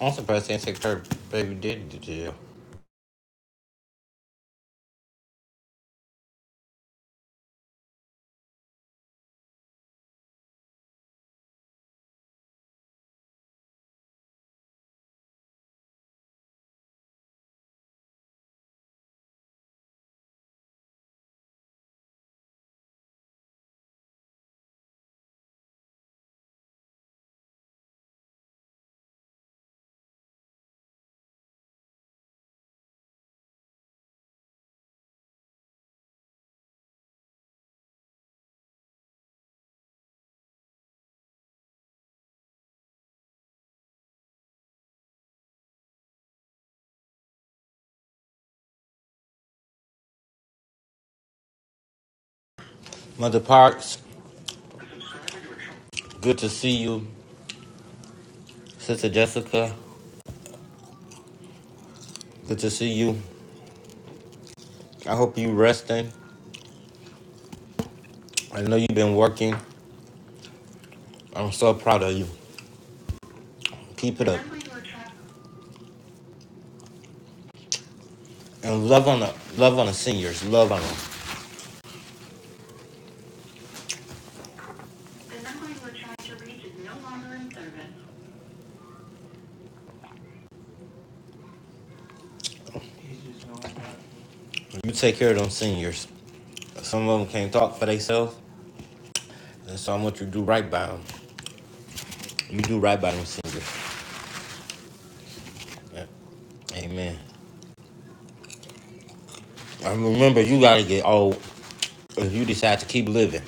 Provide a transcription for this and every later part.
I'm surprised Aunt her baby did to jail. Mother Parks, good to see you. Sister Jessica, good to see you. I hope you resting. I know you've been working. I'm so proud of you. Keep it and love on the love on the seniors. Love on them. You take care of them seniors. Some of them can't talk for themselves, and so I want you to do right by them. You do right by them seniors. Yeah. Amen. And remember, you gotta get old if you decide to keep living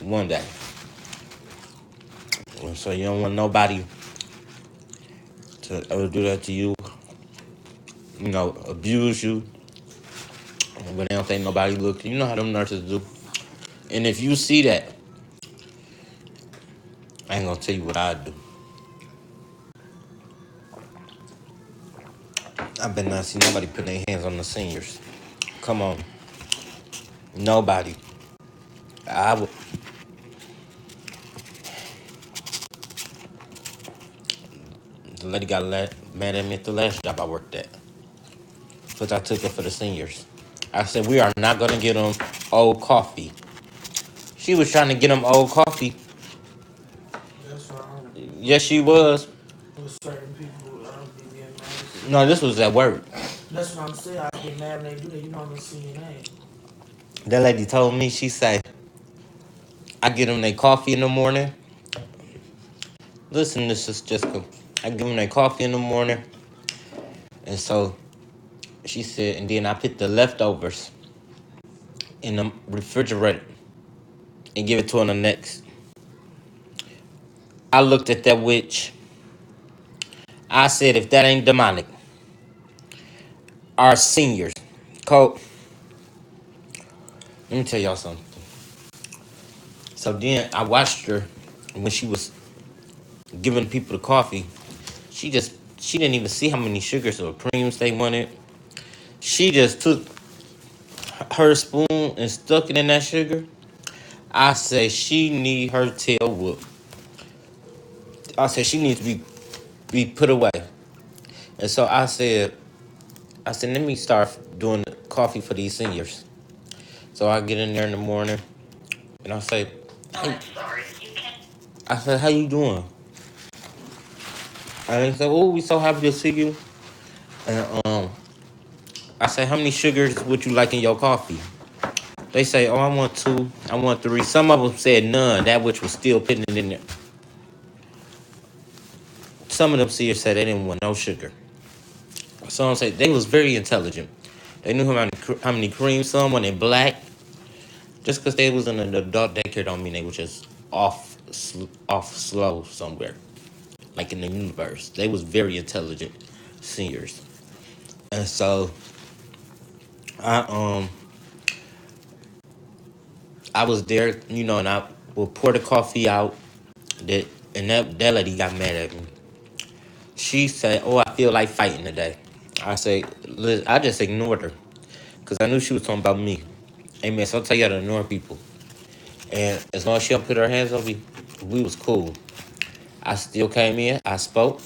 one day. And so you don't want nobody to ever do that to you, you know, abuse you but they don't think nobody look. You know how them nurses do. And if you see that, I ain't gonna tell you what I do. I been not see nobody putting their hands on the seniors. Come on, nobody. I w- the lady got la- mad at me at the last job I worked at because I took her for the seniors. I said we are not gonna get them old coffee. She was trying to get them old coffee. Yes, she was. No, this was at work. That lady told me she said I get them their coffee in the morning Listen, this is just I give them their coffee in the morning, and so she said, and then I put the leftovers in the refrigerator and give it to her the next. I looked at that witch. I said, if that ain't demonic, our seniors. Cole, let me tell y'all something. So then I watched her when she was giving people the coffee. She just she didn't even see how many sugars or creams they wanted. She just took her spoon and stuck it in that sugar. I say she need her tail whooped. I said she needs to be be put away. And so I said, I said, let me start doing coffee for these seniors. So I get in there in the morning and I say, hey, I said, how you doing? And they said, oh, we so happy to see you. And um, I said, how many sugars would you like in your coffee? They say, oh, I want two, I want three. Some of them said none, that which was still putting it in there. Some of them seniors said they didn't want no sugar. So I'm saying they was very intelligent. They knew how many, how many creams some wanted black. Just because they was in an adult daycare don't mean they was just off sl- off slow somewhere, like in the universe. They was very intelligent seniors, and so I um I was there, you know, and I would pour the coffee out. That and that that lady got mad at me. She said, "Oh, I feel like fighting today." I say, "Liz," I just ignored her because I knew she was talking about me. Hey man, so I tell you how to ignore people. And as long as she don't put her hands on me, we was cool. I still came in. I spoke,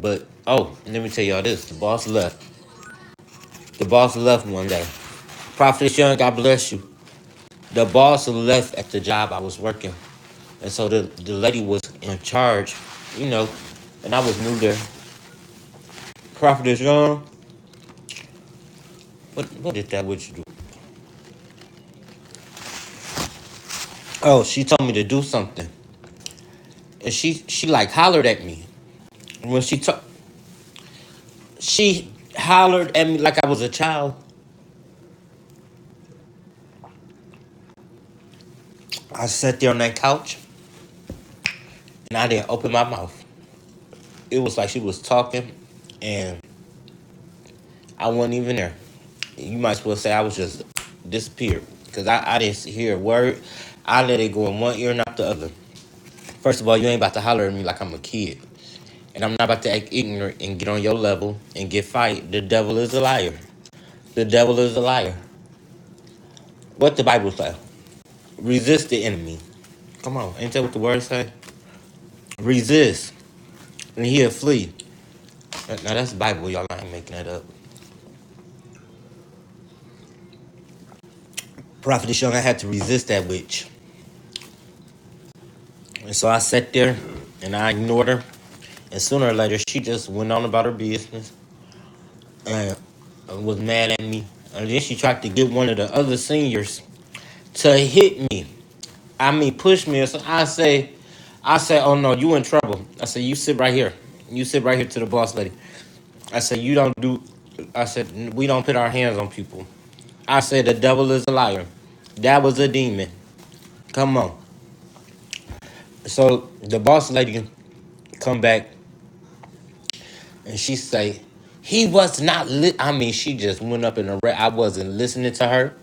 but oh, let me tell y'all this: the boss left. The boss left one day. Prophet Young, God bless you. The boss left at the job I was working, and so the the lady was in charge, you know, and I was new there. Prophet Young, what what did that witch do? Oh, she told me to do something, and she she like hollered at me And when she took she hollered at me like I was a child. I sat there on that couch and I didn't open my mouth. it was like she was talking and I wasn't even there. You might as well say I was just disappeared because I, I didn't hear a word. I let it go in one ear and not the other. First of all, you ain't about to holler at me like I'm a kid. And I'm not about to act ignorant and get on your level and get fight. The devil is a liar. The devil is a liar. What the Bible say? Resist the enemy. Come on, ain't that what the word say? Resist and he'll flee. Now that's the Bible, y'all. I ain't making that up. Prophet Young, I had to resist that witch. And so I sat there and I ignored her. And sooner or later, she just went on about her business and was mad at me. And then she tried to get one of the other seniors to hit me. I mean, push me. So I say, I say, oh no, you in trouble. I said, you sit right here. You sit right here to the boss lady. I said, you don't do. I said, we don't put our hands on people. I said, the devil is a liar. That was a demon. Come on. So the boss lady come back and she say he was not li-. i mean she just went up in a ra- i wasn't listening to her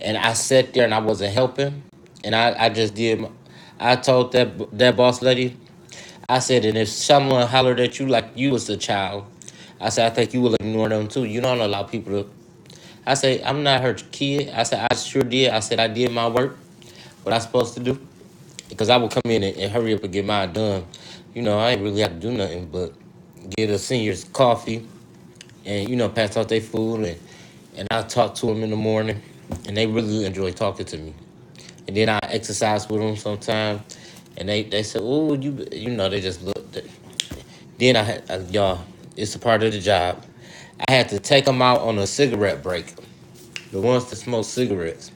and i sat there and i wasn't helping and i, I just did my- i told that that boss lady i said and if someone hollered at you like you was a child i said i think you will ignore them too you don't allow people to i say i'm not her kid i said i sure did i said i did my work what i supposed to do because i would come in and, and hurry up and get mine done you know i ain't really have to do nothing but get a senior's coffee and you know pass out their food and and I talk to them in the morning, and they really enjoy talking to me. And then I exercise with them sometimes, and they they say, "Oh, you you know they just look." Then I, had- I y'all, it's a part of the job. I had to take them out on a cigarette break. The ones that smoke cigarettes,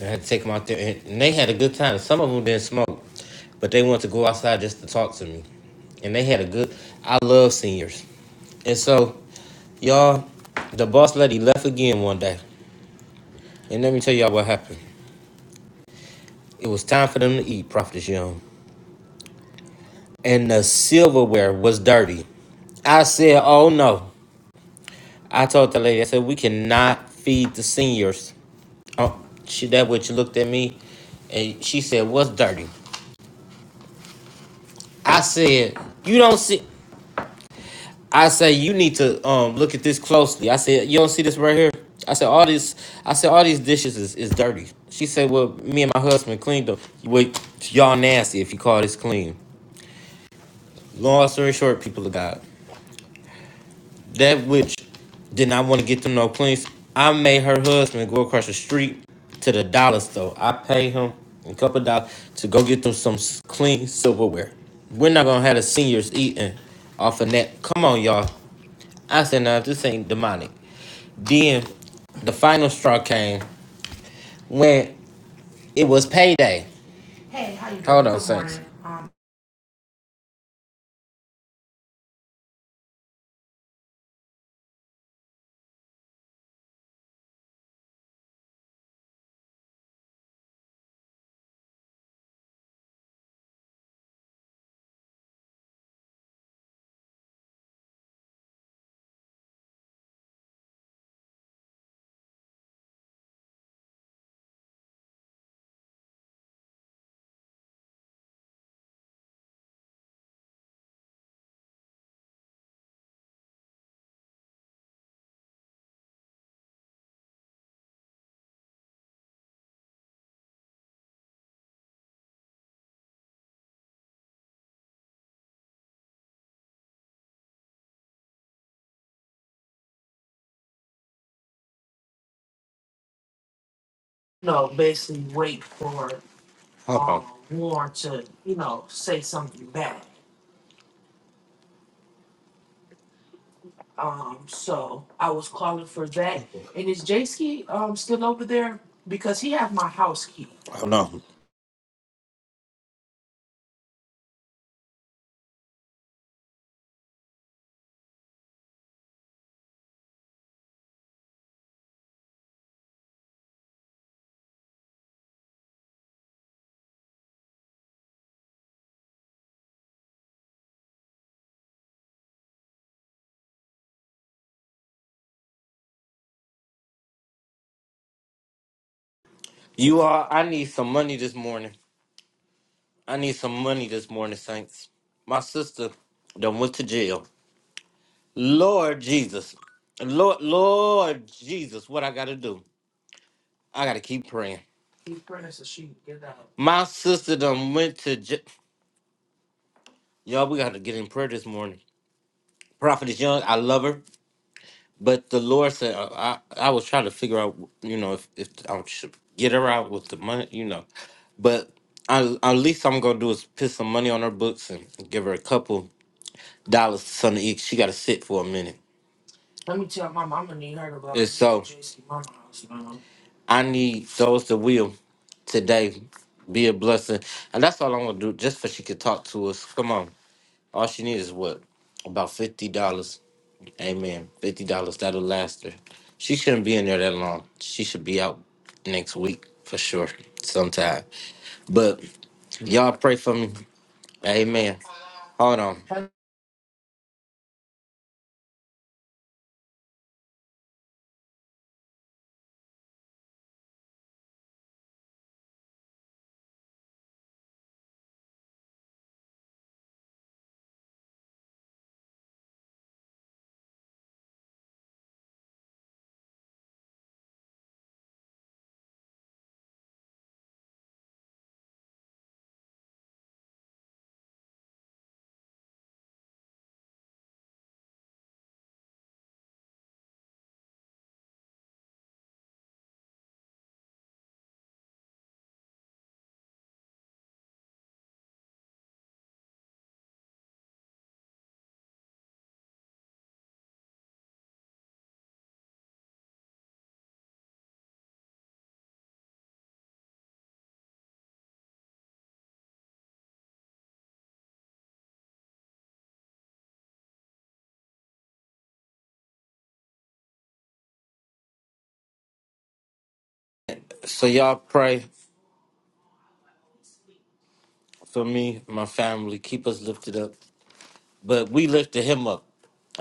I had to take them out there, and, and they had a good time. Some of them didn't smoke, but they wanted to go outside just to talk to me, and they had a good. I love seniors, and so y'all, the boss lady left again one day And let me tell y'all what happened. It was time for them to eat, Prophetess Young. And the silverware was dirty. I said, oh no. I told the lady, I said, we cannot feed the seniors. Oh, she, that witch looked at me and she said, what's dirty? I said, you don't see. I said, you need to um, look at this closely. I said, you don't see this right here? I said, all this, I said, all these dishes is, is dirty. She said, well, me and my husband cleaned them. Well, y'all nasty if you call this clean. Long story short, people of God. That which did not want to get them no cleans. I made her husband go across the street to the dollar store. I paid him a couple of dollars to go get them some clean silverware. We're not gonna have the seniors eating off of that. Come on, y'all. I said, now this ain't demonic. Then the final straw came when it was payday. Hold on, Saints. You all, I need some money this morning. I need some money this morning, Saints. My sister done went to jail. Lord Jesus. Lord, Lord Jesus, what I gotta do? I gotta keep praying. My sister done went to j- y'all. We gotta get in prayer this morning. Prophetess Young, I love her, but the Lord said uh, I I was trying to figure out, you know, if if I should get her out with the money, you know, but I, at least I'm gonna do is put some money on her books and give her a couple dollars to something to eat. She gotta sit for a minute. I need those that will today be a blessing. And that's all I'm gonna do, just for she could talk to us. Come on. All she needs is what? About fifty dollars. Amen. Fifty dollars. That'll last her. She shouldn't be in there that long. She should be out next week for sure. Sometime. But y'all pray for me. Amen. Hold on. So y'all pray for me, my family. Keep us lifted up. but we lifted him up.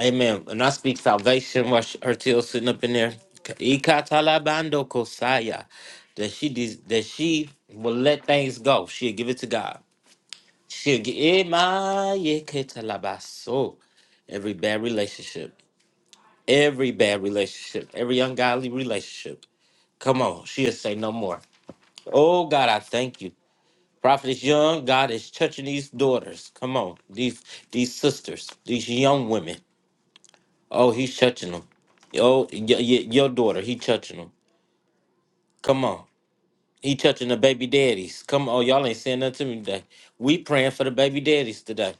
Amen. And I speak salvation while she- her tail sitting up in there. Ikatalabando kosaya. That she des- that she will let things go. She'll give it to God. She'll give so every bad relationship, every bad relationship, every ungodly relationship. Come on, she'll say no more. Oh God, I thank you. Prophet is young. God is touching these daughters. Come on, these these sisters, these young women. Oh, he's touching them. Oh, y- y- your daughter, he touching them. Come on. He touching the baby daddies. Come on, y'all ain't saying nothing to me today. We praying for the baby daddies today.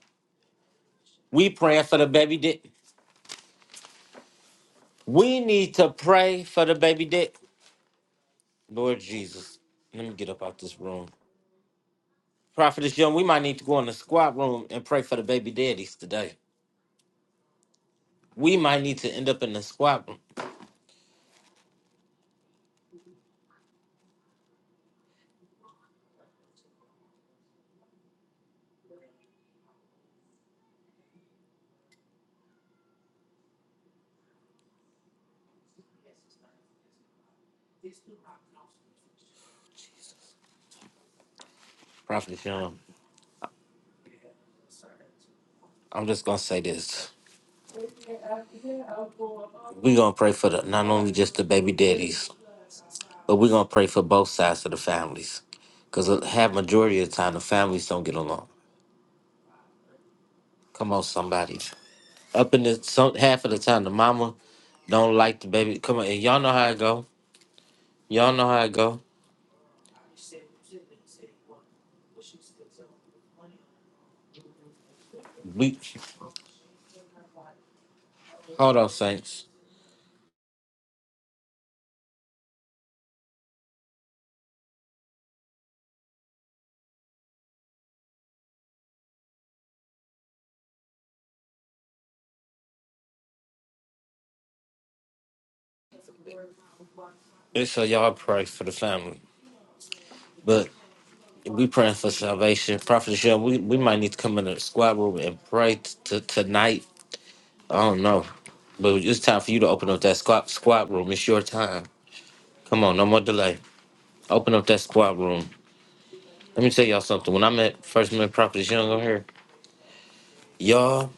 We praying for the baby dad. We need to pray for the baby dad. Lord Jesus, let me get up out this room. Prophetess Young, we might need to go in the squad room and pray for the baby daddies today. We might need to end up in the squad room. Prophetess Young, I'm just gonna say this. we gonna pray for the not only just the baby daddies, But we're gonna pray for both sides of the families, because half majority of the time the families don't get along. Come on, somebody. Up in the some half of the time the mama don't like the baby. Come on, and y'all know how it go. Y'all know how it go. We hold on, saints. It's so y'all pray for the family, but we praying for salvation. Prophet Michelle, we we might need to come in the squad room and pray t- t- tonight. I don't know, but it's time for you to open up that squad squad room. It's your time. Come on, no more delay. Open up that squad room. Let me tell y'all something. When I met first met Prophetess Young on here, y'all,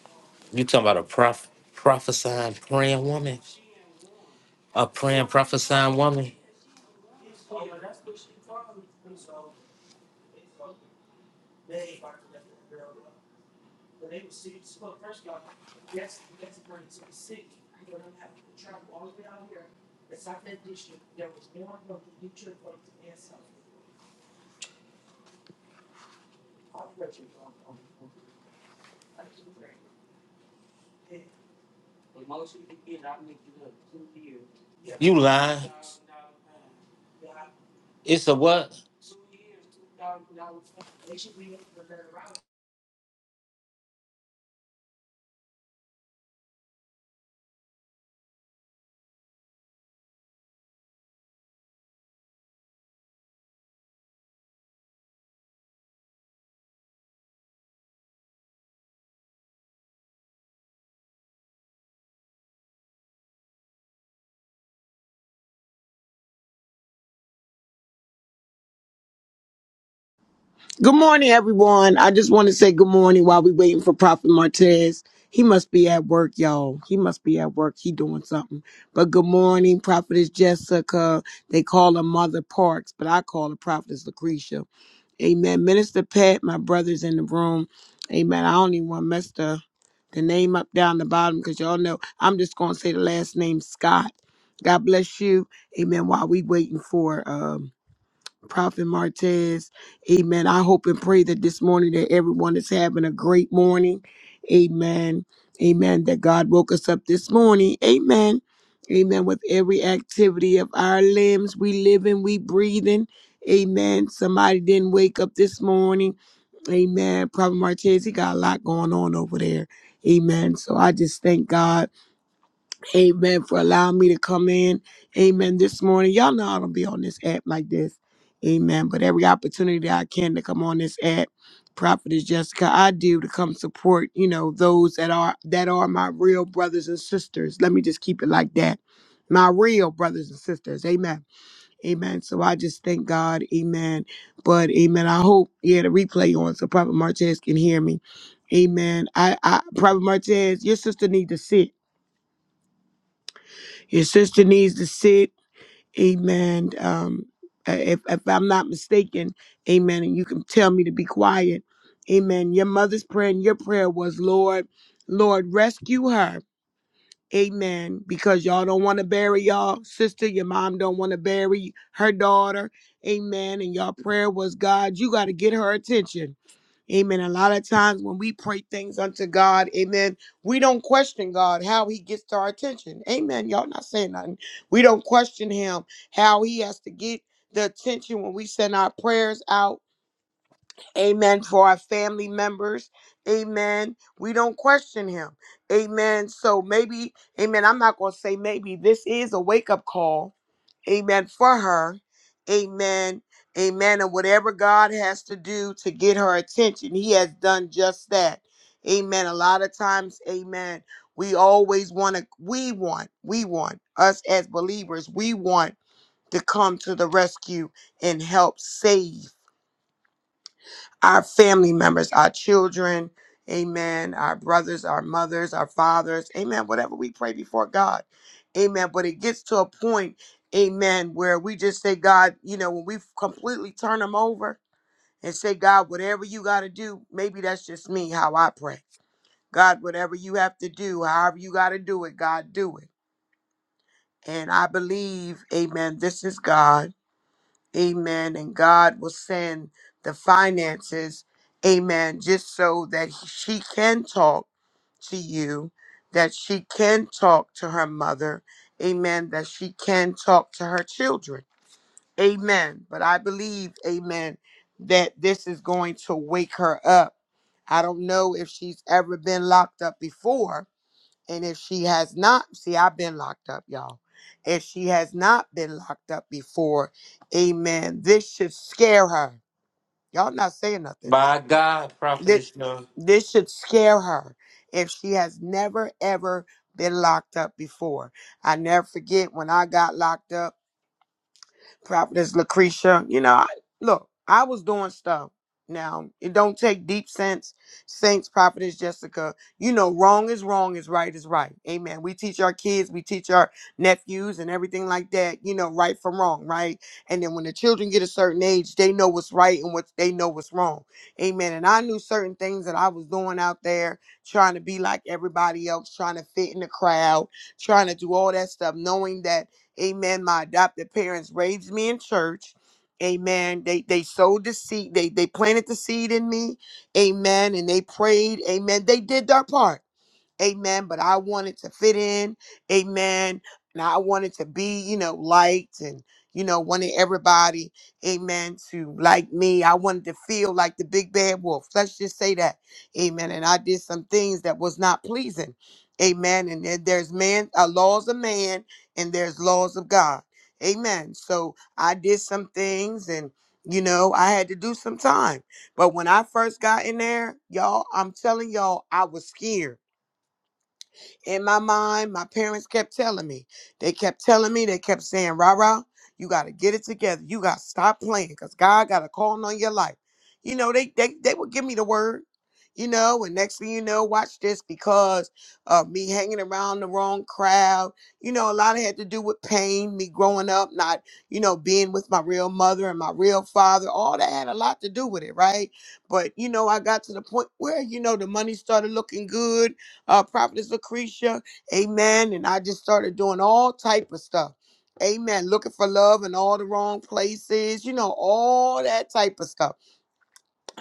you talking about a prof prophesying praying woman. A praying prophesying woman. You lying. It's a what? Good morning, everyone. I just want to say good morning while we waiting for Prophet Martez. He must be at work, y'all. He must be at work. He doing something. But good morning, Prophetess Jessica. They call her Mother Parks, but I call her Prophetess Lucretia. Amen. Minister Pat, my brother's in the room. Amen. I don't even want to mess the, the name up down the bottom because y'all know I'm just going to say the last name Scott. God bless you. Amen. While we waiting for um Prophet Martez. Amen. I hope and pray that this morning that everyone is having a great morning. Amen. Amen. That God woke us up this morning. Amen. Amen. With every activity of our limbs, we live and we breathing. Amen. Somebody didn't wake up this morning. Amen. Prophet Martez, he got a lot going on over there. Amen. So I just thank God. Amen. For allowing me to come in. Amen. This morning, y'all know I don't be on this app like this. Amen. But every opportunity that I can to come on this app, Prophetess Jessica, I do to come support, you know, those that are that are my real brothers and sisters. Let me just keep it like that. My real brothers and sisters. Amen. Amen. So I just thank God. Amen. But amen. I hope, yeah, the replay on so Prophet Martez can hear me. Amen. I, I Prophet Martez, your sister need to sit. Your sister needs to sit. Amen. Um, uh, if, if I'm not mistaken, amen. And you can tell me to be quiet. Amen. Your mother's prayer and your prayer was, Lord, Lord, rescue her. Amen. Because y'all don't want to bury y'all sister. Your mom don't want to bury her daughter. Amen. And your prayer was, God, you got to get her attention. Amen. A lot of times when we pray things unto God, amen, we don't question God how he gets to our attention. Amen. Y'all not saying nothing. We don't question him how he has to get the attention when we send our prayers out. Amen. For our family members. Amen. We don't question him. Amen. So maybe, amen. I'm not going to say maybe this is a wake up call amen, for her, amen, amen, and whatever God has to do to get her attention, He has done just that, amen. A lot of times, amen, we always want to, we want, we want, us as believers, we want to come to the rescue and help save our family members, our children, amen, our brothers, our mothers, our fathers, amen, whatever we pray before God, amen. But it gets to a point, amen, where we just say, God, you know, when we completely turn them over and say, God, whatever you got to do, maybe that's just me, how I pray. God, whatever you have to do, however you got to do it, God, do it. And I believe, amen, this is God. Amen. And God will send the finances. Amen. Just so that she can talk to you, that she can talk to her mother. Amen. That she can talk to her children. Amen. But I believe, amen, that this is going to wake her up. I don't know if she's ever been locked up before, and if she has not, see, I've been locked up, y'all. If she has not been locked up before, amen, this should scare her. Y'all not saying nothing. By God, This, Prophetess Young. this should scare her if she has never, ever been locked up before. I never forget when I got locked up. Prophetess Lucretia. You know, I, look, I was doing stuff. Now, it don't take deep sense. Saints, Prophetess Jessica, you know, wrong is wrong, is right is right. Amen. We teach our kids, we teach our nephews and everything like that, you know, right from wrong, right? And then when the children get a certain age, they know what's right and what they know what's wrong. Amen. And I knew certain things that I was doing out there, trying to be like everybody else, trying to fit in the crowd, trying to do all that stuff, knowing that Amen. My adopted parents raised me in church. Amen. They they sowed the seed. They they planted the seed in me. Amen. And they prayed. Amen. They did their part. Amen. But I wanted to fit in. Amen. And I wanted to be, you know, liked and, you know, wanted everybody, amen, to like me. I wanted to feel like the big bad wolf. Let's just say that. Amen. And I did some things that was not pleasing. Amen. And then there's man, uh, laws of man and there's laws of God. Amen. So I did some things and, you know, I had to do some time. But when I first got in there, y'all, I'm telling y'all, I was scared in my mind, my parents kept telling me. They kept telling me, they kept saying, rah rah, you gotta get it together. You gotta stop playing because God got a calling on your life. You know, they they they would give me the word, you know, and next thing you know, watch this because of me hanging around the wrong crowd. You know, a lot of it had to do with pain, me growing up, not, you know, being with my real mother and my real father. All that had a lot to do with it, right? But you know, I got to the point where, you know, the money started looking good uh, Prophetess Lucretia, amen. And I just started doing all type of stuff. Amen. Looking for love in all the wrong places, you know, all that type of stuff.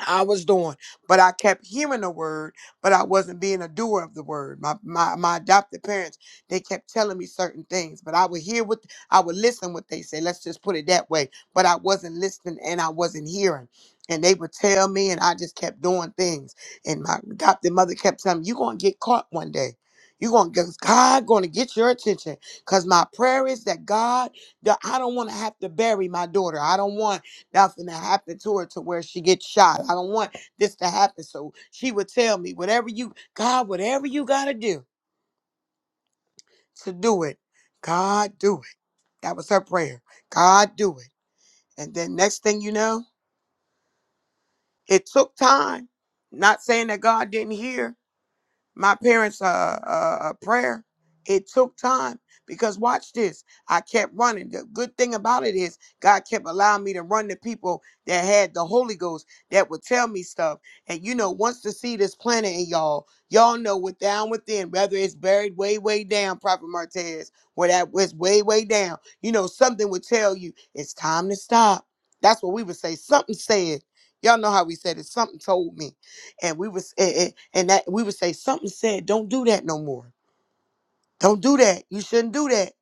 I was doing, but I kept hearing the word, but I wasn't being a doer of the word. My my my adopted parents, they kept telling me certain things, but I would hear what I would listen what they say. Let's just put it that way. But I wasn't listening and I wasn't hearing. And they would tell me, and I just kept doing things. And my adopted mother kept telling me, "You're gonna get caught one day. You're gonna get God gonna get your attention." Cause my prayer is that God, that I don't want to have to bury my daughter. I don't want that's gonna happen to her to where she gets shot. I don't want this to happen. So she would tell me, whatever you, God, whatever you gotta do to do it, God do it. That was her prayer. God do it. And then next thing you know, it took time. Not saying that God didn't hear, my parents' uh, uh, uh, prayer. It took time because watch this. I kept running. The good thing about it is God kept allowing me to run to people that had the Holy Ghost that would tell me stuff. And you know, once the seed is planted in y'all, y'all know what down within, whether it's buried way, way down, Prophet Martez, where that was way, way down. You know, something would tell you it's time to stop. That's what we would say. Something said. Y'all know how we said it. Something told me and we was and, and and that we would say something said don't do that no more don't do that you shouldn't do that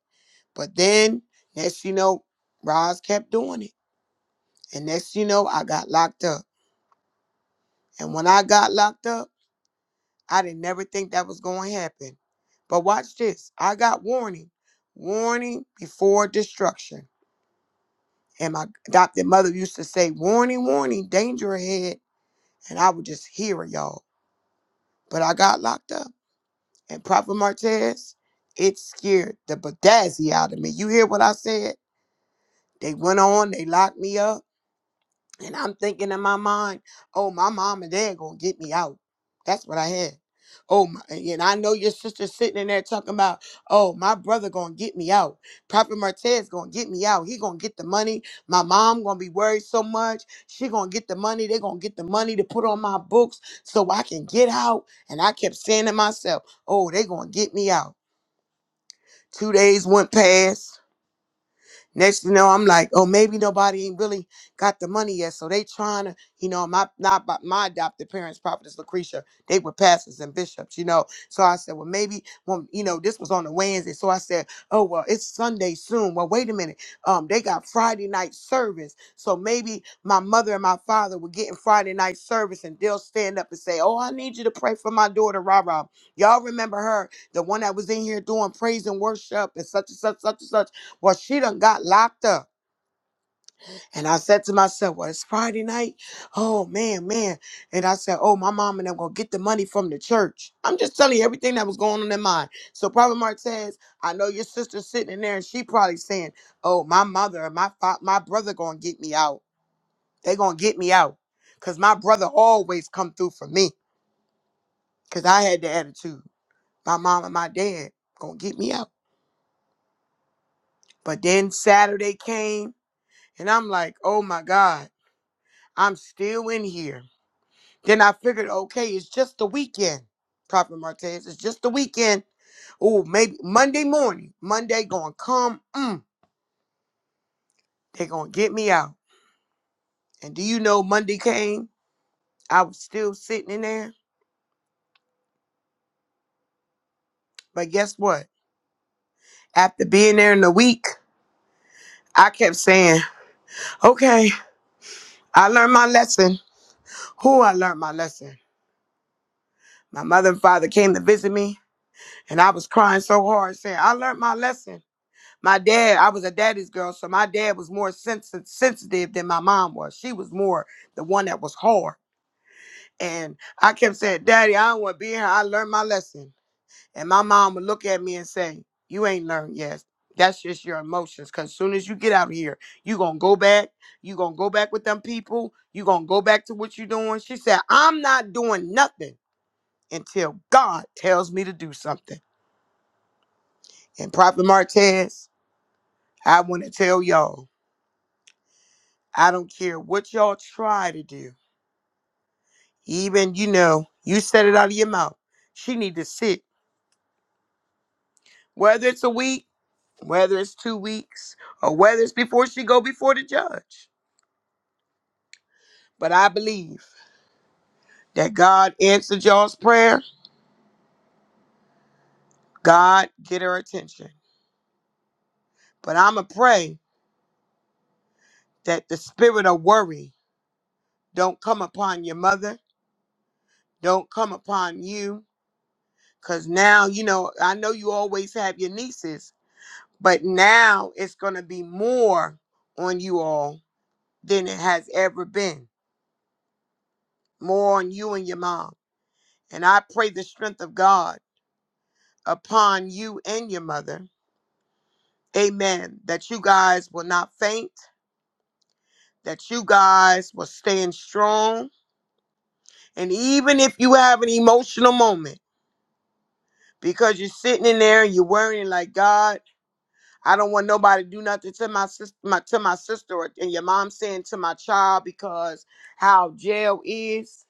but then next you know Roz kept doing it and next you know I got locked up and when I got locked up I didn't never think that was going to happen but watch this I got warning warning before destruction and my adopted mother used to say warning warning danger ahead and I would just hear it y'all but I got locked up and Prophet Martez, it scared the bedazzle out of me. You hear what I said? They went on, they locked me up, and I'm thinking in my mind, oh, my mom and dad gonna get me out. That's what I had. Oh, my, and I know your sister sitting in there talking about, oh, my brother gonna get me out. Prophet Martez gonna get me out. He gonna get the money. My mom gonna be worried so much. She gonna get the money. They gonna get the money to put on my books so I can get out. And I kept saying to myself, oh, they gonna get me out. Two days went past. Next, you know, I'm like, oh, maybe nobody ain't really got the money yet, so they trying to, you know, my not by my adopted parents, prophetess Lucretia, they were pastors and bishops, you know. So I said, well, maybe, well, you know, this was on a Wednesday, so I said, oh, well, it's Sunday soon. Well, wait a minute, um, they got Friday night service, so maybe my mother and my father were getting Friday night service, and they'll stand up and say, oh, I need you to pray for my daughter, Ra Ra. Y'all remember her, the one that was in here doing praise and worship and such and such, such and such. Well, she done got locked up. And I said to myself, Well, it's Friday night. Oh man, man. And I said, Oh, my mom and them gonna get the money from the church. I'm just telling you everything that was going on in mind. So Prophet Mark I know your sister's sitting in there and she probably saying, Oh, my mother and my fa- my brother gonna get me out. They gonna get me out. Cause my brother always come through for me. Cause I had the attitude. My mom and my dad gonna get me out. But then Saturday came and I'm like, oh my God. I'm still in here. Then I figured, okay, it's just the weekend, Prophet Martez. It's just the weekend. Oh, maybe Monday morning. Monday gonna come. Mm, they gonna get me out. And do you know Monday came? I was still sitting in there. But guess what? After being there in the week, I kept saying, okay, I learned my lesson. Who I learned my lesson. My mother and father came to visit me, and I was crying so hard, saying, I learned my lesson. my dad i was a daddy's girl so my dad was more sensitive sensitive than my mom was she was more the one that was hard and i kept saying daddy i don't want to be here i learned my lesson and my mom would look at me and say you ain't learned yet that's just your emotions because soon as you get out of here you gonna go back you gonna go back with them people you gonna go back to what you doing she said i'm not doing nothing until god tells me to do something and prophet martez i want to tell y'all I don't care what y'all try to do. Even, you know, you said it out of your mouth. She need to sit. Whether it's a week, whether it's two weeks, or whether it's before she go before the judge. But I believe that God answered y'all's prayer. God get her attention. But I'ma pray that the spirit of worry don't come upon your mother, don't come upon you. Cause now, you know, I know you always have your nieces, But now it's going to be more on you all than it has ever been. More on you and your mom. And I pray the strength of God upon you and your mother. Amen. That you guys will not faint, that you guys will stand strong. And even if you have an emotional moment, because you're sitting in there and you're worrying like, God, I don't want nobody to do nothing to my sister, my, to my sister, or, and your mom saying to my child because how jail is.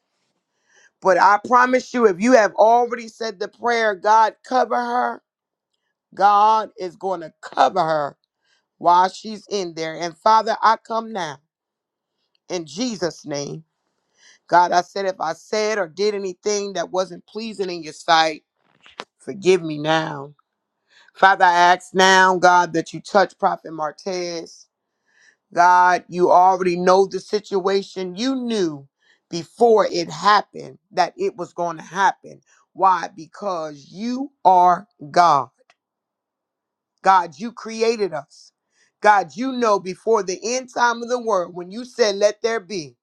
But I promise you, if you have already said the prayer, God cover her, God is going to cover her while she's in there. And Father, I come now in Jesus' name. God, I said if I said or did anything that wasn't pleasing in your sight, forgive me now. Father, I ask now, God, that you touch Prophet Martez. God, you already know the situation. You knew before it happened that it was going to happen. Why? Because you are God. God, you created us. God, you know before the end time of the world when you said, Let there be,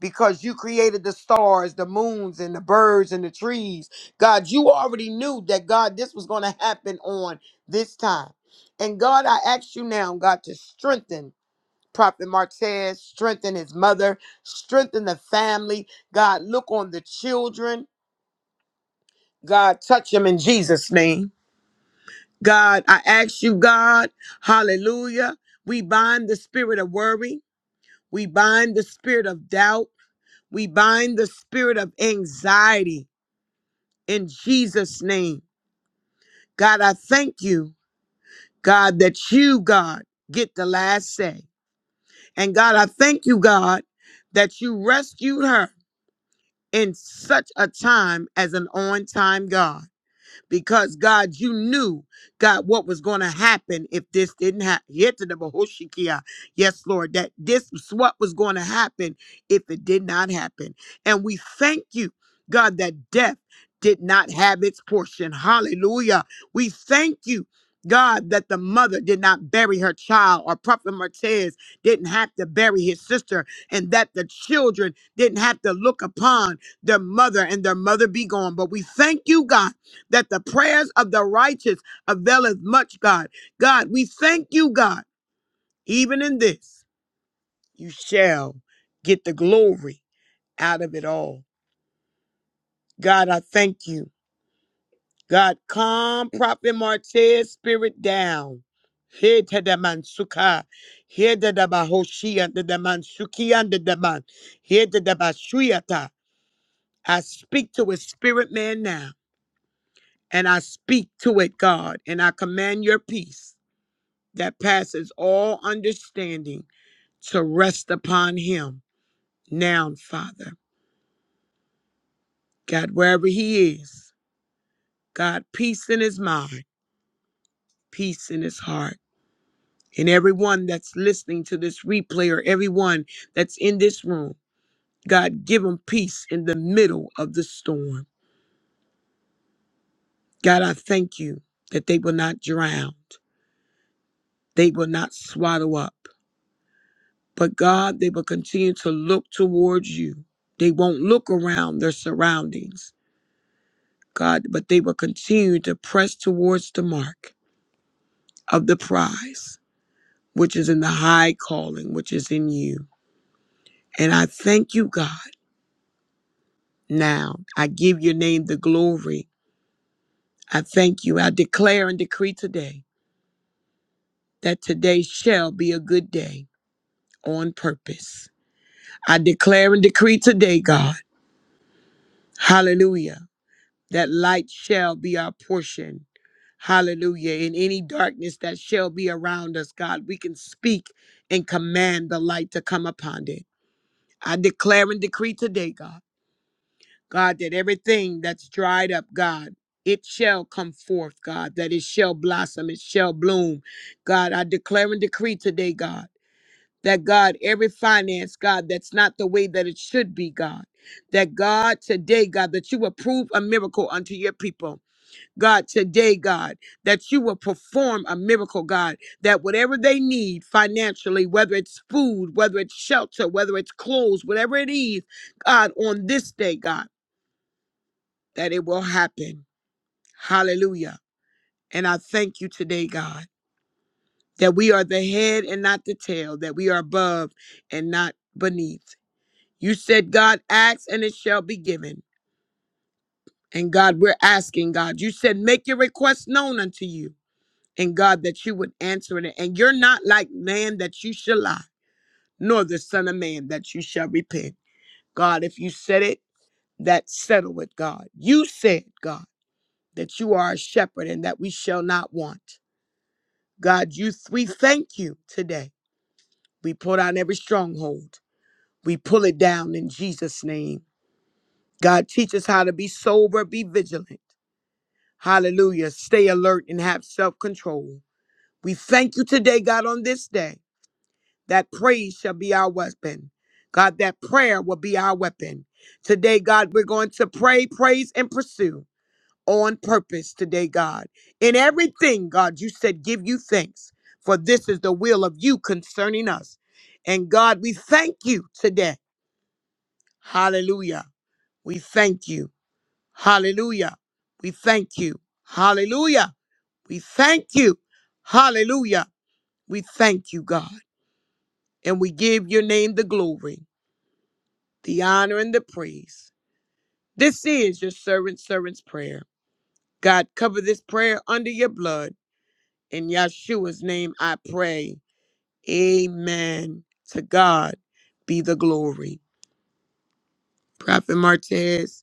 because you created the stars, the moons, and the birds and the trees. God, you already knew that, God, this was going to happen on this time. And God, I ask you now, God, to strengthen. Prophet Mark says, strengthen his mother, strengthen the family. God, look on the children. God, touch them in Jesus' name. God, I ask you, God, hallelujah. We bind the spirit of worry, we bind the spirit of doubt, we bind the spirit of anxiety in Jesus' name. God, I thank you, God, that you, God, get the last say. And God, I thank you, God, that you rescued her in such a time as an on time God because God, you knew, God, what was going to happen if this didn't happen. Yes, Lord, that this was what was going to happen if it did not happen. And we thank you, God, that death did not have its portion. Hallelujah. We thank you. God, that the mother did not bury her child, or Prophet Martez didn't have to bury his sister, and that the children didn't have to look upon their mother and their mother be gone. But we thank you, God that the prayers of the righteous availeth much, God. God, we thank you, God, even in this, you shall get the glory out of it all. God, I thank you. God, calm Prophet Martez spirit down. Here to the man suka, here to the bahoshi and the man suki and the man, here to the bashuyata. I speak to a spirit man now, and I speak to it, God, and I command your peace. that passes all understanding to rest upon him. Now, Father, God, wherever he is, God, peace in his mind, peace in his heart. And everyone that's listening to this replay or everyone that's in this room, God, give them peace in the middle of the storm. God, I thank you that they will not drown, they will not swallow up, but God, they will continue to look towards you. They won't look around their surroundings God, but they will continue to press towards the mark of the prize, which is in the high calling, which is in you. And I thank you, God, now. I give your name the glory. I thank you. I declare and decree today that today shall be a good day on purpose. I declare and decree today, God, hallelujah that light shall be our portion. Hallelujah. In any darkness that shall be around us, God, we can speak and command the light to come upon it. I declare and decree today, God, God, that everything that's dried up, God, it shall come forth, God, that it shall blossom, it shall bloom. God, I declare and decree today, God, that God, every finance, God, that's not the way that it should be, God, that God, today, God, that you approve a miracle unto your people. God, today, God, that you will perform a miracle, God, that whatever they need financially, whether it's food, whether it's shelter, whether it's clothes, whatever it is, God, on this day, God, that it will happen. Hallelujah. And I thank you today, God, that we are the head and not the tail, that we are above and not beneath. You said, God, ask and it shall be given. And God, we're asking, God, you said, make your request known unto you. and God that you would answer it. And you're not like man that you shall lie, nor the Son of Man that you shall repent. God, if you said it, that settle it, God. You said, God, that you are a shepherd and that we shall not want. God, you we thank you today. We pull down every stronghold. We pull it down in Jesus' name. God, teach us how to be sober, be vigilant. Hallelujah. Stay alert and have self-control. We thank you today, God, on this day. That praise shall be our weapon. God, that prayer will be our weapon. Today, God, we're going to pray, praise, and pursue on purpose today, God. In everything, God, you said, give you thanks, for this is the will of you concerning us. And God, we thank you today. Hallelujah. We thank you. Hallelujah. We thank you. Hallelujah. We thank you. Hallelujah. We thank you, God. And we give your name the glory. the honor and the praise. This is your servant's servant's prayer. God, cover this prayer under your blood. In Yeshua's name I pray. Amen. To God be the glory. Prophet Martez,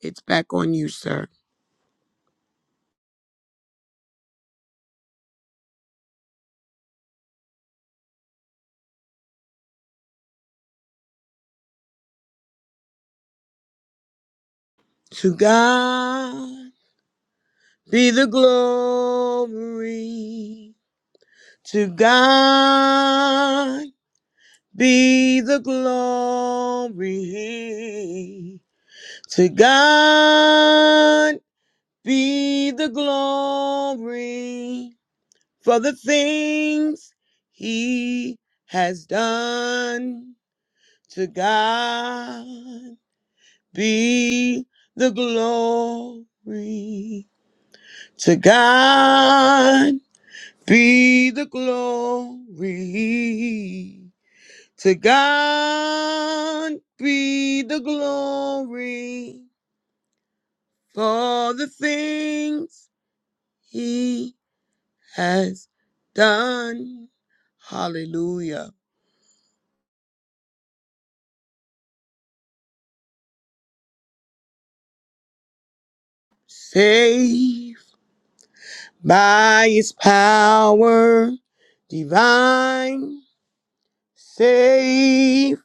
it's back on you, sir. To God be the glory. To God be the glory. To God be the glory for the things he has done. To God be the glory. To God be the glory. To God be the glory for the things He. has done. Hallelujah. Saved by his power divine. Save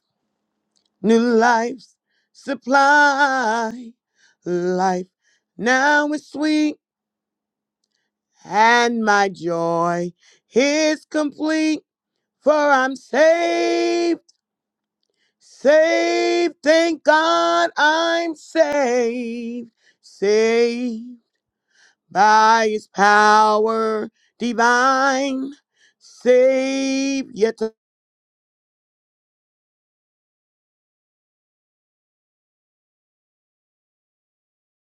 new lives. Supply life. Now is sweet and my joy is complete. For I'm saved. Saved. Thank God I'm saved. Saved by his power divine. Save yet to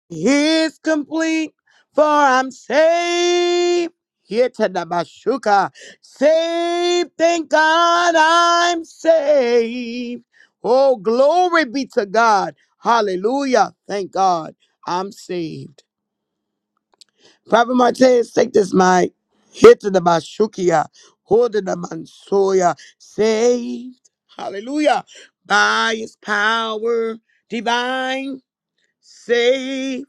his complete, for I'm saved. Yet to the Bashuka. Saved, thank God I'm saved. Oh, glory be to God. Hallelujah. Thank God I'm saved. Prophet Martez, take this mic. Hit to the Bashukia. Hold to the Mansoya. Saved. Hallelujah. By his power divine. Saved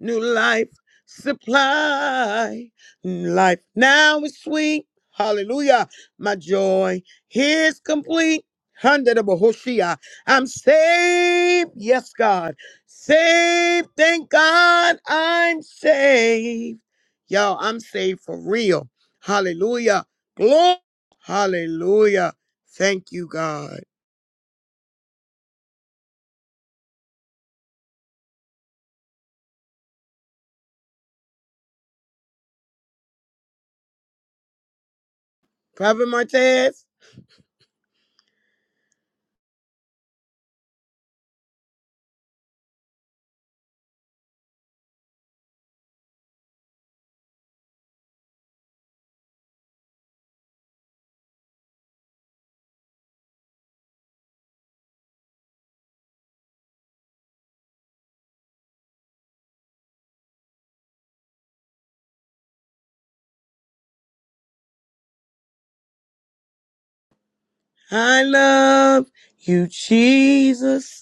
new life supply. Life now is sweet. Hallelujah. My joy is complete. Hundred of Hoshea. I'm saved. Yes, God. Saved. Thank God I'm saved. Y'all, I'm saved for real. Hallelujah. Glory. Hallelujah. Thank you, God. Prophet Martez, I love you, Jesus.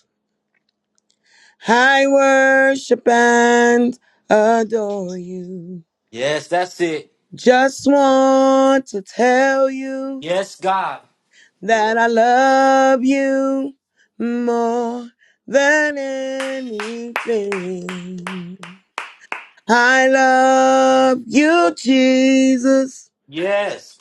I worship and adore you. Yes, that's it. Just want to tell you Yes, God. that I love you more than anything. I love you, Jesus. Yes.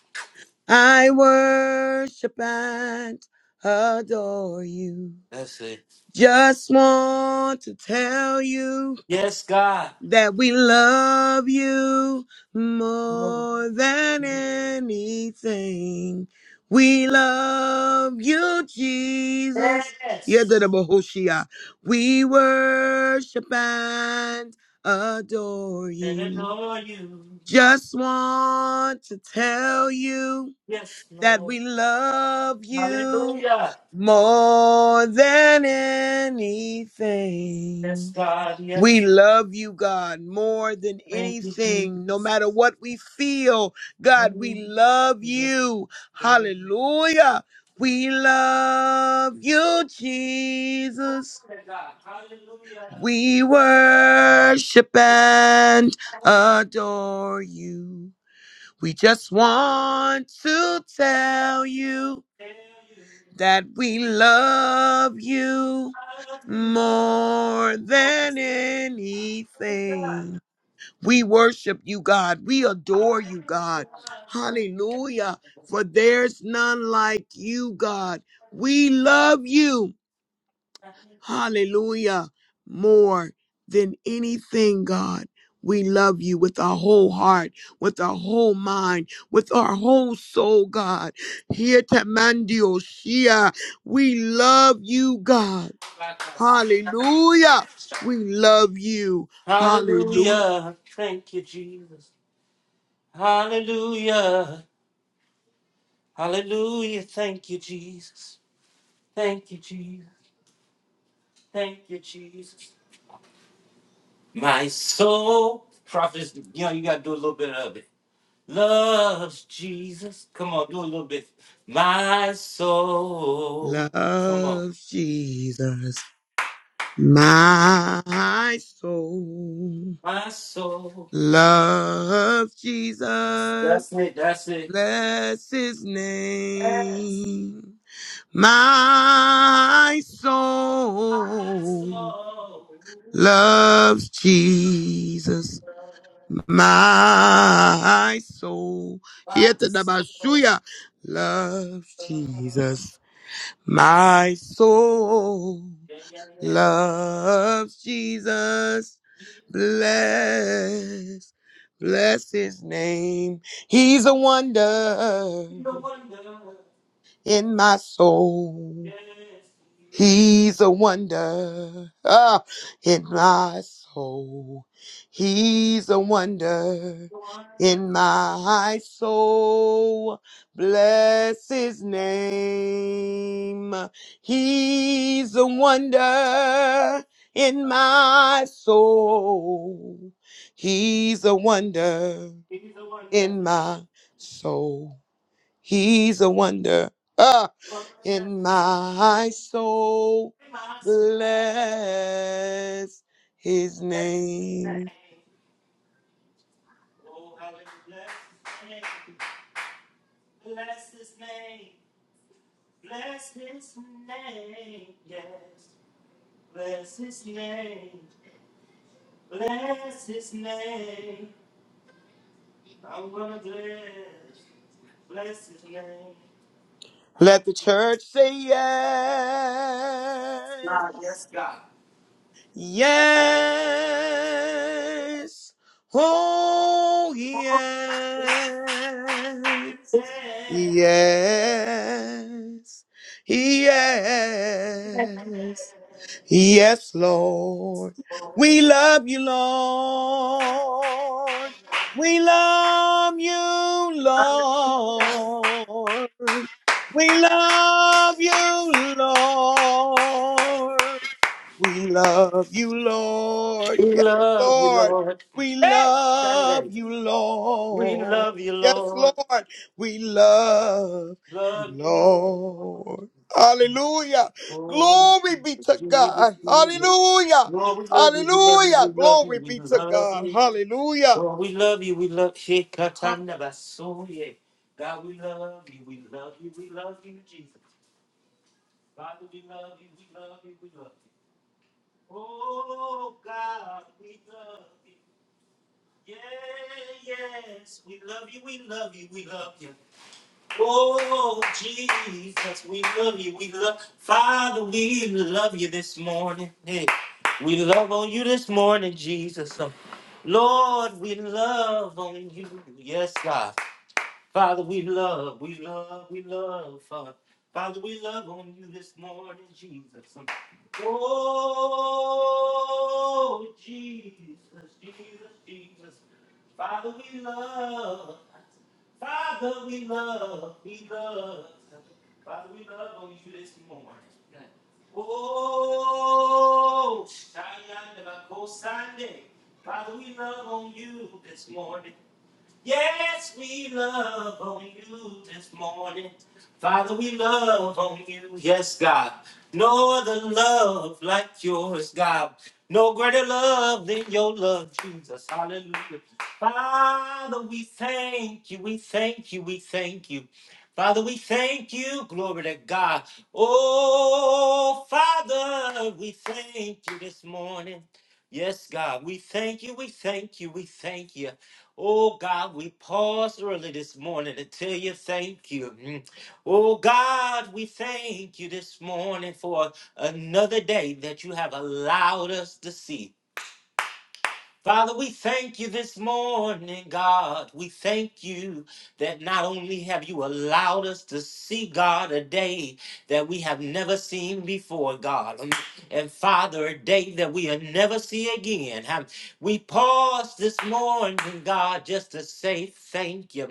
I worship and adore you. That's it. Just want to tell you Yes, God. that we love you more than anything. We love you, Jesus. Yadadabahoshia. We worship and adore you. Just want to tell you that we love you more than anything. We love you, God, more than anything, no matter what we feel. God, we love you. Hallelujah. We love you, Jesus. We worship and adore you. We just want to tell you that we love you more than anything. We worship you, God. We adore you, God. Hallelujah. For there's none like you, God. We love you. Hallelujah. More than anything, God. We love you with our whole heart, with our whole mind, with our whole soul, God. Here Tamandio Shia. We love you, God. Hallelujah. We love you. Hallelujah. Thank you, Jesus. Hallelujah. Hallelujah. Thank you, Jesus. Thank you, Jesus. Thank you, Jesus. My soul, prophets, you know, you got to do a little bit of it. Loves Jesus. Come on, do a little bit. My soul. Come on. Love Jesus, my soul. My soul. Love Jesus, That's it. That's it. bless his name. My My soul soul. loves Jesus, my soul. Here to the Bashuya, loves Jesus, my soul. loves Jesus. Bless, bless his name. He's a wonder in my soul. He's a wonder ah, in my soul. He's a wonder in my soul. Bless his name. He's a wonder in my soul. He's a wonder in my soul. He's a wonder ah, in my soul. Bless his name. Let the church say yes. Yes. Oh, yes. Yes. Yes. Yes, Lord. We love you, Lord. We love you, Lord. We love you, Lord. We love you, Lord. We Yes, love you, Lord. Lord. We Hey, love Sunday. you, We Lord. love you, Yes, Lord. Lord. We love you, Love you, Lord. Lord. Hallelujah. Oh, Glory Jesus, be to God. Jesus. Hallelujah. Lord, we love you, we love you, Hallelujah. we love you, Glory we be to love God. you. Hallelujah. Lord, we love you. We love you. God, we love you. We love you. We love you, Jesus. Father, we love you. We love you. We love you. Oh, God, we love you. Yeah, yes. We love you. We love you. We love you. Oh, Jesus, we love you. We love Father, we love you this morning. Hey, we love on you this morning, Jesus. Um, Lord, we love on you. Yes, God. Father, we love Oh, Father, we thank you this morning. Yes, God, we thank you, we thank you, we thank you. Oh, God, we paused early this morning to tell you thank you. Mm. Oh, God, we thank you this morning for another day that you have allowed us to see. Father, we thank you this morning, God. We thank you that not only have you allowed us to see, God, a day that we have never seen before, God. And and Father, a day that we'll never see again. Um, We pause this morning, God, just to say thank you.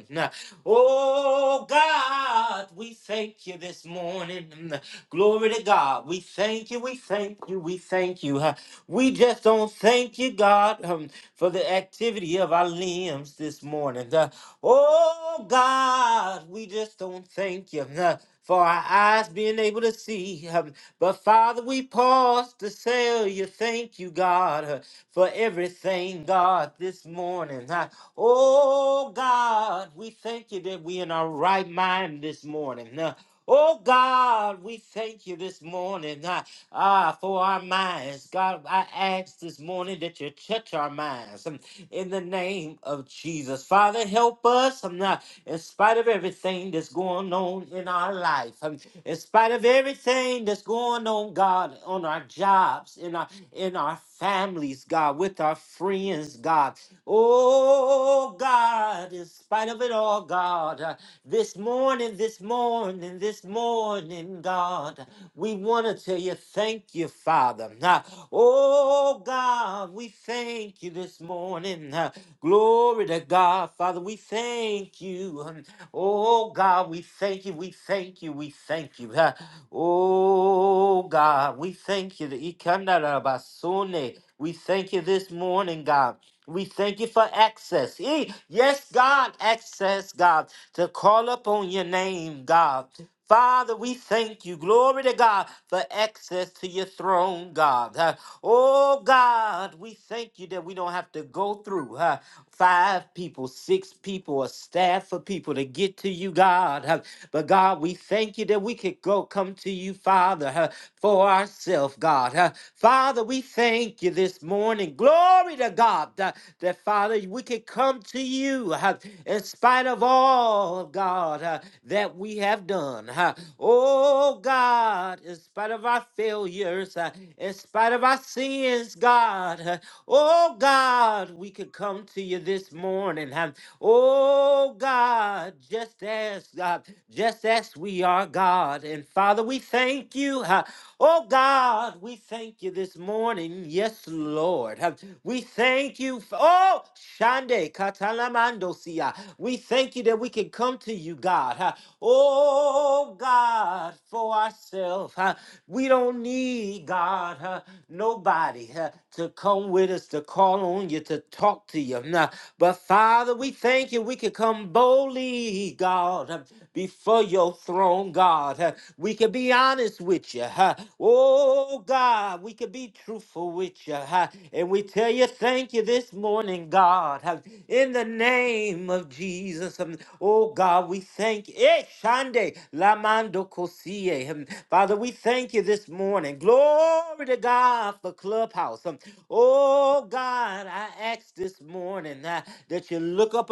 Oh, God, we thank you this morning. Glory to God. We thank you, we thank you, we thank you. We just don't thank you, God, um, for the activity of our limbs this morning. Uh, oh, God, we just don't thank you. uh, for our eyes being able to see. um, But Father, we pause to say you thank you, God, uh, for everything, God, this morning. Uh, Oh, God, we thank you that we in our right mind this morning. Uh, Oh God, we thank you this morning. Uh, Ah, for our minds. God, I ask this morning that you touch our minds um, in the name of Jesus. Father, help us um, uh, in spite of everything that's going on in our life, um, in spite of everything that's going on, God, on our jobs, in our in our families, God, with our friends, God. Oh God, in spite of it all, God, uh, this morning, this morning, this morning, God. We want to tell you, thank you, Father. Ah, Oh, God, we thank you this morning. Ah, Glory to God, Father. We thank you. Um, Oh, God, we thank you. We thank you. We thank you. Ah, Oh, God, we thank you. The Ikandarabasune. We thank you this morning, God. We thank you for access. Eh, Yes, God, access, God, to call upon your name, God. Father, we thank you, glory to God, for access to your throne, God. Uh, oh, God, we thank you that we don't have to go through uh, five people, six people, a staff of people to get to you, God. Uh, but, God, we thank you that we could go come to you, Father, uh, for ourselves, God. Uh, Father, we Father, we thank you this morning. Glory to God uh, that, Father, we can come to you uh, in spite of all, God, uh, that we have done. uh. Oh, God, in spite of our failures, uh, in spite of our sins, God. uh, Oh, God, we can come to you this morning. uh. Oh, God, just as, God, just as we are, God. And Father, we thank you thank you. Ha. Oh God, we thank you this morning. Yes, Lord. Ha. We thank you. For, oh, Shande Katalamando Sia. We thank you that we can come to you, God. Ha. Oh God, for ourselves. ha. We don't need God, ha, nobody ha, to come with us, to call on you, to talk to you. Nah. But Father, we thank you. We can come boldly, God, ha, before before your throne, God. Uh, We can be honest with you. huh? Oh, God, we can be truthful with you. huh? And we tell you thank you this morning, God. huh? In the name of Jesus. um, Oh, God, we thank you. Eh, Shande, Lamando Kosie. um, Father, we thank you this morning. Glory to God for Clubhouse. um, Oh, God, I ask this morning uh, that you look upon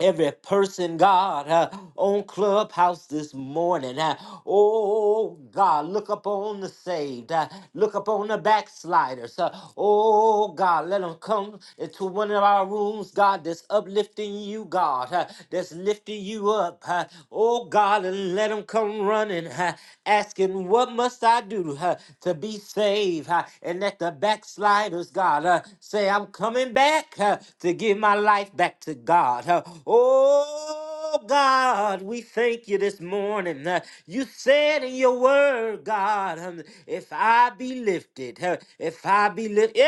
every person, God, uh, on Clubhouse this morning. uh, oh, God, look upon the saved. uh, look upon the backsliders. uh, oh, God, let them come into one of our rooms, God, that's uplifting you, God, uh, that's lifting you up. uh, oh, God, and let them come running, uh, asking, What must I do uh, to be saved? uh, and let the backsliders, God, uh, say, I'm coming. I'm coming back uh, to give my life back to God. Uh, oh, God, we thank you this morning. Uh, you said in your word, God, um, if I be lifted, uh, if I be lifted,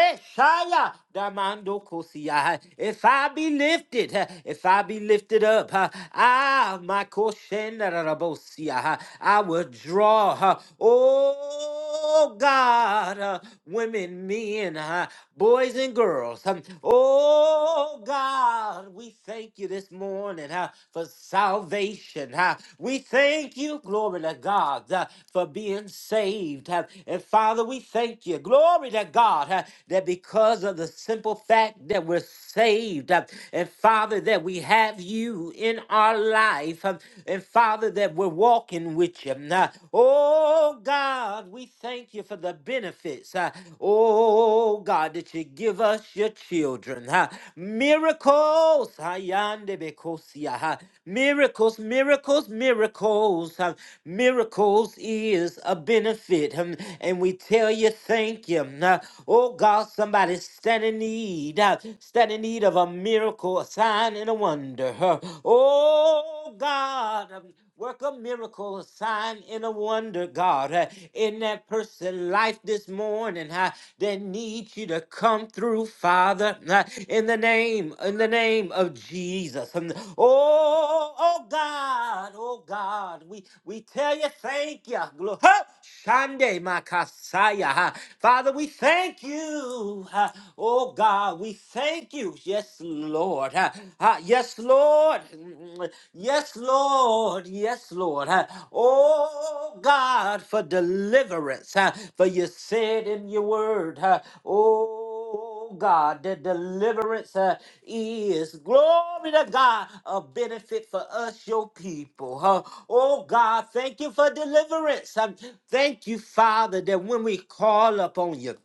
Damando Kosia. uh, If I be lifted, uh, if I be lifted up, uh, ah, my Koshenda Rabosia, I will draw. uh, Oh, God. God, uh, women, men, uh, boys, and girls. Um, oh, God, we thank you this morning uh, for salvation. uh. we thank you, glory to God, uh, for being saved. uh. and Father, we thank you, glory to God, uh, that because of the simple fact that we're saved, uh, and Father, that we have you in our life, um, and Father, that we're walking with you you. Nah. Oh God, we thank you for the benefits. uh, Oh God, that you give us your children. huh? Miracles. Hayande bekosia, huh? Miracles, miracles, miracles. huh? Miracles is a benefit. um, And we tell you thank you. Nah. Oh God, somebody stand in need. uh, Stand in need of a miracle, a sign, and a wonder. huh? Oh God. um, Work a miracle, a sign, and a wonder, God, uh, in that person's life this morning. Uh, they need you to come through, Father, uh, in the name, in the name of Jesus. And oh, oh God, oh God, we we tell you thank you, Glo- huh? Shande Makasaya, huh? Father, we thank you, huh? oh God, we thank you, yes, Lord. Lord. Ah, ah, yes, Lord. Mm, Yes, Lord. Yes, Lord. Ah, Oh, God, for deliverance. Ah, For you said in your word, ah, oh, God, that deliverance ah, is glory to God, a benefit for us, your people. huh? Oh, God, thank you for deliverance. Um, Thank you, Father, that when we call upon you,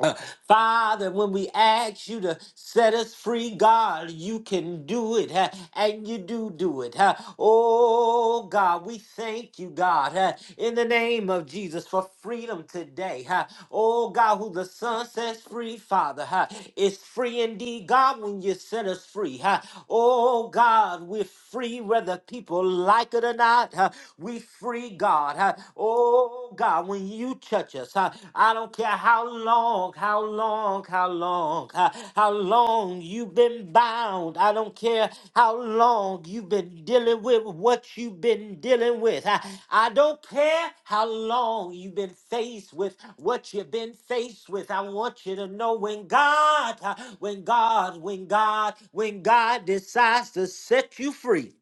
uh, Father, when we ask you to set us free, God, you can do it, huh, and you do do it. huh. Oh, God, we thank you, God, huh, in the name of Jesus for freedom today. huh. Oh, God, who the Son sets free, Father, huh, is free indeed. God, when you set us free, huh. oh, God, we're free whether people like it or not. huh. We free, God. huh. Oh God, when you touch us, huh, I don't care how long, how long, how long, huh, how long you've been bound. I don't care how long you've been dealing with what you've been dealing with. huh. I don't care how long you've been faced with what you've been faced with. I want you to know when God, huh, when God, when God, when God decides to set you free.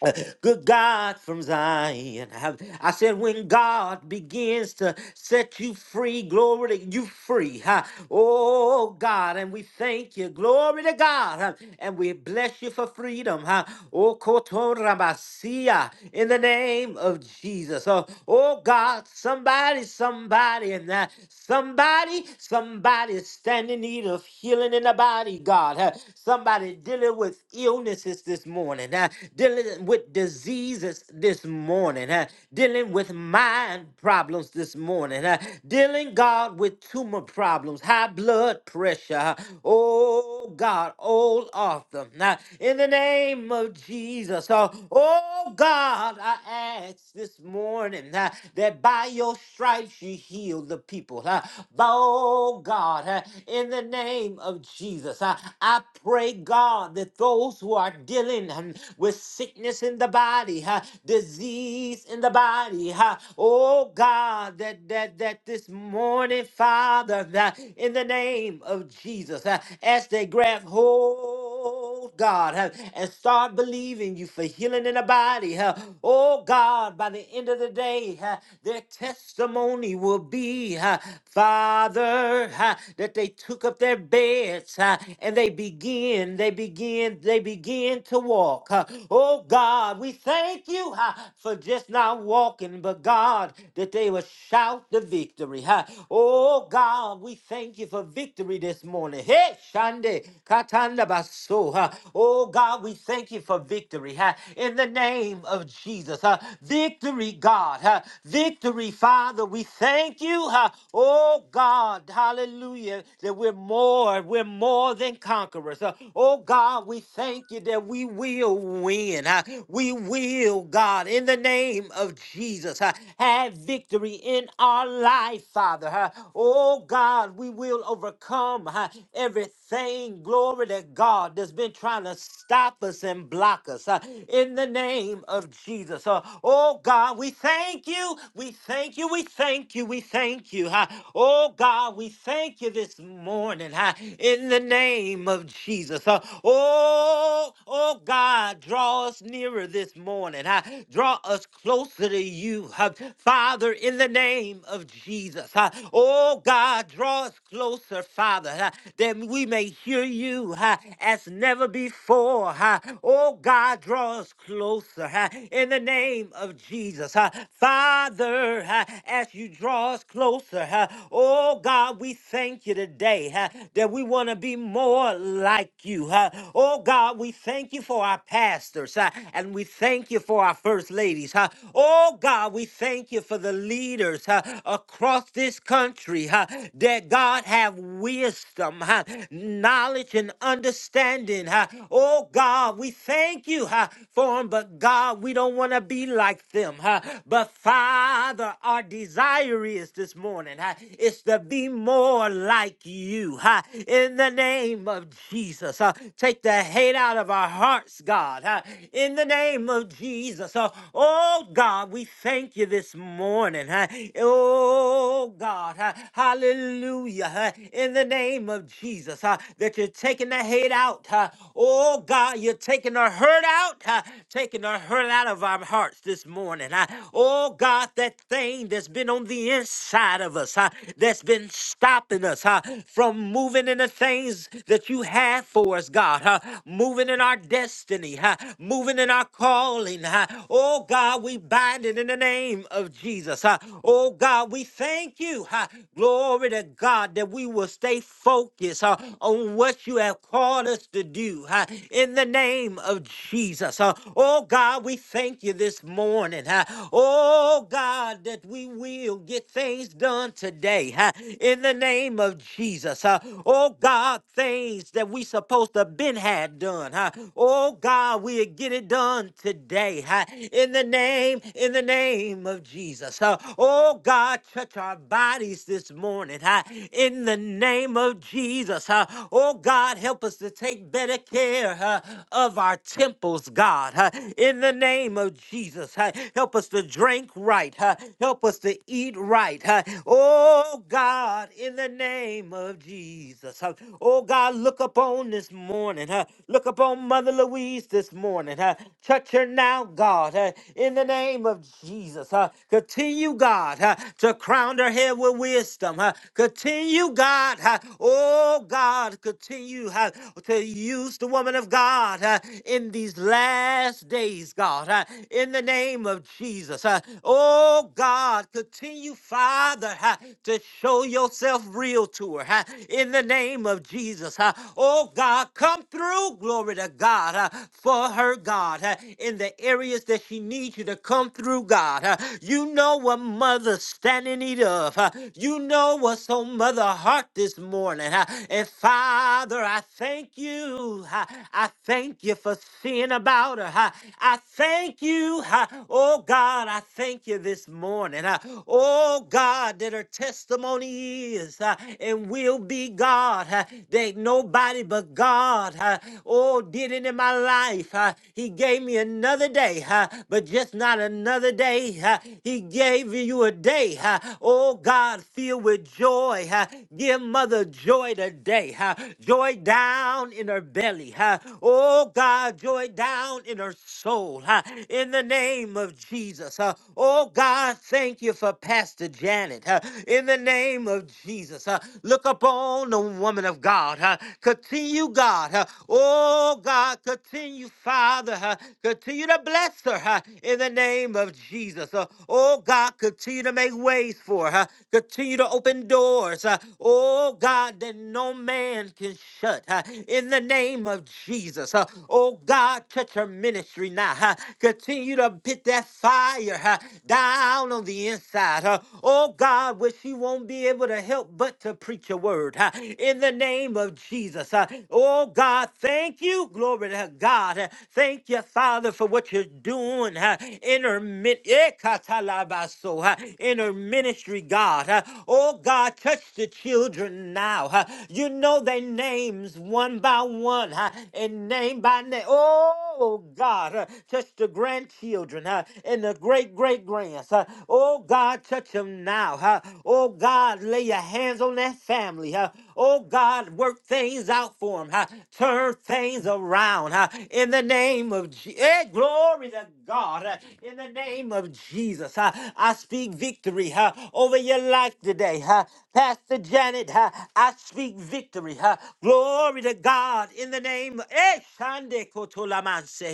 Uh, Good God from Zion. I I said, when God begins to set you free, glory to you free. huh? Oh God, and we thank you. Glory to God. huh? And we bless you for freedom. huh? Oh Kotorabasia, in the name of Jesus. Oh, oh God, somebody, somebody, and that somebody, somebody is standing in need of healing in the body, God. huh? Somebody dealing with illnesses this morning. huh? huh, dealing with diseases this morning, huh, dealing with mind problems this morning, huh, dealing, God, with tumor problems, high blood pressure. huh. Oh, God, all of them. Now, in the name of Jesus, oh, oh God, I ask this morning huh, that by your stripes you heal the people. huh. Oh, God, huh, in the name of Jesus, I I pray, God, that those who are start dealing um, with sickness in the body, huh, disease in the body. huh. Oh God, that that that this morning, Father, that in the name of Jesus, uh, as they grab hold, God, uh, and start believing you for healing in the body. uh, Oh God, by the end of the day, uh, their testimony will be, uh, Father, uh, that they took up their beds uh, and they begin, they begin and they begin to walk. Uh, Oh God, we thank you uh, for just not walking, but God, that they will shout the victory. uh. Oh God, we thank you for victory this morning. Hey, Shande, Katanda Baso. uh. Oh God, we thank you for victory uh, in the name of Jesus. uh. Victory, God. uh. Victory, Father, we thank you. uh. Oh God, hallelujah, that we're more, we're more than conquerors. Uh, Oh God, we thank you that we will win. huh? We will, God, in the name of Jesus, huh, have victory in our life, Father. huh? Oh God, we will overcome huh, everything, glory to God, that's been trying to stop us and block us huh, in the name of Jesus. huh? Oh God, we thank you. We thank you. We thank you. We thank you. huh? Oh God, we thank you this morning huh, in the name name of Jesus. Uh, Oh, oh God, draw us nearer this morning. Uh, Draw us closer to you. Uh, Father, in the name of Jesus. Uh, Oh God, draw us closer, Father, uh, that we may hear you uh, as never before. Uh, Oh God, draw us closer uh, in the name of Jesus. Uh, Father, uh, as you draw us closer, uh, oh God, we thank you today uh, that we will want to be more like you. huh? Oh God, we thank you for our pastors huh, and we thank you for our first ladies. huh? Oh God, we thank you for the leaders huh, across this country huh, that God have wisdom, huh, knowledge, and understanding. huh? Oh God, we thank you huh, for them, but God, we don't want to be like them. huh? But Father, our desire is this morning huh, is to be more like you you huh, in the name of Jesus. huh. Take the hate out of our hearts, God, huh, in the name of Jesus. huh. Oh, God, we thank you this morning. huh. Oh, God, huh, hallelujah, huh, in the name of Jesus, huh, that you're taking the hate out. huh. Oh, God, you're taking the hurt out, huh, taking the hurt out of our hearts this morning. huh. Oh, God, that thing that's been on the inside of us, huh, that's been stopping us blessing us huh, from moving in the things that you have for us, God, huh, moving in our destiny, huh, moving in our calling. Huh. Oh, God, we bind it in the name of Jesus. Huh. Oh, God, we thank you. Huh. Glory to God that we will stay focused huh, on what you have called us to do huh, in the name of Jesus. Huh. Oh, God, we thank you this morning. Huh. Oh, God, that we will get things done today. huh in the name of Jesus. Uh, oh God, things that we supposed to been had done. huh? Oh God, we'll get it done today. huh? In the name, in the name of Jesus. Uh, oh God, touch our bodies this morning. huh? In the name of Jesus. huh? Oh God, help us to take better care huh, of our temples, God. huh? In the name of Jesus. huh? Help us to drink right. huh? Help us to eat right. huh? Oh Oh God, in the name of Jesus. huh. Oh God, look upon this morning. Huh? Look upon Mother Louise this morning. Huh? Touch her now, God, huh? in the name of Jesus. Huh? Continue, God, huh? to crown her head with wisdom. Huh? Continue, God. Huh? Oh God, continue huh? to use the woman of God huh? in these last days, God, huh? in the name of Jesus. Huh? Oh God, continue, Father. Father, ha, to show yourself real to her ha, in the name of Jesus. ha. Oh God, come through, glory to God, ha, for her, God, ha, in the areas that she needs you to come through, God. ha. You know what mother's standing in need of. ha. You know what's on mother heart this morning. ha. And Father, I thank you. ha. I thank you for seeing about her. ha. I thank you. ha. Oh God, I thank you this morning uh, oh God, that her testimony is uh, and will be God, uh, that nobody but God, uh, oh, did it in my life. uh, he gave me another day, uh, but just not another day. uh, he gave you a day, uh, oh God, filled with joy. uh, give Mother joy today, uh, joy down in her belly, uh, oh God, joy down in her soul, uh, in the name of Jesus. uh, oh God. God, thank you for Pastor Janet. huh, in the name of Jesus, huh, look upon the woman of God. huh, continue, God. huh, oh, God, continue, Father. huh, continue to bless her huh, in the name of Jesus. huh, oh, God, continue to make ways for her. huh, continue to open doors. huh, oh, God, that no man can shut. huh, in the name of Jesus. huh, oh, God, touch her ministry now. huh, continue to put that fire fire huh, down on the inside. huh. Oh God, where she won't be able to help but to preach a word huh, in the name of Jesus. huh. Oh God, thank you. Glory to God. huh. Thank you, Father, for what you're doing huh, in her min- eh, katalabaso, huh, in her ministry, God. huh. Oh God, touch the children now. huh. You know their names one by one huh, and name by name. Oh oh God, uh, touch the grandchildren uh, and the great great grands. Uh, oh God, touch them now. Uh, oh God, lay your hands on that family. Uh, oh God, work things out for them. Uh, turn things around uh, in the name of Je- eh, glory to God. Uh, in the name of Jesus, uh, I speak victory uh, over your life today. Uh, Pastor Janet, uh, I speak victory. uh, glory to God in the name of. Eh, Shande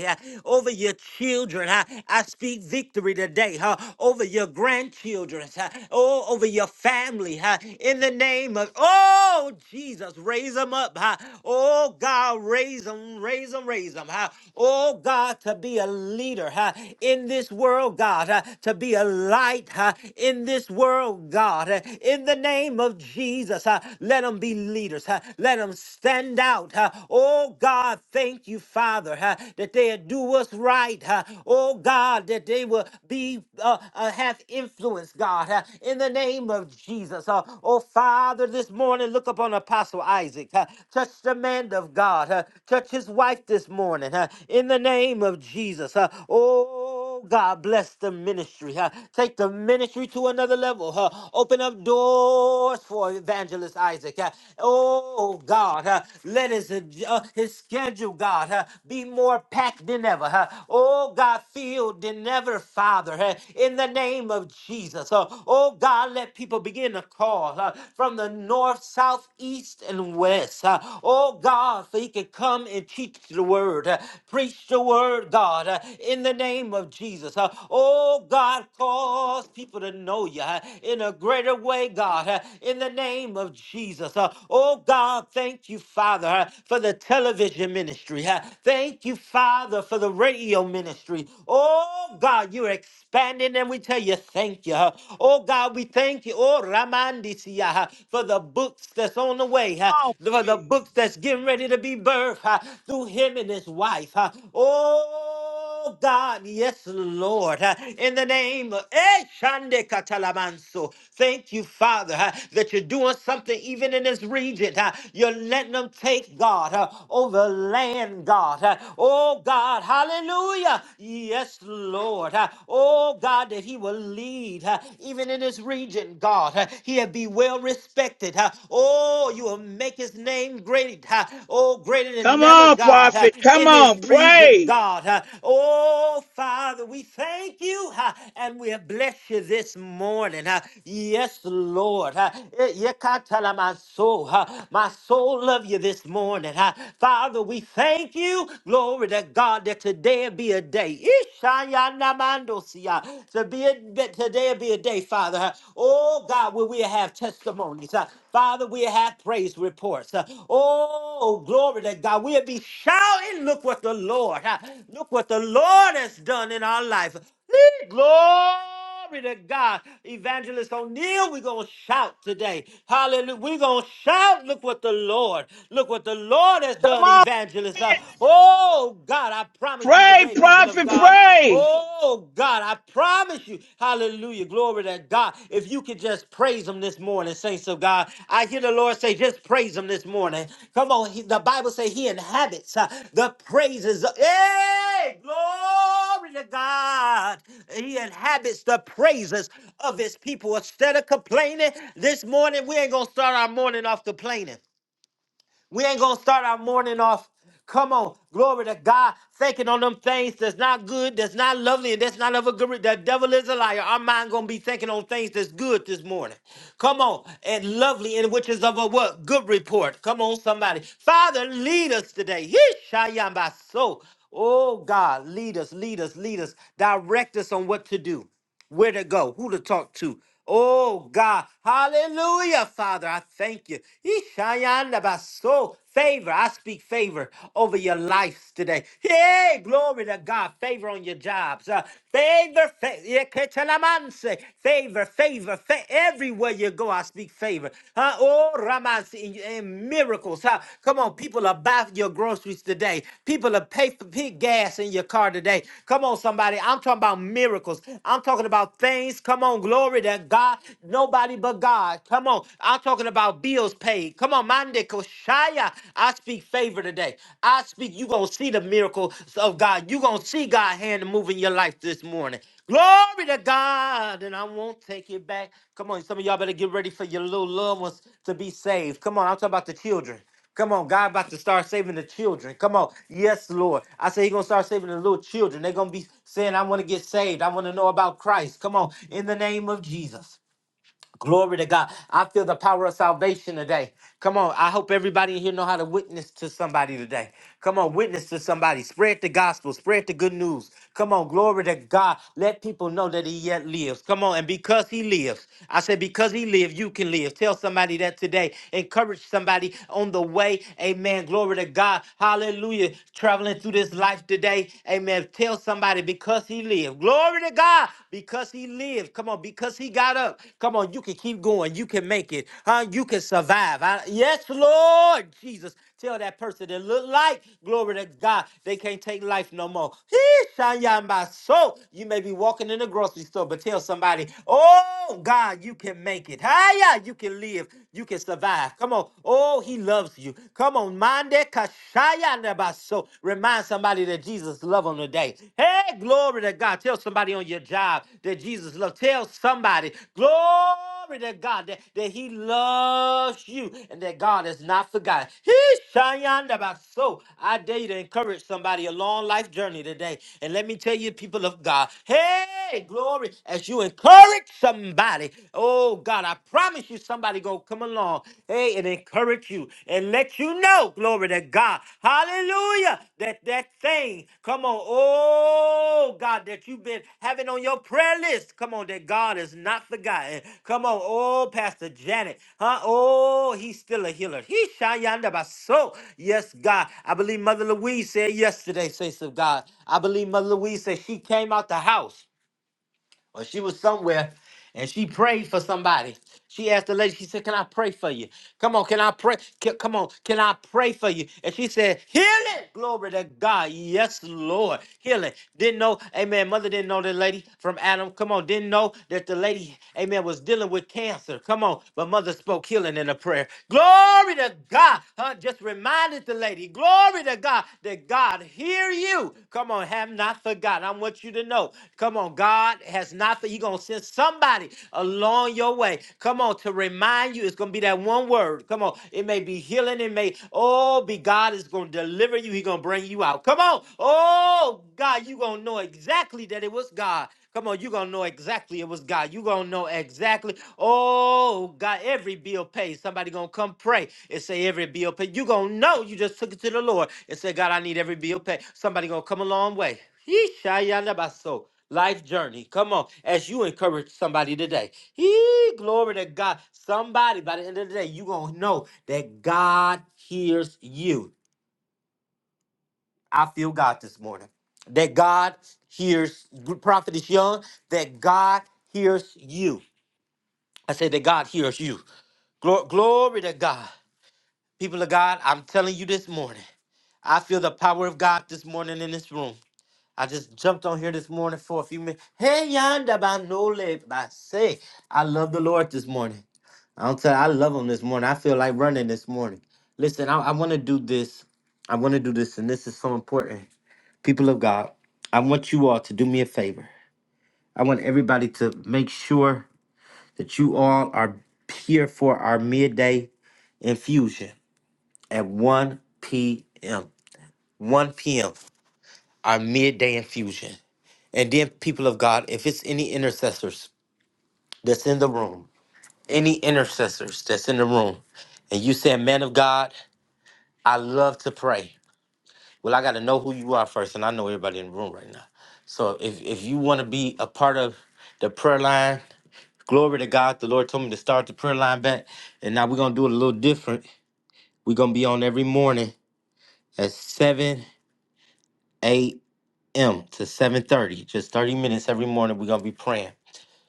uh, over your children. uh, I speak victory today uh, over your grandchildren, uh, oh, over your family. uh, In the name of, oh, Jesus, raise them up. uh, Oh, God, raise them, raise them, raise them. huh? Oh, God, to be a leader uh, in this world, God, uh, to be a light uh, in this world, God. uh, In the name of Jesus, uh, let them be leaders. uh, Let them stand out. uh, Oh, God, thank you thank you, Father, huh, that they'll do us right. huh. Oh God, that they will be uh, uh, have influence, God, huh, in the name of Jesus. huh. Oh Father, this morning look upon Apostle Isaac. huh. Touch the man of God. huh. Touch his wife this morning. huh, In the name of Jesus. huh. Oh. Oh, God, bless the ministry. huh? Take the ministry to another level. huh? Open up doors for evangelist Isaac. huh? Oh, God, huh? let his, uh, his schedule, God, huh? be more packed than ever. huh? Oh, God, filled than ever, Father, huh? in the name of Jesus. huh? Oh, God, let people begin to call huh? from the north, south, east, and west. huh? Oh, God, so he can come and teach the the word. uh, Preach the word, God, uh, in the name of Jesus. uh, Oh, God, cause people to know you uh, in a greater way, God, uh, in the name of Jesus. uh, Oh, God, thank you, Father, uh, for the television ministry. uh, Thank you, Father, for the radio ministry. Oh, God, you're expanding, and we tell you thank you. uh, Oh, God, we thank you. Oh, Ramandisia, uh, for the books that's on the way way uh, on. for the book that's getting ready to be birthed uh, through him and his wife. uh. Oh God, yes, Lord. uh, In the name of Eh, Shande Katalamanso. Thank you, Father, uh, that you're doing something even in this region. uh. You're letting them take God uh, over land, God. uh. Oh God, hallelujah. Yes, Lord. uh. Oh God, that He will lead uh, even in this region region, God. Uh, He'll be well respected. Uh, Oh, you will make his name great. Uh, Oh, greater than Come never, on, God, uh, prophet. Come in this on. region, Pray. God. Uh, Oh, Father, we thank you uh, and we bless you this morning. Uh, Yes, Lord. Uh, eh, yekatala My soul, uh, my soul love you this morning. Uh, Father, we thank you. Glory to God that today will be a day. Ramandosia. To be a, that today will be a day, Father. uh, Oh God, where we have testimonies. uh, Father, we have praise reports. uh, Oh, glory to God. We'll be shouting. Look what the Lord, uh, look what the Lord has done in our life. Eh, Glory. Glory to God. Evangelist O'Neill, we're going to shout today. Hallelujah. We're going to shout. Look what the Lord, look what the Lord has Come done, on, Evangelist. Uh, oh, God, I promise you Pray, today, people of prophet. God. Pray. Oh, God, I promise you. Hallelujah. Glory to God. If you could just praise Him him this morning, saints of God. I hear the Lord say, just praise him this morning. Come on, he, the Bible say he inhabits uh, the praises. Of, hey, glory to God. He inhabits the praises of his people. Instead of complaining this morning, we ain't gonna start our morning off complaining. We ain't gonna start our morning off. Come on, glory to God, thinking on them things that's not good, that's not lovely, and that's not of a good. re- The devil is a liar. Our mind gonna be thinking on things that's good this morning. Come on, and lovely, and which is of a what good report. Come on, somebody, Father, lead us today. Yeshayambaso. Oh God, lead us, lead us, lead us, direct us on what to do where to go, who to talk to. Oh God, hallelujah, Father, I thank you. Ishayandabaso. Favor, I speak favor over your lives today. Hey, glory to God. Favor on your jobs. Uh, favor, fa- yeketalamanse. favor, favor, fa- everywhere you go, I speak favor. Uh, oh, signs and and miracles. Huh? Come on, people are buying your groceries today. People are pay for pig gas in your car today. Come on, somebody. I'm talking about miracles. I'm talking about things. Come on, glory to God. Nobody but God. Come on. I'm talking about bills paid. Come on, Mande Koshaya. I speak favor today. I speak. you going to see the miracles of God. you going to see God hand move in your life this morning. Glory to God, and I won't take it back. Come on, some of y'all better get ready for your little loved ones to be saved. Come on, I'm talking about the children. Come on, God about to start saving the children. Come on, yes, Lord. I say He's gonna start saving the little children. They're gonna be saying, "I want to get saved. I want to know about Christ." Come on, in the name of Jesus. Glory to God. I feel the power of salvation today. Come on. I hope everybody in here know how to witness to somebody today. Come on, witness to somebody. Spread the gospel. Spread the good news. Come on, glory to God. Let people know that he yet lives. Come on. And because he lives, I said, because he lives, you can live. Tell somebody that today. Encourage somebody on the way. Amen. Glory to God. Hallelujah. Traveling through this life today. Amen. Tell somebody because because he lived. Glory to God because he lived. Come on, because he got up. Come on, you can keep going. You can make it. Huh? You can survive. I- yes, Lord Jesus. Tell that person that look like glory to God. They can't take life no more. Hee, shaya my soul. You may be walking in the grocery store, but tell somebody, oh God, you can make it. Hiya, you can live. You can survive. Come on. Oh, he loves you. Come on, mind that. Ikashayandabaso. Remind somebody that Jesus loves them today. Hey, glory to God. Tell somebody on your job that Jesus loves. Tell somebody, glory to God, that, that He loves you and that God has not forgotten. He Shayandabaso. I dare you to encourage somebody a long life journey today. And let me tell you, people of God, hey, glory, as you encourage somebody, oh God, I promise you you somebody gonna come along, hey, and encourage you and let you know, glory to God, hallelujah, that that thing, come on, oh God, that you've been having on your prayer list, come on, that God is not forgotten, come on, oh Pastor Janet, huh? Oh, he's still a healer. He shayanda baso, yes, God. I believe Mother Louise said yesterday, saints of God. I believe Mother Louise said she came out the house or she was somewhere and she prayed for somebody. She asked the lady, she said, Can I pray for you? Come on, can I pray? Ca- Come on, can I pray for you? And she said, Healing! Glory to God. Yes, Lord. Healing. Didn't know, amen. Mother didn't know the lady from Adam. Come on, didn't know that the lady, amen, was dealing with cancer. Come on. But mother spoke healing in a prayer. Glory to God. Huh? Just remind reminded the lady, glory to God, that God hear you. Come on, have not forgotten. I want you to know. Come on, God has not, for- He going to send somebody along your way. Come on, to remind you, it's going to be that one word. Come on, it may be healing. It may, oh, be God is going to deliver you. He going to bring you out. Come on. Oh, God, you going to know exactly that it was God. Come on, you're going to know exactly it was God. You're going to know exactly, oh, God, every bill paid. Somebody going to come pray and say every bill paid. You're going to know you just took it to the Lord and said, God, I need every bill paid. Somebody going to come a long way. Yeeshayalabaso. Life journey. Come on, as you encourage somebody today. He glory to God. Somebody by the end of the day, you're gonna know that God hears you. I feel God this morning. That God hears Prophet is young, that God hears you. I say that God hears you. Glo- glory to God. People of God, I'm telling you this morning. I feel the power of God this morning in this room. I just jumped on here this morning for a few minutes. Hey, yonder by no lip, I say, I love the Lord this morning. I'm telling you, I love him this morning. I feel like running this morning. Listen, I, I want to do this. I want to do this, and this is so important. people of God, I want you all to do me a favor. I want everybody to make sure that you all are here for our midday infusion at 1 p.m. 1 p.m. Our midday infusion. And then, people of God, if it's any intercessors that's in the room, any intercessors that's in the room, and you said, Man of God, I love to pray. Well, I got to know who you are first, and I know everybody in the room right now. So if, if you want to be a part of the prayer line, Glory to God. The Lord told me to start the prayer line back. And now we're going to do it a little different. We're going to be on every morning at 7 a.m. to 7.30. Just 30 minutes every morning we're going to be praying.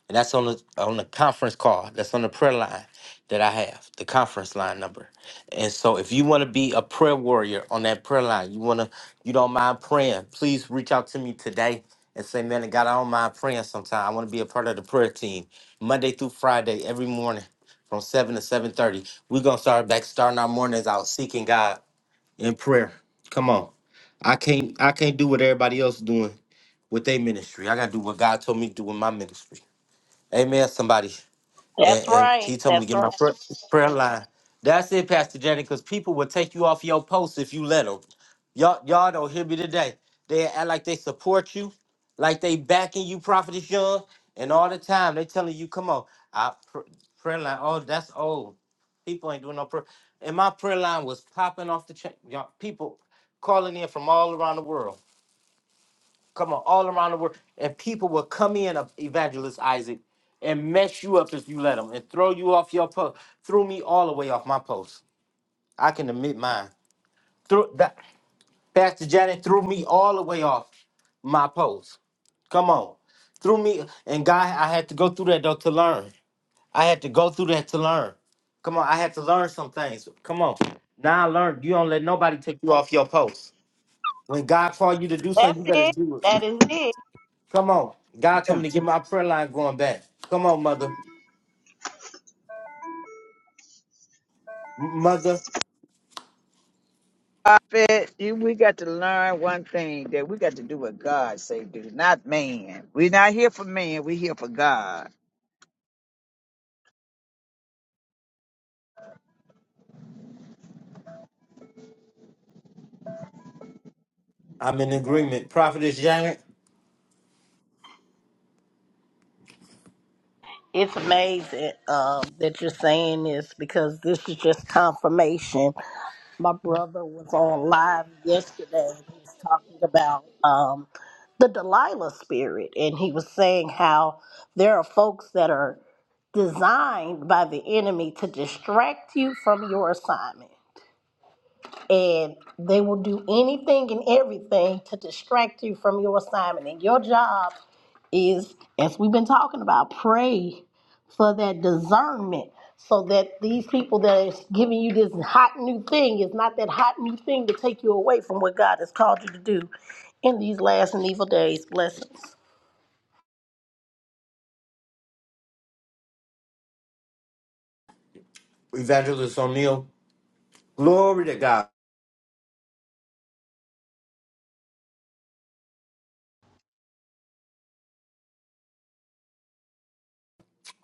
And that's on the on the conference call. That's on the prayer line that I have, the conference line number. And so if you want to be a prayer warrior on that prayer line, you wanna you don't mind praying, please reach out to me today and say, Man, God, I don't mind praying sometime. I want to be a part of the prayer team Monday through Friday, every morning from seven to seven thirty. We're gonna start back starting our mornings out seeking God in prayer. Come on. I can't I can't do what everybody else doing with their ministry. I gotta do what God told me to do with my ministry. Amen, somebody. And, That's and right. he told me to That's get right. my prayer, prayer line. That's it, Pastor Jenny, because people will take you off your post if you let them. Y'all, y'all don't hear me today. They act like they support you, like they backing you, Prophetess Young, and all the time they telling you, come on, I pr- prayer line. Oh, that's old. People ain't doing no prayer. And my prayer line was popping off the chain. Y'all, people calling in from all around the world. Come on, all around the world, and people will come in, uh, Evangelist Isaac, and mess you up if you let them, and throw you off your post. Threw me all the way off my post. I can admit mine. Threw that Pastor Janet threw me all the way off my post. Come on, threw me, and God, I had to go through that though to learn. I had to go through that to learn. Come on, I had to learn some things. Come on, now I learned. You don't let nobody take you off your post. When God called you to do That's something, you better it. do it. That is it. Come on. God told me to get my prayer line going back. Come on, mother. M- Mother, prophet. You, we got to learn one thing that we got to do what God say do, not man. We're not here for man. We're here for God. I'm in agreement. Prophetess Janet, It's amazing um, that you're saying this because this is just confirmation. My brother was on live yesterday. and He was talking about um, the Delilah spirit, and he was saying how there are folks that are designed by the enemy to distract you from your assignment and they will do anything and everything to distract you from your assignment. And your job is, as we've been talking about, pray for that discernment so that these people that is giving you this hot new thing is not that hot new thing to take you away from what God has called you to do in these last and evil days. Blessings. Evangelist O'Neill. Glory to God.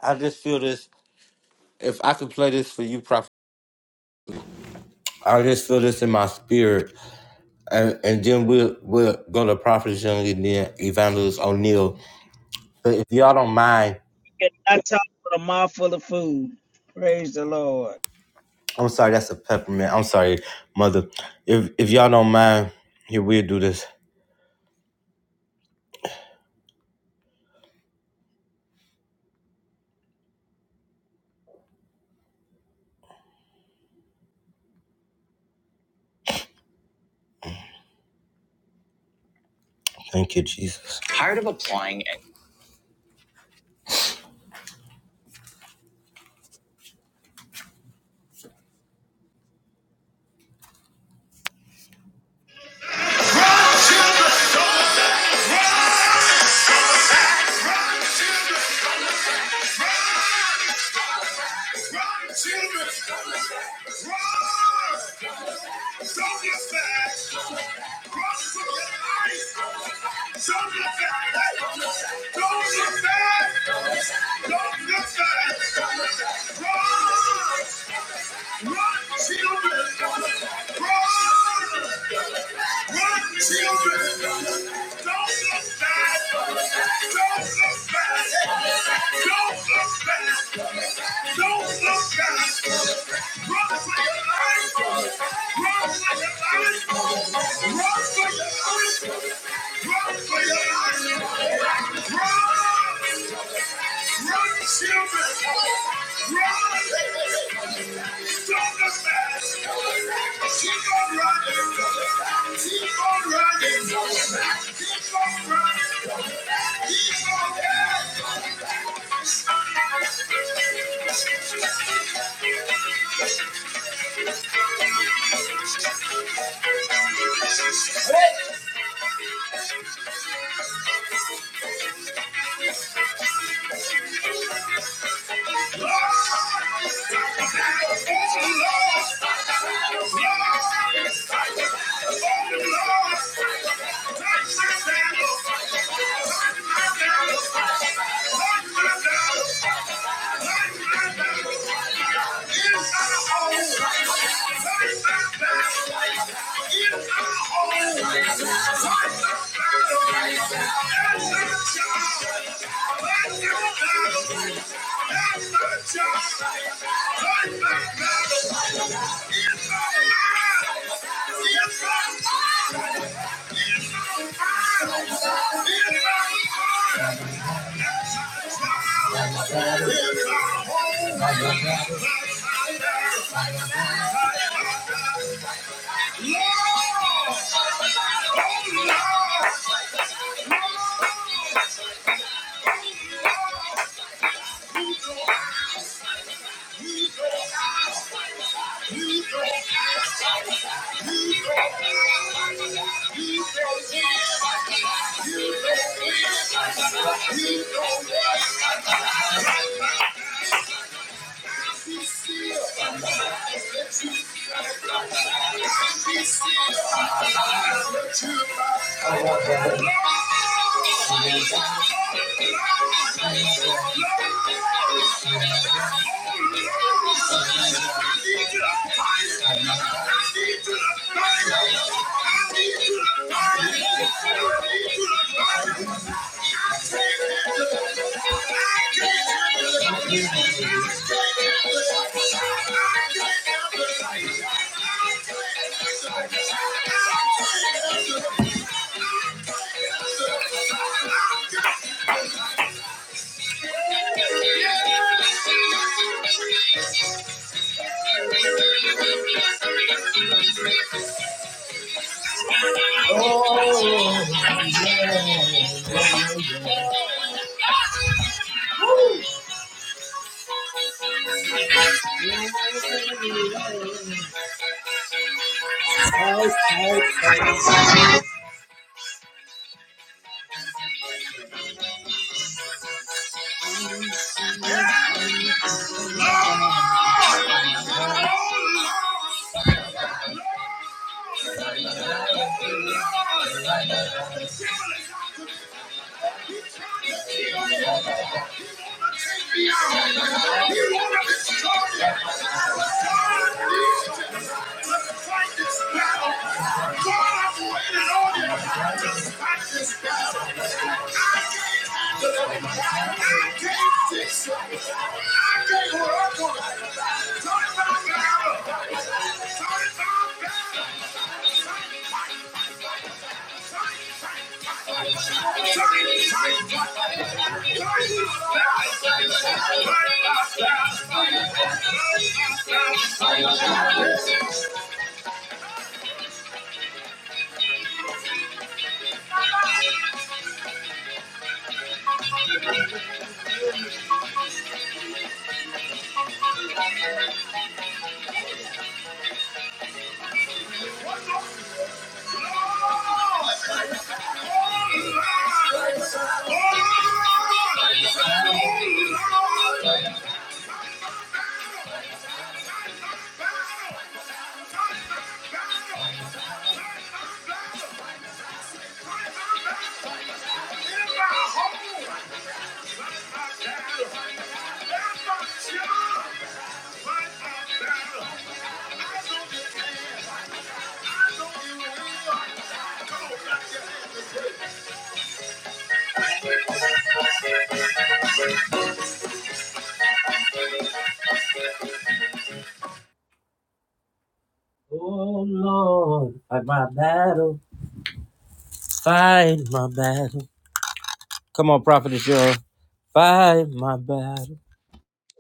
I just feel this. If I could play this for you, Prophet. I just feel this in my spirit. And, and then we'll, we'll go to Prophetess Young and then Evangelist O'Neill. But if y'all don't mind, And talk with a mouthful of food. Praise the Lord. I'm sorry, that's a peppermint. I'm sorry, mother. If, if y'all don't mind, here, we'll do this. Thank you, Jesus. Tired of applying and Don't look back! Don't look back. Don't look back. Run for your life. Run for your life. Run for your life. Run for your life. Run. Run, children. Run. Don't look back. Keep on running. Keep on running. Keep on running. Keep on running. Lord, oh Lord. You don't need my love. You don't need my love. You don't need my love. You don't need my love. Thank you. Oh. Woo. Oh, You want to Turn it down. Come on, Prophet Cheryl.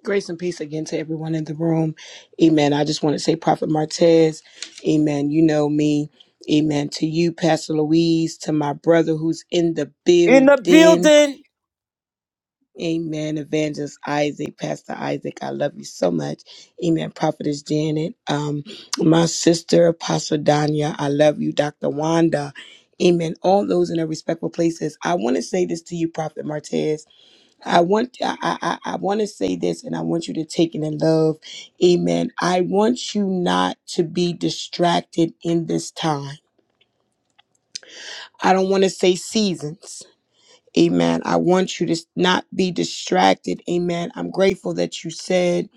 Grace and peace again to everyone in the room. Amen. I just want to say, Prophet Martez, Amen. You know me. Amen. To you, Pastor Louise, to my brother who's in the building. Amen. Evangelist Isaac, Pastor Isaac, I love you so much. Amen. Prophetess Janet, um, my sister, Apostle Danya, I love you. Dr. Wanda, Amen. All those in their respectful places. I want to say this to you, Prophet Martez. I want I, I I want to say this and I want you to take it in love. Amen. I want you not to be distracted in this time. I don't want to say seasons. Amen. I want you to not be distracted. Amen. I'm grateful that you said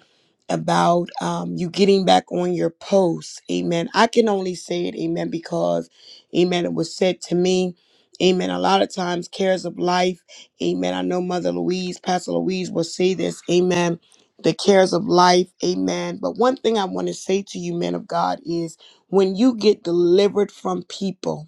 about um, you getting back on your post. Amen. I can only say it, amen, because, amen, it was said to me. Amen. A lot of times, cares of life. Amen. I know Mother Louise, Pastor Louise will say this. Amen. The cares of life. Amen. But one thing I want to say to you, men of God, is when you get delivered from people,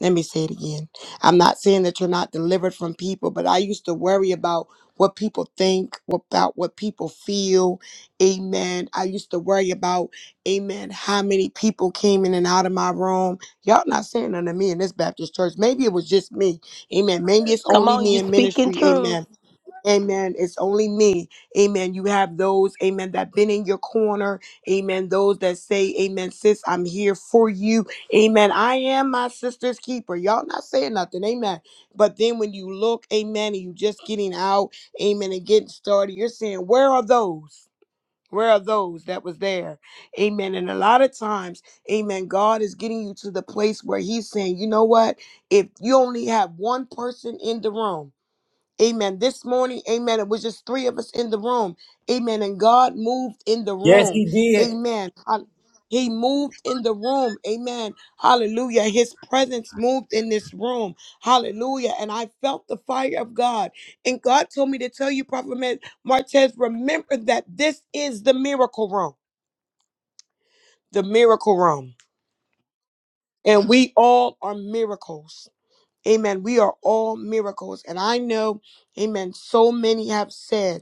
let me say it again. I'm not saying that you're not delivered from people, but I used to worry about what people think, about what people feel. Amen. I used to worry about, amen, how many people came in and out of my room. Y'all not saying none to me in this Baptist church. Maybe it was just me. Amen. Maybe it's Come only on, me you in speaking ministry. truth. Amen. Amen. It's only me. Amen. You have those, amen, that been in your corner. Amen. Those that say, Amen, sis, I'm here for you. Amen. I am my sister's keeper. Y'all not saying nothing. Amen. But then when you look, amen, and you just getting out, amen, and getting started, you're saying, Where are those? Where are those that was there? Amen. And a lot of times, amen, God is getting you to the place where He's saying, you know what? If you only have one person in the room, Amen. This morning, amen. It was just three of us in the room. Amen. And God moved in the Yes, room. he did. Amen. Hall- He moved in the room. Amen. Hallelujah. His presence moved in this room. Hallelujah. And I felt the fire of God. And God told me to tell you, Prophet Ma- Martez, remember that this is the miracle room, the miracle room. And we all are miracles. Amen. We are all miracles. And I know, amen, so many have said,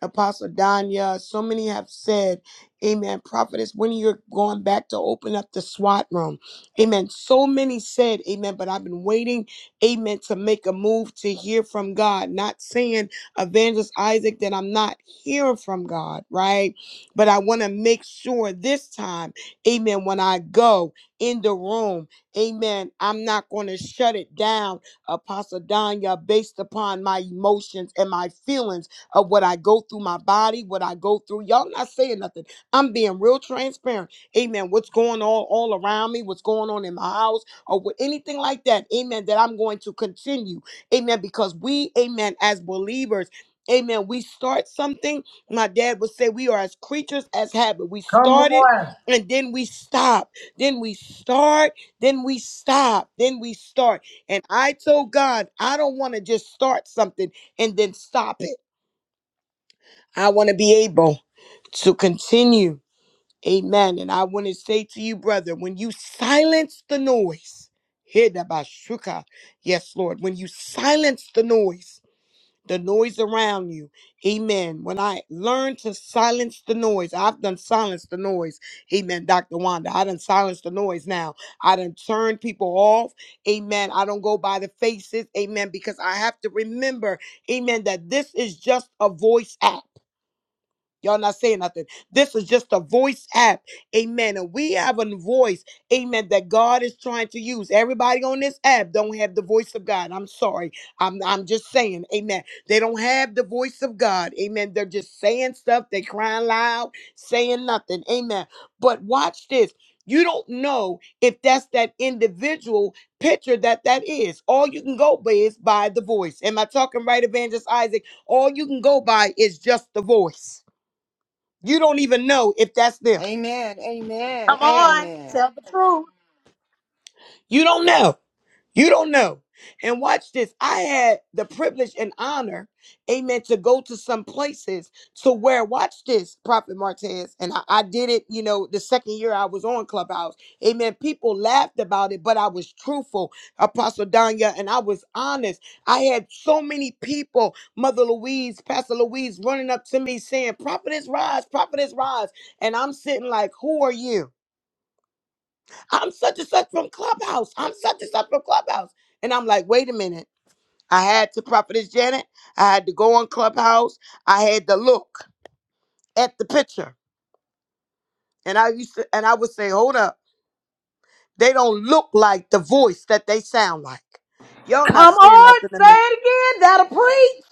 Apostle Danya, so many have said, Amen, prophetess, when you're going back to open up the SWAT room. Amen. So many said, Amen, but I've been waiting, Amen, to make a move to hear from God. Not saying, Evangelist Isaac, that I'm not hearing from God, right? But I want to make sure this time, Amen, when I go in the room. Amen. I'm not going to shut it down, Apostle Danya, based upon my emotions and my feelings of what I go through my body, what I go through. Y'all not saying nothing. I'm being real transparent. Amen. What's going on all around me, what's going on in my house, or with anything like that. Amen. That I'm going to continue. Amen. Because we, amen, as believers, Amen. We start something. My dad would say we are as creatures as habit. We start it and then we stop. Then we start then we stop. Then we start. And I told God, I don't want to just start something and then stop it. I want to be able to continue. Amen. And I want to say to you, brother, when you silence the noise, hear that by Yes, Lord. When you silence the noise, the noise around you. Amen. When I learn to silence the noise, I've done silenced the noise. Amen, Dr. Wanda. I done silenced the noise now. I done turned people off. Amen. I don't go by the faces. Amen. Because I have to remember, amen, that this is just a voice act. Y'all not saying nothing. This is just a voice app. Amen. And we have a voice, amen, that God is trying to use. Everybody on this app don't have the voice of God. I'm sorry. I'm I'm just saying, amen. They don't have the voice of God. Amen. They're just saying stuff, they crying loud, saying nothing. Amen. But watch this. You don't know if that's that individual picture that that is. All you can go by is by the voice. Am I talking right, Evangelist Isaac? All you can go by is just the voice. You don't even know if that's them. Amen. Amen. Come Yes. on, Amen. tell the truth. You don't know. You don't know. And watch this. I had the privilege and honor, amen, to go to some places to where, watch this, Prophet Martez. And I, I did it, you know, the second year I was on Clubhouse. Amen. People laughed about it, but I was truthful, Apostle Danya, and I was honest. I had so many people, Mother Louise, Pastor Louise, running up to me saying, Prophetess Rise, Prophetess Rise. And I'm sitting like, who are you? I'm such and such from Clubhouse. I'm such and such from Clubhouse. And I'm like, wait a minute. I had to Prophetess Janet. I had to go on Clubhouse. I had to look at the picture. And I used to and I would say, hold up. They don't look like the voice that they sound like. Y'all not Come saying on, nothing to say me. it again. That'll preach.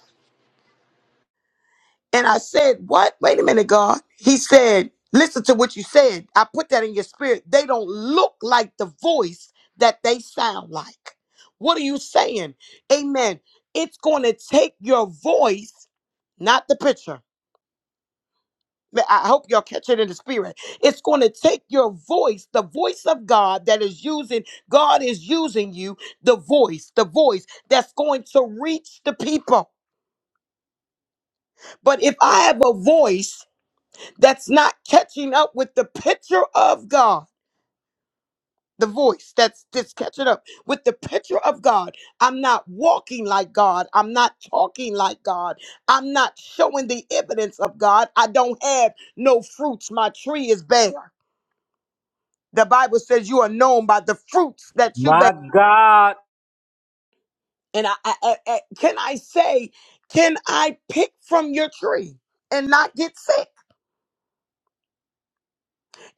And I said, What? Wait a minute, God. He said, Listen to what you said. I put that in your spirit. They don't look like the voice that they sound like. What are you saying? Amen. It's going to take your voice, not the picture. Ma- I hope y'all catch it in the spirit. It's going to take your voice, the voice of God that is using, God is using you, the voice, the voice that's going to reach the people. But if I have a voice, that's not catching up with the picture of God. The voice that's just catching up with the picture of God. I'm not walking like God. I'm not talking like God. I'm not showing the evidence of God. I don't have no fruits. My tree is bare. The Bible says you are known by the fruits that you bear. My God, And I, I, I I- can I say, can I pick from your tree and not get sick?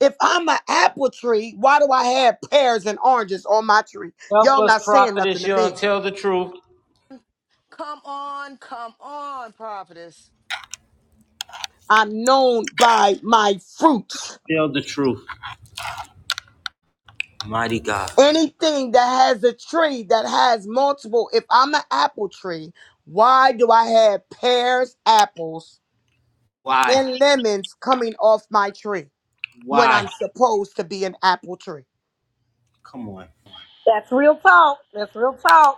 If I'm an apple tree, why do I have pears and oranges on my tree? help Y'all us, not saying nothing prophetess, to Young, me. tell the truth. Come on, come on, prophetess. I'm known by my fruits. Tell the truth. Mighty God. Anything that has a tree that has multiple, if I'm an apple tree, why do I have pears, apples, Why? and lemons coming off my tree when I'm Why? supposed to be an apple tree? Come on. That's real talk. That's real talk.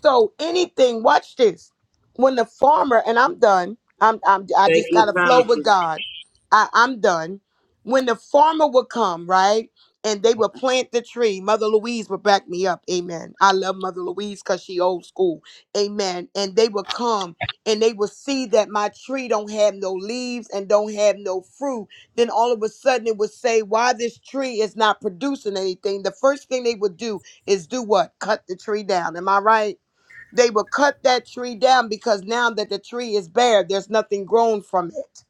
So anything, watch this. When the farmer, and I'm done, I'm, I'm I just gotta flow with God. I, I'm done. When the farmer would come, right? And they would plant the tree. Mother Louise would back me up. Amen. I love Mother Louise because she old school. Amen. And they would come and they would see that my tree don't have no leaves and don't have no fruit. Then all of a sudden it would say, why this tree is not producing anything. The first thing they would do is do what? Cut the tree down. Am I right? They will cut that tree down because now that the tree is bare, there's nothing grown from it.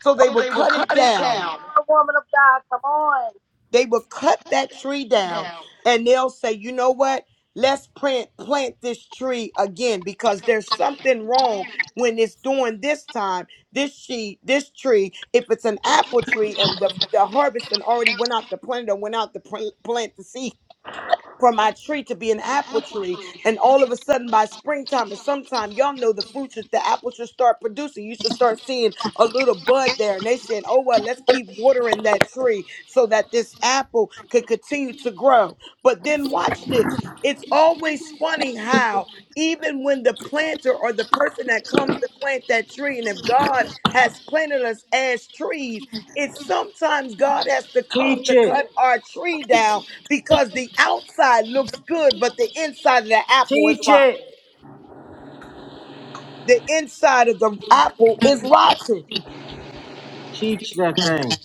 So they So will they will cut cut it it down. down. The woman of God, come on. They will cut that tree down Down. and they'll say, you know what? Let's plant plant this tree again because there's something wrong when it's doing this time. This she this tree, if it's an apple tree and the, the harvest and already went out to plant or went out to pl- plant the seed for my tree to be an apple tree. And all of a sudden, by springtime and sometime, y'all know the fruit should, the apple should start producing. You should start seeing a little bud there. And they said, oh, well, let's keep watering that tree so that this apple could continue to grow. But then watch this. It's always funny how. Even when the planter or the person that comes to plant that tree, and if God has planted us as trees, it's sometimes God has to come to cut our tree down because the outside looks good, but the inside of the apple is Teach rotten. it. The inside of the apple is rotten. Teach that thing.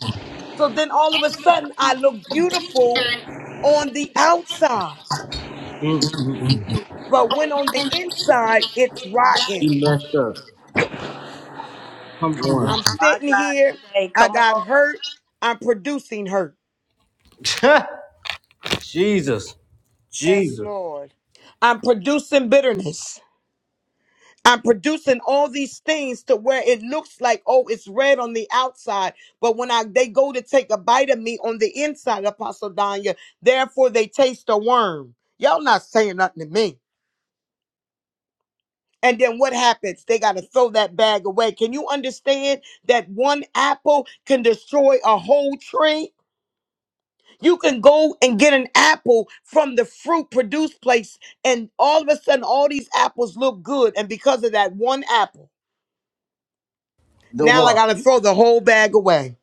So then all of a sudden, I look beautiful on the outside, Mm-mm-mm. but when on the inside, it's rotten. He messed up. Come on. I'm My sitting here, God, today, I come got on. hurt, I'm producing hurt, Jesus. Yes, Jesus. Lord. I'm producing bitterness. I'm producing all these things to where it looks like, oh, it's red on the outside. But when I they go to take a bite of me on the inside, Apostle Danya, therefore they taste a worm. Y'all not saying nothing to me. And then what happens? They got to throw that bag away. Can you understand that one apple can destroy a whole tree? You can go and get an apple from the fruit produce place, and all of a sudden, all these apples look good. And because of that one apple, The Now I one. gotta throw the whole bag away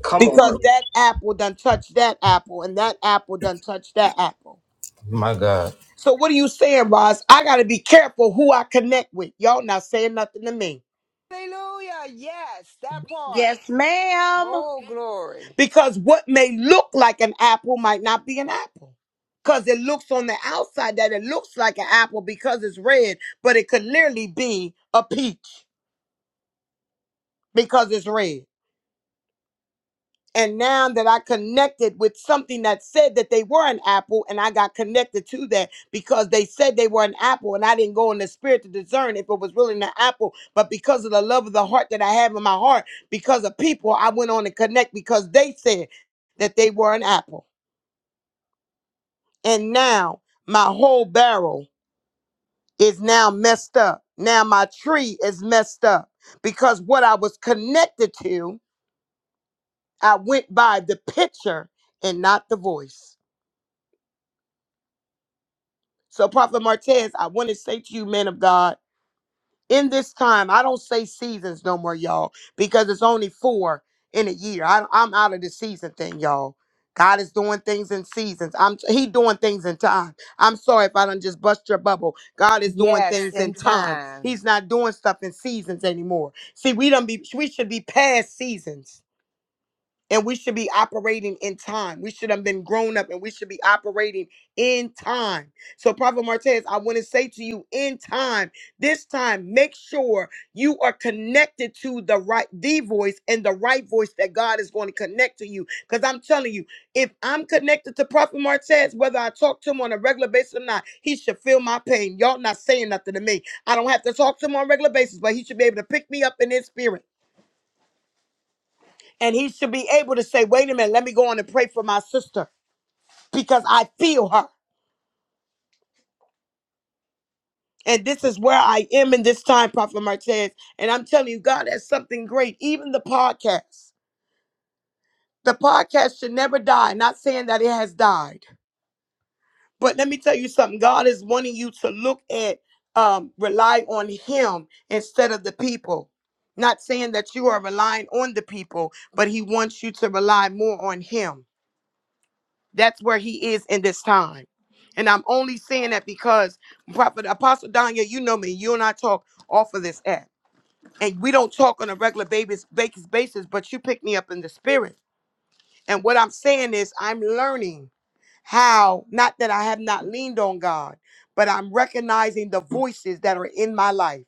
Come on. because that apple done touched that apple and that apple done touched that apple. My God. So what are you saying, Roz? I gotta be careful who I connect with. Y'all not saying nothing to me Hallelujah. Yes, that part. Yes, ma'am. More glory. because what may look like an apple might not be an apple. Cause it looks on the outside that it looks like an apple because it's red, but it could literally be a peach because it's red. And now that I connected with something that said that they were an apple, and I got connected to that because they said they were an apple, and I didn't go in the spirit to discern if it was really an apple. But because of the love of the heart that I have in my heart, because of people, I went on to connect because they said that they were an apple. And now my whole barrel is now messed up. Now my tree is messed up because what I was connected to, I went by the picture and not the voice. So, Prophet Martez, I want to say to you, men of God, in this time, I don't say seasons no more, y'all, because it's only four in a year. I, I'm out of the season thing, y'all. God is doing things in seasons. I'm He doing things in time. I'm sorry if I don't just bust your bubble. God is doing Yes, things in in time. time. He's not doing stuff in seasons anymore. See, we don't be we should be past seasons and we should be operating in time. We should have been grown up and we should be operating in time. So, Prophet Martez, I want to say to you in time, this time, make sure you are connected to the right, the voice and the right voice that God is going to connect to you. Because I'm telling you, if I'm connected to Prophet Martez, whether I talk to him on a regular basis or not, he should feel my pain. Y'all not saying nothing to me. I don't have to talk to him on a regular basis, but he should be able to pick me up in his spirit and he should be able to say, wait a minute, let me go on and pray for my sister because I feel her. And this is where I am in this time, Prophet Martez. And I'm telling you, God has something great. Even the podcast. The podcast should never die. Not saying that it has died. But let me tell you something. God is wanting you to look at, um, rely on him instead of the people. Not saying that you are relying on the people, but he wants you to rely more on him. That's where he is in this time. And I'm only saying that because Prophet Apostle Danya, you know me, you and I talk off of this app. And we don't talk on a regular basis, basis, basis, but you pick me up in the spirit. And what I'm saying is, I'm learning how, not that I have not leaned on God, but I'm recognizing the voices that are in my life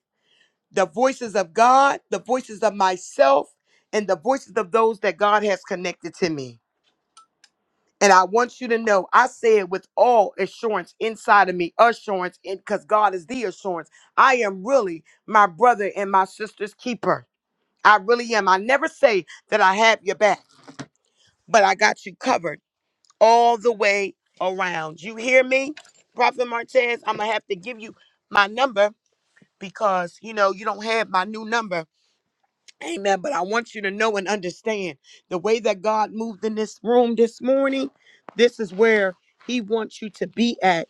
the voices of God, the voices of myself, and the voices of those that God has connected to me. And I want you to know, I say it with all assurance inside of me, assurance, because God is the assurance. I am really my brother and my sister's keeper. I really am. I never say that I have your back, but I got you covered all the way around. You hear me, Prophet Martez? I'm going to have to give you my number because, you know, you don't have my new number Amen. But I want you to know and understand the way that God moved in this room this morning, this is where He wants you to be at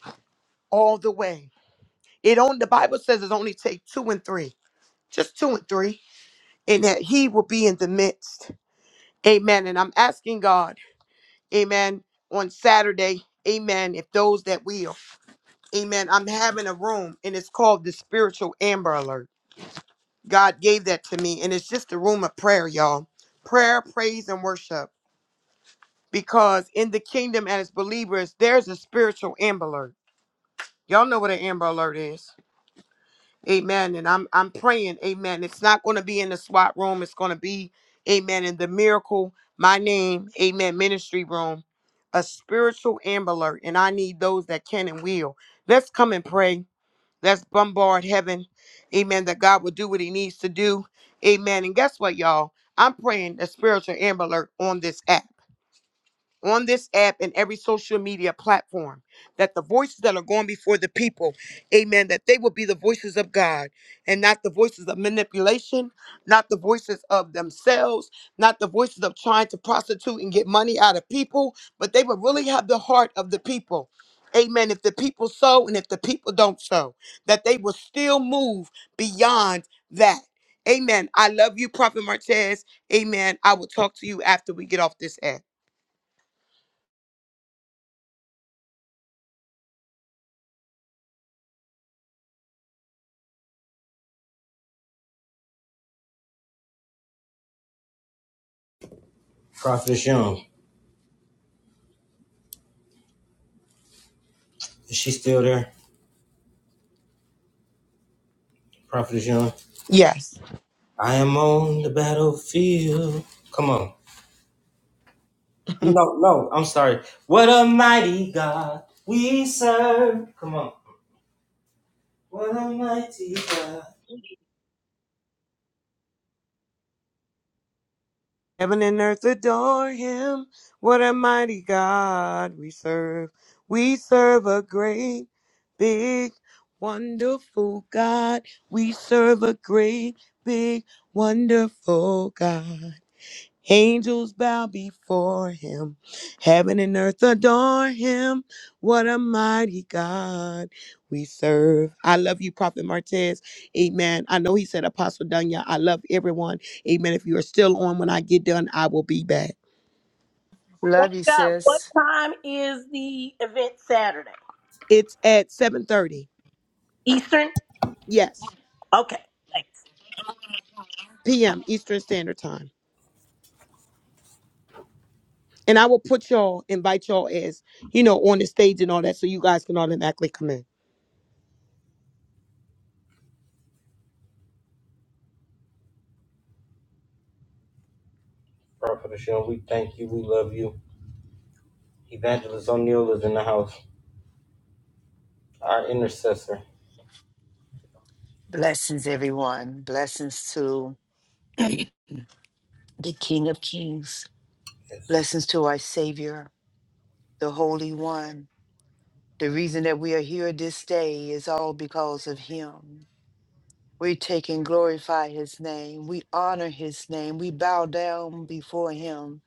all the way. It on the Bible says it only take two and three, just two and three, and that He will be in the midst. Amen. And I'm asking God, Amen, on Saturday, Amen, if those that will. Amen. I'm having a room and it's called the spiritual amber alert. God gave that to me, and it's just a room of prayer, y'all. Prayer, praise, and worship because in the kingdom as believers, there's a spiritual amber alert. Y'all know what an amber alert is. Amen. And I'm I'm praying, amen. It's not going to be in the SWAT room. It's going to be, amen, in the miracle, my name, amen, ministry room. A spiritual amber alert. And I need those that can and will. Let's come and pray. Let's bombard heaven. Amen. That God will do what he needs to do. Amen. And guess what, y'all? I'm praying a spiritual amber alert on this app on this app and every social media platform that the voices that are going before the people amen that they will be the voices of god and not the voices of manipulation not the voices of themselves not the voices of trying to prostitute and get money out of people but they will really have the heart of the people amen if the people sow and if the people don't sow that they will still move beyond that amen i love you prophet martez amen i will talk to you after we get off this app Prophetess Young. Is she still there? Prophetess Young. yes I am on the battlefield. Come on. No, no, I'm sorry. What a mighty God. Heaven and earth adore him. What a mighty God we serve. We serve a great, big, wonderful God. We serve a great, big, wonderful God. Angels bow before him. Heaven and earth adore him. What a mighty God we serve. I love you, Prophet Martez. Amen. I know he said, Apostle Dunya, I love everyone. Amen. If you are still on when I get done, I will be back. Love Woman you, of God, what sis. time is the event Saturday? It's at 7.30. Eastern? Yes. Okay. PM Eastern Standard Time. And I will put y'all, invite y'all as, you know, on the stage and all that so you guys can automatically come in. Prophetess Young, we thank you. We love you. Evangelist O'Neill is in the house, our intercessor. Blessings, everyone. Blessings to the King of Kings. Blessings to our Savior, the Holy One. The reason that we are here this day is all because of Him. We take and glorify his name. We honor his name. We bow down before him.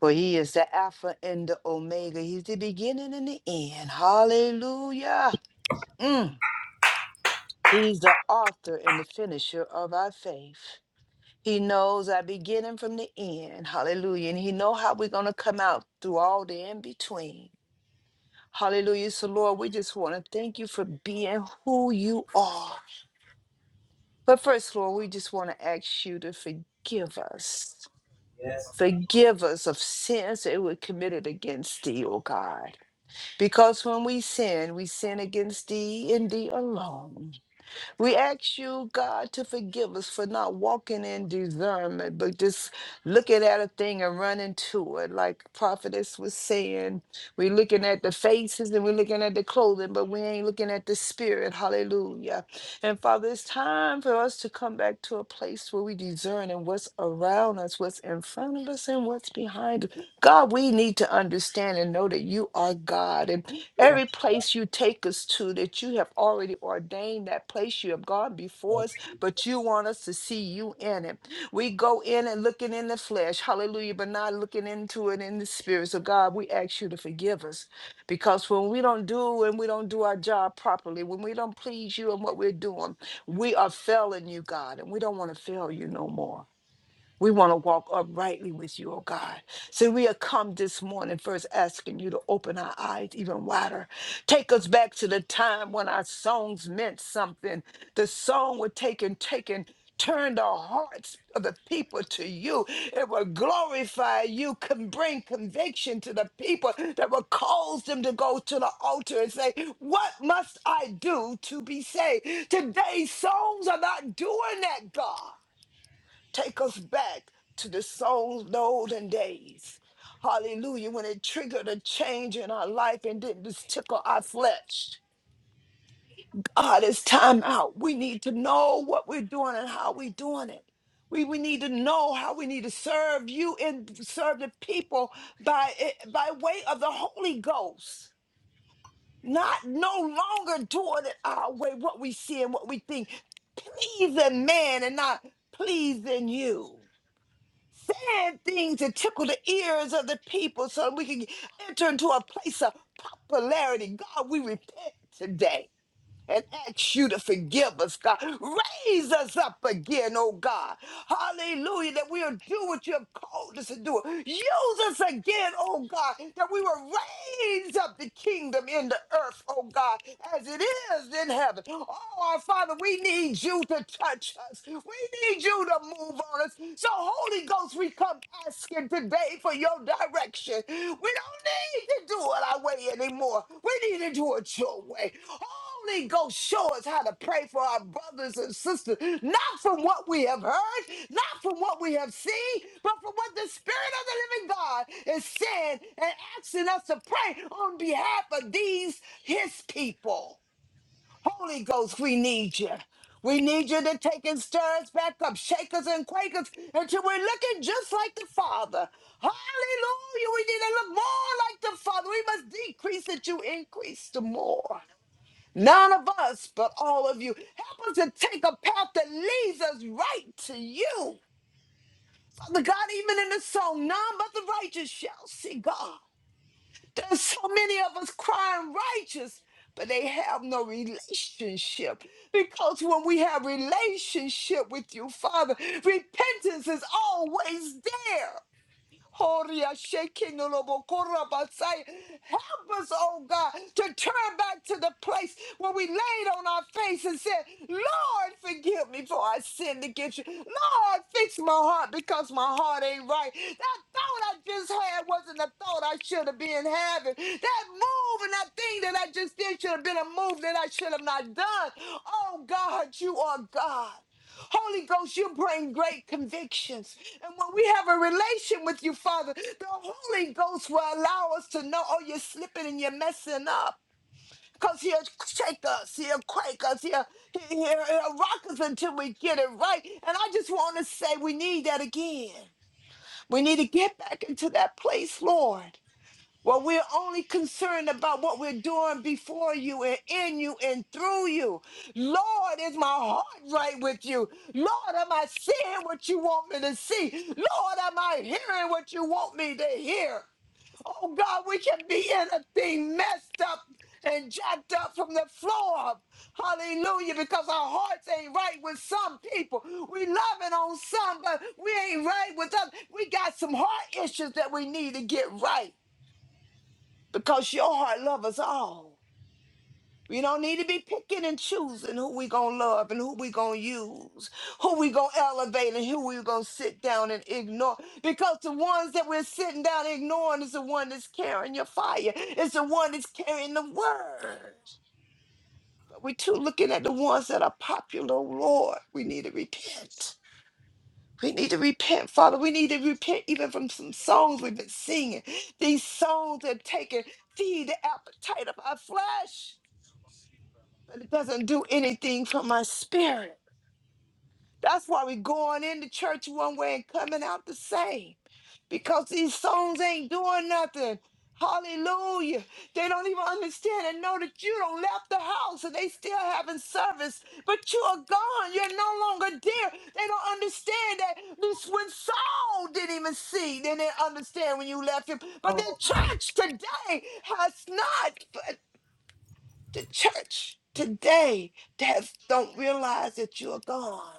For he is the Alpha and the Omega. He's the beginning and the end. Hallelujah. Mm. He's the author and the finisher of our faith. He knows our beginning from the end. Hallelujah. And he know how we're going to come out through all the in between. Hallelujah. So, Lord, we just want to thank you for being who you are. But first, Lord, we just want to ask you to forgive us. Forgive us of sins that were committed against thee, O God. Because when we sin, we sin against thee and thee alone. We ask you, God, to forgive us for not walking in discernment, but just looking at a thing and running to it. Like prophetess was saying, we're looking at the faces and we're looking at the clothing, but we ain't looking at the spirit. Hallelujah. And Father, it's time for us to come back to a place where we discern and what's around us, what's in front of us, and what's behind us. God, we need to understand and know that you are God. and. Every place you take us to that you have already ordained that place, you have gone before us, but you want us to see you in it. We go in and looking in the flesh, hallelujah, but not looking into it in the spirit. So, God, we ask you to forgive us because when we don't do and we don't do our job properly, when we don't please you in what we're doing, we are failing you, God, and we don't want to fail you no more. We want to walk uprightly with you, oh God. So we have come this morning first asking you to open our eyes even wider. Take us back to the time when our songs meant something. The song were taken, taken, turned the hearts of the people to you. It will glorify you, can bring conviction to the people that will cause them to go to the altar and say, What must I do to be saved? Today's songs are not doing that, God. Take us back to the souls, the olden days. Hallelujah. When it triggered a change in our life and didn't just tickle our flesh. God, it's time out. We need to know what we're doing and how we're doing it. We, we need to know how we need to serve you and serve the people by, eh, by way of the Holy Ghost. Not no longer doing it our way, what we see and what we think, pleasing man and not pleasing you saying things that tickle the ears of the people so we can enter into a place of popularity. God, we repent today and ask you to forgive us, God. Raise us up again, oh God. Hallelujah, that we'll do what you have called us to do. Use us again, oh God, that we will raise up the kingdom in the earth, oh God, as it is in heaven. Oh, our Father, we need you to touch us. We need you to move on us. So, Holy Ghost, we come asking today for your direction. We don't need to do it our way anymore. We need to do it your way. Oh, Holy Ghost show us how to pray for our brothers and sisters, not from what we have heard, not from what we have seen, but from what the Spirit of the living God is saying and asking us to pray on behalf of these, His people. Holy Ghost, we need you. We need you to take and stir us back up, shakers and quakers, until we're looking just like the Father. Hallelujah. We need to look more like the Father. We must decrease that you increase the more. None of us, but all of you. Help us to take a path that leads us right to you. Father God, even in the song, none but the righteous shall see God. There's so many of us crying righteous, but they have no relationship. Because when we have relationship with you, Father, repentance is always there. Horia shaking the lobo korabasai. Help us, oh God, to turn back to the place where we laid on our face and said, Lord, forgive me for I sinned against you. Lord, fix my heart because my heart ain't right. That thought I just had wasn't a thought I should have been having. That move and that thing that I just did should have been a move that I should have not done. Oh God, you are God. Holy Ghost, you bring great convictions. And when we have a relation with you, Father, the Holy Ghost will allow us to know, oh, you're slipping and you're messing up. Because he'll shake us, he'll quake us, he'll, he- will he he'll rock us until we get it right. And I just want to say we need that again. We need to get back into that place, Lord. Well, we're only concerned about what we're doing before you and in you and through you. Lord, is my heart right with you? Lord, am I seeing what you want me to see? Lord, am I hearing what you want me to hear? Oh God, we can be anything messed up and jacked up from the floor up. Hallelujah, because our hearts ain't right with some people. We loving on some, but we ain't right with us. We got some heart issues that we need to get right because your heart loves us all. We don't need to be picking and choosing who we gonna love and who we gonna use, who we gonna elevate and who we gonna sit down and ignore. Because the ones that we're sitting down ignoring is the one that's carrying your fire. It's the one that's carrying the word. But we're too looking at the ones that are popular. Oh, Lord, we need to repent. We need to repent, Father. We need to repent even from some songs we've been singing. These songs that taking feed the appetite of our flesh. but it doesn't do anything for my spirit. That's why we going into church one way and coming out the same. Because these songs ain't doing nothing. Hallelujah. They don't even understand and know that you don't left the house and they still having service, but you are gone. You're no longer there. They don't understand that this when Saul didn't even see. They didn't understand when you left him. But the church today has not the church today that don't realize that you're gone.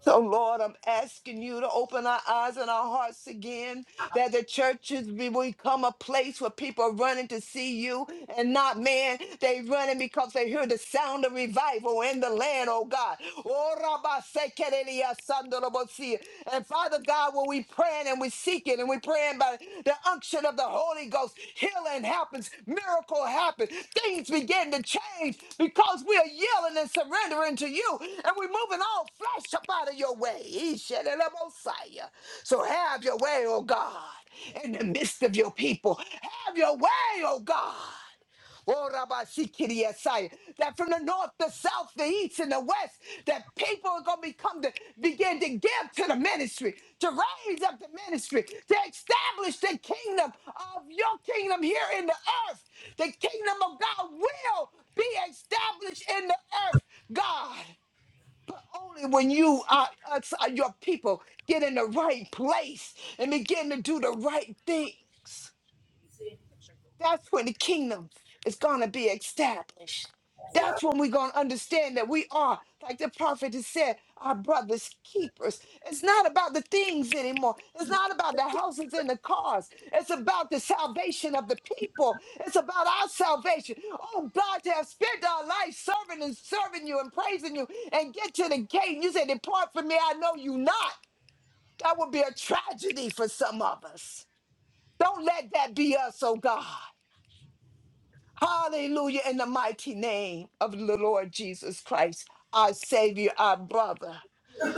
So, Lord, I'm asking you to open our eyes and our hearts again, that the churches be- become a place where people are running to see you and not man. They running because they hear the sound of revival in the land, oh God. Oh, Rabba Sekerelia Sandorobosi. And Father God, when we praying and we seeking and we praying by the unction of the Holy Ghost, healing happens, miracle happens, things begin to change because we are yielding and surrendering to you, and we're moving all flesh up out of your way. He said, "And I'm Messiah, So have your way, oh God, in the midst of your people. Have your way, oh God. Oh, Rabbi Sikiri Yesai, that from the north, the south, the east, and the west, that people are going to become to begin to give to the ministry, to raise up the ministry, to establish the kingdom of your kingdom here in the earth. The kingdom of God will be established in the earth, God. But only when you are us, uh, your people get in the right place and begin to do the right things. That's when the kingdom is going to be established. That's when we're going to understand that we are, like the prophet has said, our brother's keepers. It's not about the things anymore. It's not about the houses and the cars. It's about the salvation of the people. It's about our salvation. Oh, God, to have spent our life serving and serving you and praising you and get to the gate. and You say, Depart from me, I know you not. That would be a tragedy for some of us. Don't let that be us, oh God. Hallelujah. In the mighty name of the Lord Jesus Christ, our Savior, our brother,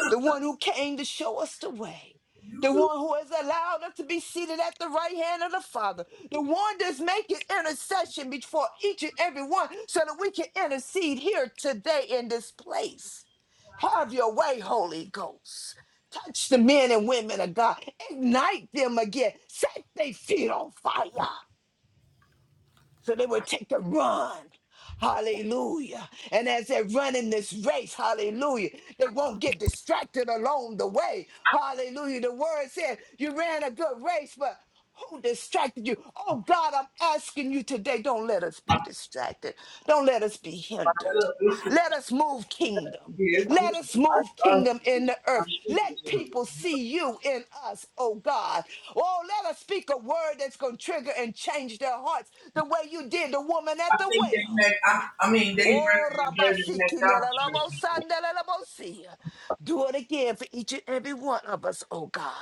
the one who came to show us the way, the one who has allowed us to be seated at the right hand of the Father, the one that's making intercession before each and every one so that we can intercede here today in this place. Have your way, Holy Ghost. Touch the men and women of God. Ignite them again. Set their feet on fire so they would take the run. Hallelujah. And as they're running this race, hallelujah, they won't get distracted along the way. Hallelujah. The word said, You ran a good race, but who distracted you? Oh God, I'm asking you today, don't let us be distracted. Don't let us be hindered. Let us move kingdom. Let us move kingdom in the earth. Let people see you in us, oh God. Oh, let us speak a word that's going to trigger and change their hearts the way you did the woman at the well. Oh, Rabasiki, Nelalabosandelalabosia. Do it again for each and every one of us, oh God.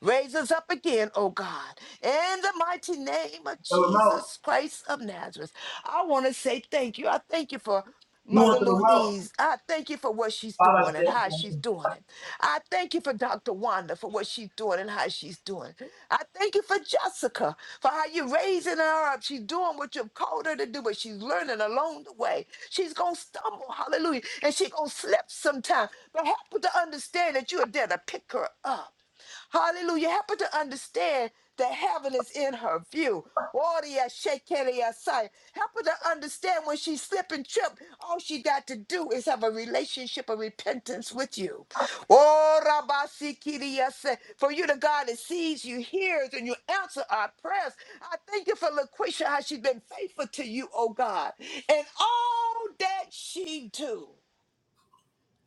Raise us up again, oh God. In the mighty name of Jesus Christ of Nazareth. I want to say thank you. I thank you for Mother Louise. I thank you for what she's doing and how she's doing it. I thank thank you for Dr. Wanda for what she's doing and how she's doing. I thank you for Jessica for how you're raising her up. She's doing what you've called her to do, but she's learning along the way. She's gonna stumble, hallelujah, and she's gonna slip sometime. But help her to understand that you are there to pick her up. Hallelujah. Help her to understand that heaven is in her view. Oria shekeria sai. Help her to understand when she slip and trip, all she got to do is have a relationship of repentance with you. Oh, Rabasikiriase, for you, the God that sees you, hears, and you answer our prayers. I thank you for LaQuisha, how she's been faithful to you, oh God, and all that she do.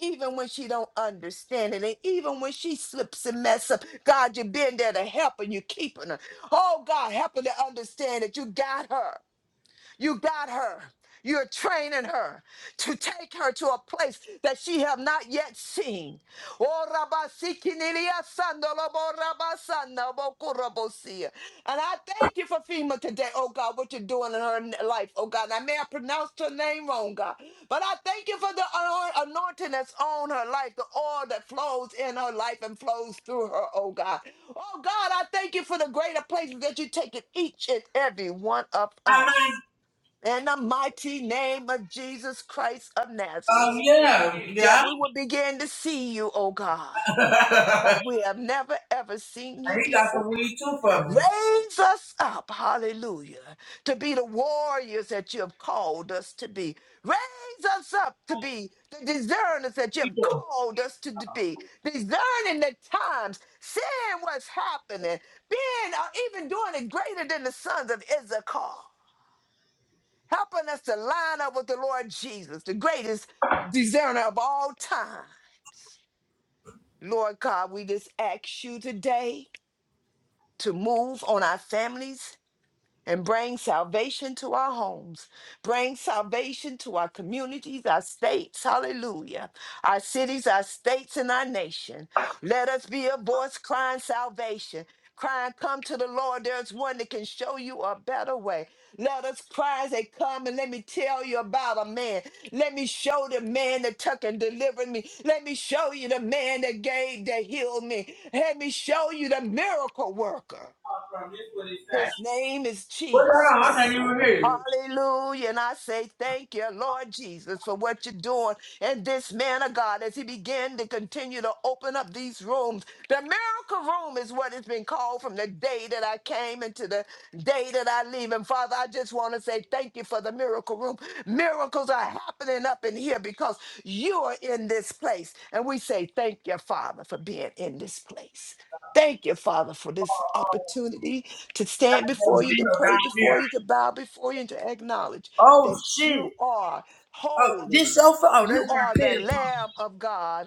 Even when she don't understand it, and even when she slips and mess up, God, you've been there to help and you're keeping her. Oh God, help her to understand that you got her. You got her. You're training her to take her to a place that she have not yet seen. Oh, Rabba, Siki, Nilia, Sando, Lobo, Rabba, Sando, Boku, Robo, Sia. And I thank you for FEMA today, oh God, what you're doing in her life, oh God. And I may have pronounced her name wrong, God, but I thank you for the anoint- anointing that's on her life, the oil that flows in her life and flows through her, oh God. Oh God, I thank you for the greater places that you take in each and every one of us in the mighty name of Jesus Christ of Oh Nazareth, yeah, that yeah. we will begin to see you, O God, like and we have never ever seen you he got before. some weed too. Raise us up, hallelujah, to be the warriors that you have called us to be. Raise us up to be the discerners that you have called us to be. Discerning the times, seeing what's happening, being or even doing it greater than the sons of Issachar helping us to line up with the Lord Jesus, the greatest discerner of all times. Lord God, we just ask you today to move on our families, and bring salvation to our homes, bring salvation to our communities, our states, hallelujah, our cities, our states, and our nation. Let us be a voice crying salvation. Crying, come to the Lord. There's one that can show you a better way. Let us cry as they come and let me tell you about a man. Let me show the man that took and delivered me. Let me show you the man that gave, that healed me. Let me show you the miracle worker. His name is Jesus. Hallelujah. And I say, thank you, Lord Jesus, for what you're doing. And this man of God, as he began to continue to open up these rooms, the miracle room is what it's been called from the day that I came into the day that I leave. And Father, I just want to say thank you for the miracle room. Miracles are happening up in here because you are in this place. And we say, thank you, Father, for being in this place. Thank you, Father, for this opportunity to stand before you, to pray down here. before you, to bow before you, and to acknowledge Oh that you shit. are Oh, this holy. sofa? Oh, You that's my are the kid's phone. Lamb of God.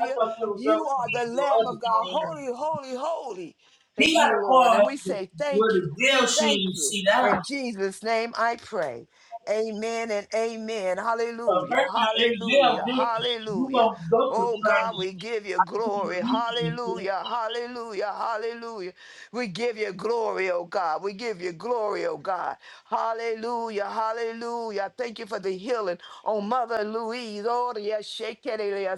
I thought that was up You for are the your Lamb other of God. phone. Holy, holy, holy He is got you, a Lord. And we call say for thank you. the deal. Thank You you. see that? In Jesus' name I pray. Amen and amen. Hallelujah. Hallelujah. Hallelujah. Oh God, we give you glory. Hallelujah. Hallelujah. Hallelujah. We give you glory, oh God. We give you glory, oh God. Hallelujah, hallelujah. Thank you for the healing on Mother Louise. Oh, yes, Shekinah,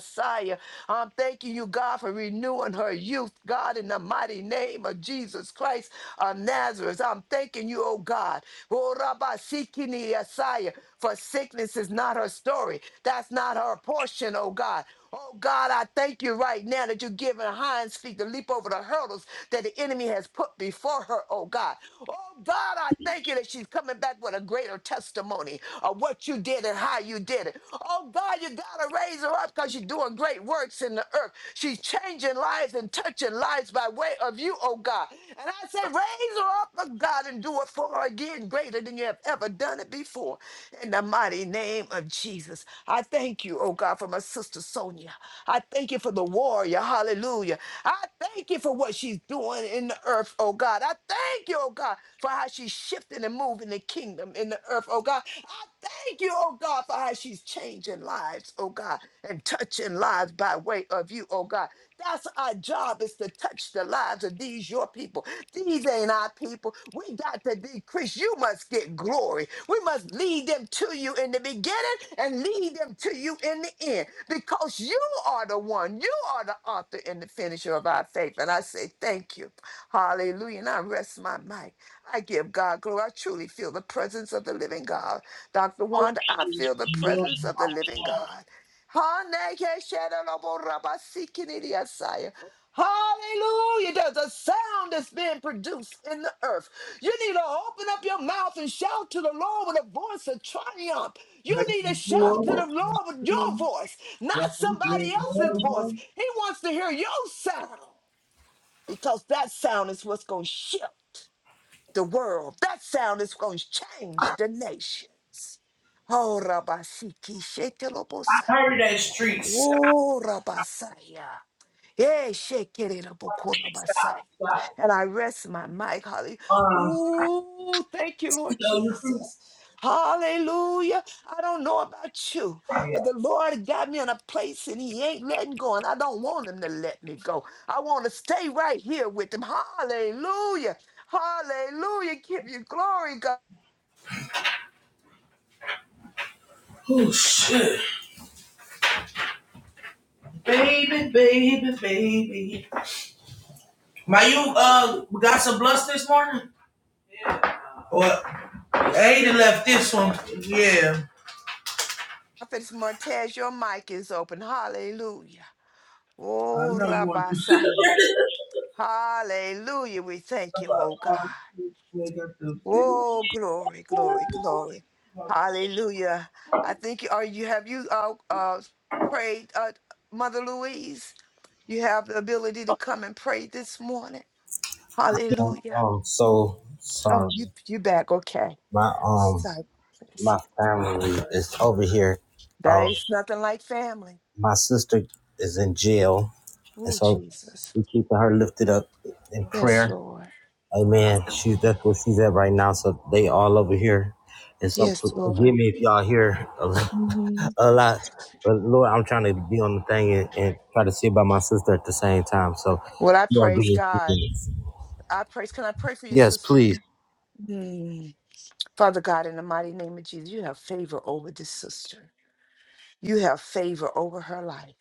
I'm thanking you, God, for renewing her youth, God, in the mighty name of Jesus Christ of Nazareth. I'm thanking you, oh God. Oh, Rabba Sikini Asaya, For sickness is not her story. That's not her portion, oh God. Oh God, I thank you right now that you're giving hinds feet to leap over the hurdles that the enemy has put before her, oh God. Oh God, I thank you thank you that she's coming back with a greater testimony of what you did and how you did it. Oh God, you gotta raise her up because she's doing great works in the earth. She's changing lives and touching lives by way of you, oh God. And I say, raise her up, oh God, and do it for her again, greater than you have ever done it before. In the mighty name of Jesus, I thank you, oh God, for my sister Sonia. I thank you for the warrior, hallelujah. I thank you for what she's doing in the earth, oh God. I thank you, oh God, for how she's shifting and moving the kingdom in the earth, oh God. I thank you, oh God, for how she's changing lives, oh God, and touching lives by way of you, oh God. That's our job is to touch the lives of these your people. These ain't our people. We got to decrease. You must get glory. We must lead them to you in the beginning and lead them to you in the end because you are the one. You are the author and the finisher of our faith. And I say thank you. Hallelujah. And I rest my mic. I give God glory. I truly feel the presence of the living God. Dr. Wanda, I feel the presence of the living God. Hallelujah. Hallelujah. There's a sound that's being produced in the earth. You need to open up your mouth and shout to the Lord with a voice of triumph. You need to shout to the Lord with your voice, not somebody else's voice. He wants to hear your sound because that sound is what's going to shift the world. That sound is going to change the nations. Oh, Rabasiki, Shetelobosai. Oh, Rabasaya. Yeah, shake it up, Okorobasai. And I rest my mic. Hallelujah. Ooh, thank you, Lord Jesus. Hallelujah. I don't know about you, but the Lord got me in a place and He ain't letting go, and I don't want Him to let me go. I want to stay right here with Him. Hallelujah. Hallelujah. Give you glory, God. Prophet Martez, your mic is open. Hallelujah. Oh, Rabasaya. Hallelujah. We thank you, oh God. Oh glory, glory, glory. Hallelujah. I think you are you have you uh, uh prayed uh Mother Louise? You have the ability to come and pray this morning. Um, Hallelujah. um, so No, sorry. you you back, okay. My um, Sorry. my family is over here. That Um, is nothing like family. my sister is in jail, and Oh so Jesus. we keep her lifted up in Yes, prayer. Lord. Amen. She's that's where she's at right now. So they all over here, and so p- Yes, forgive Lord. me if y'all hear a, lo- Mhm. a lot. But Lord, I'm trying to be on the thing and, and try to see about my sister at the same time. So Well, I you all give praise me a few God. minutes. I praise. Can I pray for you, Yes, sister? please. Mm. Father God, in the mighty name of Jesus, you have favor over this sister. You have favor over her life.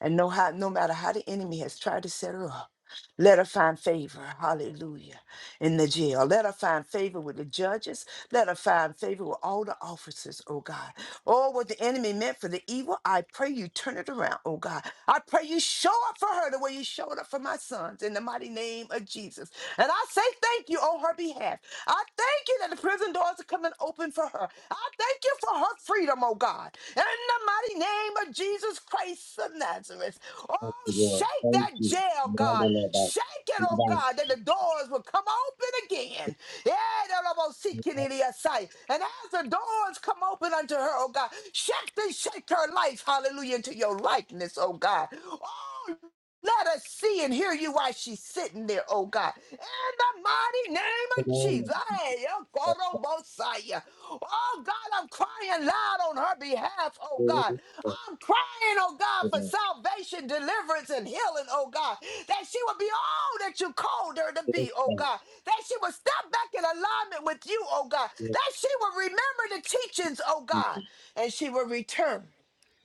And no, how, no matter how the enemy has tried to set her up, let her find favor, hallelujah, in the jail. Let her find favor with the judges. Let her find favor with all the officers, oh God. Oh, what the enemy meant for the evil, I pray you turn it around, oh God. I pray you show up for her the way you showed up for my sons in the mighty name of Jesus. And I say thank you on her behalf. I thank you that the prison doors are coming open for her. I thank you for her freedom, oh God. In the mighty name of Jesus Christ of Nazareth. Thank Oh, you, Lord. shake Thank that you. jail, God. Mandala Bas- Shake it, oh Bas- God, that the doors will come open again. Yeah, that I'm gonna in your sight. And as the doors come open unto her, oh God, shake and shake her life, hallelujah, into your likeness, oh God. Oh, let us see and hear you while she's sitting there, oh God. In the mighty name the of Jesus. name Hey, yo, of the- Koro Bosaya. Oh God, I'm crying loud on her behalf, oh the- the- God. the- I'm crying, oh God, the- for the- salvation, deliverance, and healing, oh God. That she will be all that you called her to the- be, oh the- God. That she will step back in alignment with you, oh God. the- the- That she will remember the teachings, oh God. Yes, And she will return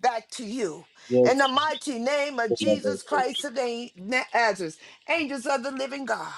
back to you. In the mighty name of the- the- the- Jesus the- Christ of Nazareth, angels of the living God,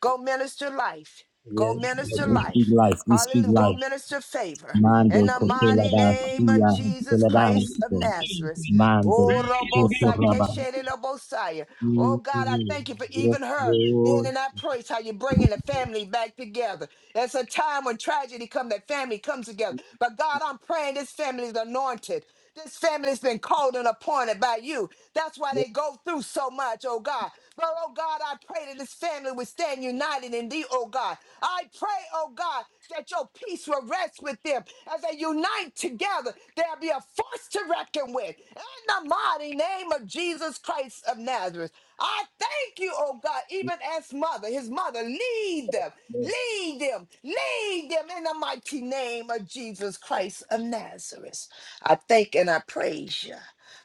go minister life. Go Yes, minister we speak life. life. We speak Hallelujah. Go life. minister favor. Mande In the kotela mighty name of basia Jesus Christ of telebanso. Nazareth. Mande Oh, Robo Sa- kotoraba. Keshe de Robo Saya. Oh God, I thank you for even Yes, her being Lord. in that place, how you're bringing the family back together. It's a time when tragedy comes, that family comes together. But God, I'm praying this family is anointed. This family has been called and appointed by you. That's why they go through so much, oh God. But oh God, I pray that this family would stand united in thee, oh God. I pray, oh God, that your peace will rest with them. As they unite together, there'll be a force to reckon with. In the mighty name of Jesus Christ of Nazareth, I thank you, oh God, even as mother, his mother, lead them. Lead them, lead them in the mighty name of Jesus Christ of Nazareth. I thank and I praise you.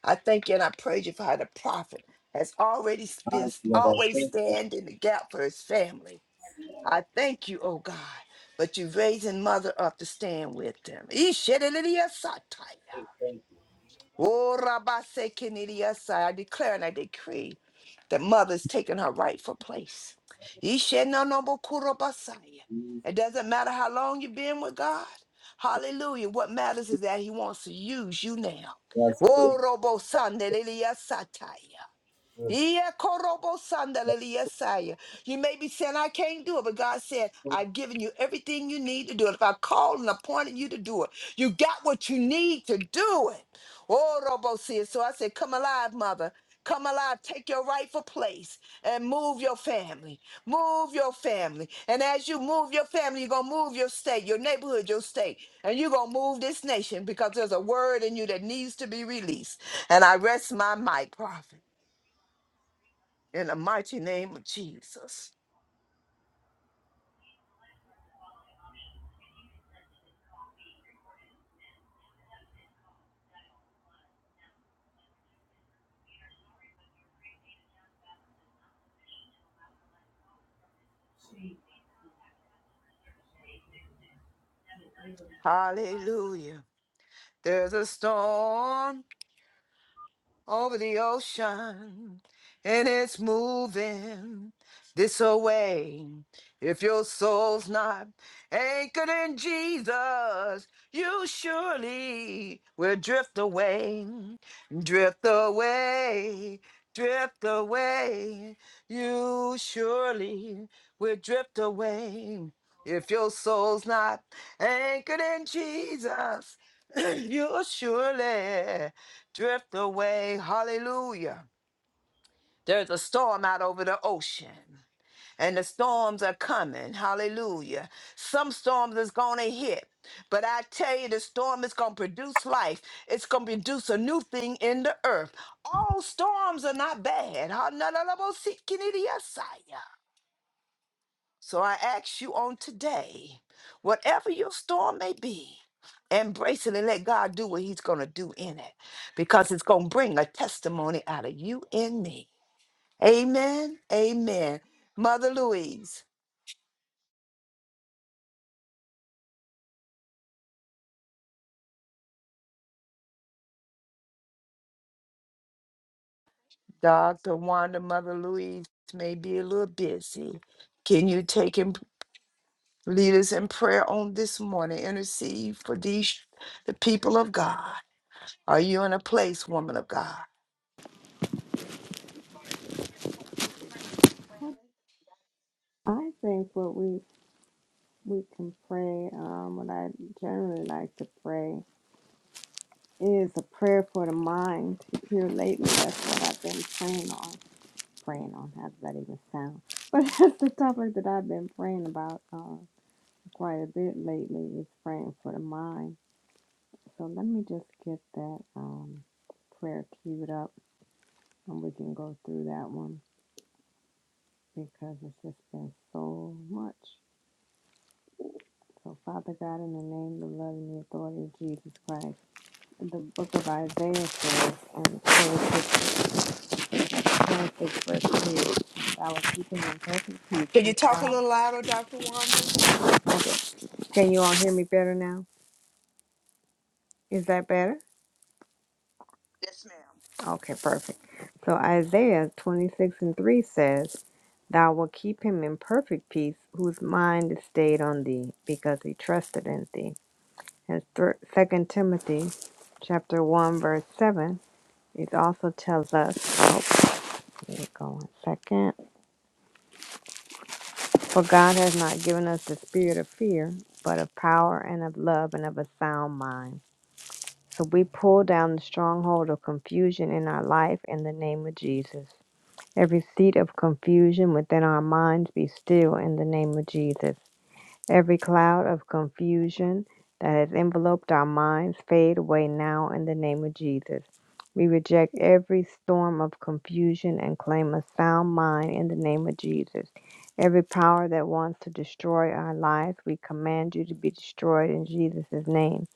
I thank you and I praise you for how the prophet has already been let us always stand in the gap for his family. I thank you, oh God, but you raising mother up to stand with them. Ishedelidiasataya. Oh, Rabasekenidiasa. I declare and I decree that mother's taking her rightful place. Ishenonobokurobasaya. It doesn't matter how long you've been with God. Hallelujah. What matters is that He wants to use you now. Oh, Robo yeah, korobo sandalele, yes, I. You may be saying, I can't do it, but God said, I've given you everything you need to do it. If I called and appointed you to do it, you got what you need to do it. Oh, Robo said, so I said, come alive, mother. Come alive, take your rightful place and move your family. Move your family. And as you move your family, you're going to move your state, your neighborhood, your state. And you're going to move this nation because there's a word in you that needs to be released. And I rest my mic, prophet in the mighty name of Jesus. Hallelujah. There's a storm over the ocean and it's moving this away. If your soul's not anchored in Jesus, you surely will drift away, drift away, drift away. You surely will drift away. If your soul's not anchored in Jesus, you surely drift away. Hallelujah. There's a storm out over the ocean, and the storms are coming. Hallelujah. Some storms is going to hit, but I tell you, the storm is going to produce life. It's going to produce a new thing in the earth. All storms are not bad. Ha- na- na- na- bo- si- ki- ni- di- ya- sa- ya. So I ask you on today, whatever your storm may be, embrace it and let God do what He's going to do in it because it's going to bring a testimony out of you and me. Amen. Amen. Mother Louise, Dr. Wanda, Mother Louise may be a little busy. Can you take and lead us in prayer on this morning? Intercede for these, the people of God. Are you in a place, woman of God? I think what we we can pray, um, what I generally like to pray is a prayer for the mind. Here lately, that's what I've been praying on. Praying on, how does that even sound? But that's the topic that I've been praying about uh, quite a bit lately is praying for the mind. So let me just get that um, prayer queued up and we can go through that one because it's just been so much. So Father God, in the name, the love, and the authority of Jesus Christ. the book of Isaiah says, and Genesis verse 2, I will keep him in perfect peace Can you whose talk a mind little louder, Dr. Wanda? is stable." Can you all hear me better now? Is that better? Okay, perfect. So Isaiah 26 and 3 says, Thou wilt keep him in perfect peace whose mind is stayed on thee because he trusted in thee. And th- 2 Timothy chapter 1 verse 7, it also tells us, oh, here we go one second. For God has not given us the spirit of fear, but of power and of love and of a sound mind. So we pull down the stronghold of confusion in our life in the name of Jesus. Every seat of confusion within our minds be still in the name of Jesus. Every cloud of confusion that has enveloped our minds fade away now in the name of Jesus. We reject every storm of confusion and claim a sound mind in the name of Jesus. Every power that wants to destroy our lives, we command you to be destroyed in Jesus' name.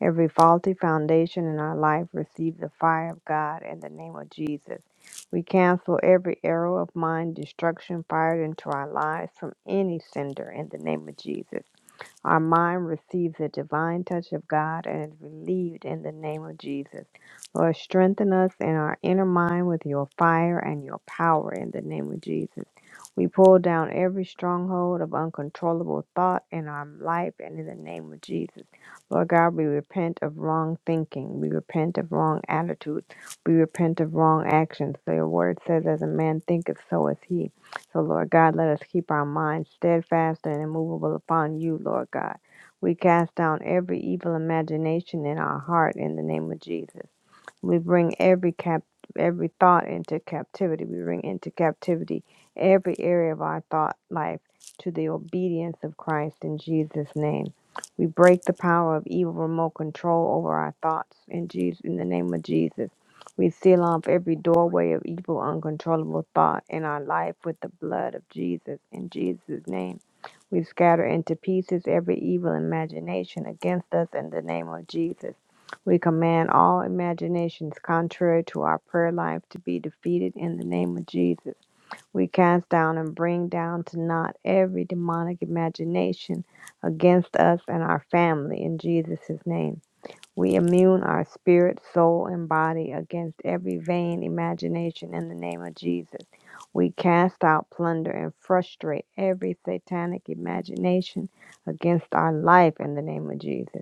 Every faulty foundation in our life receives the fire of God in the name of Jesus. We cancel every arrow of mind destruction fired into our lives from any sender in the name of Jesus. Our mind receives the divine touch of God and is relieved in the name of Jesus. Lord, strengthen us in our inner mind with your fire and your power in the name of Jesus. We pull down every stronghold of uncontrollable thought in our life and in the name of Jesus. Lord God, we repent of wrong thinking. We repent of wrong attitudes. We repent of wrong actions. So your word says, as a man thinketh, so is he. So, Lord God, let us keep our minds steadfast and immovable upon you, Lord God. We cast down every evil imagination in our heart in the name of Jesus. We bring every cap every thought into captivity. We bring into captivity every area of our thought life to the obedience of Christ in Jesus' name. We break the power of evil remote control over our thoughts in Jesus in the name of Jesus. We seal off every doorway of evil, uncontrollable thought in our life with the blood of Jesus in Jesus' name. We scatter into pieces every evil imagination against us in the name of Jesus. We command all imaginations contrary to our prayer life to be defeated in the name of Jesus. We cast down and bring down to naught every demonic imagination against us and our family in Jesus' name. We immune our spirit, soul, and body against every vain imagination in the name of Jesus. We cast out, plunder, and frustrate every satanic imagination against our life in the name of Jesus.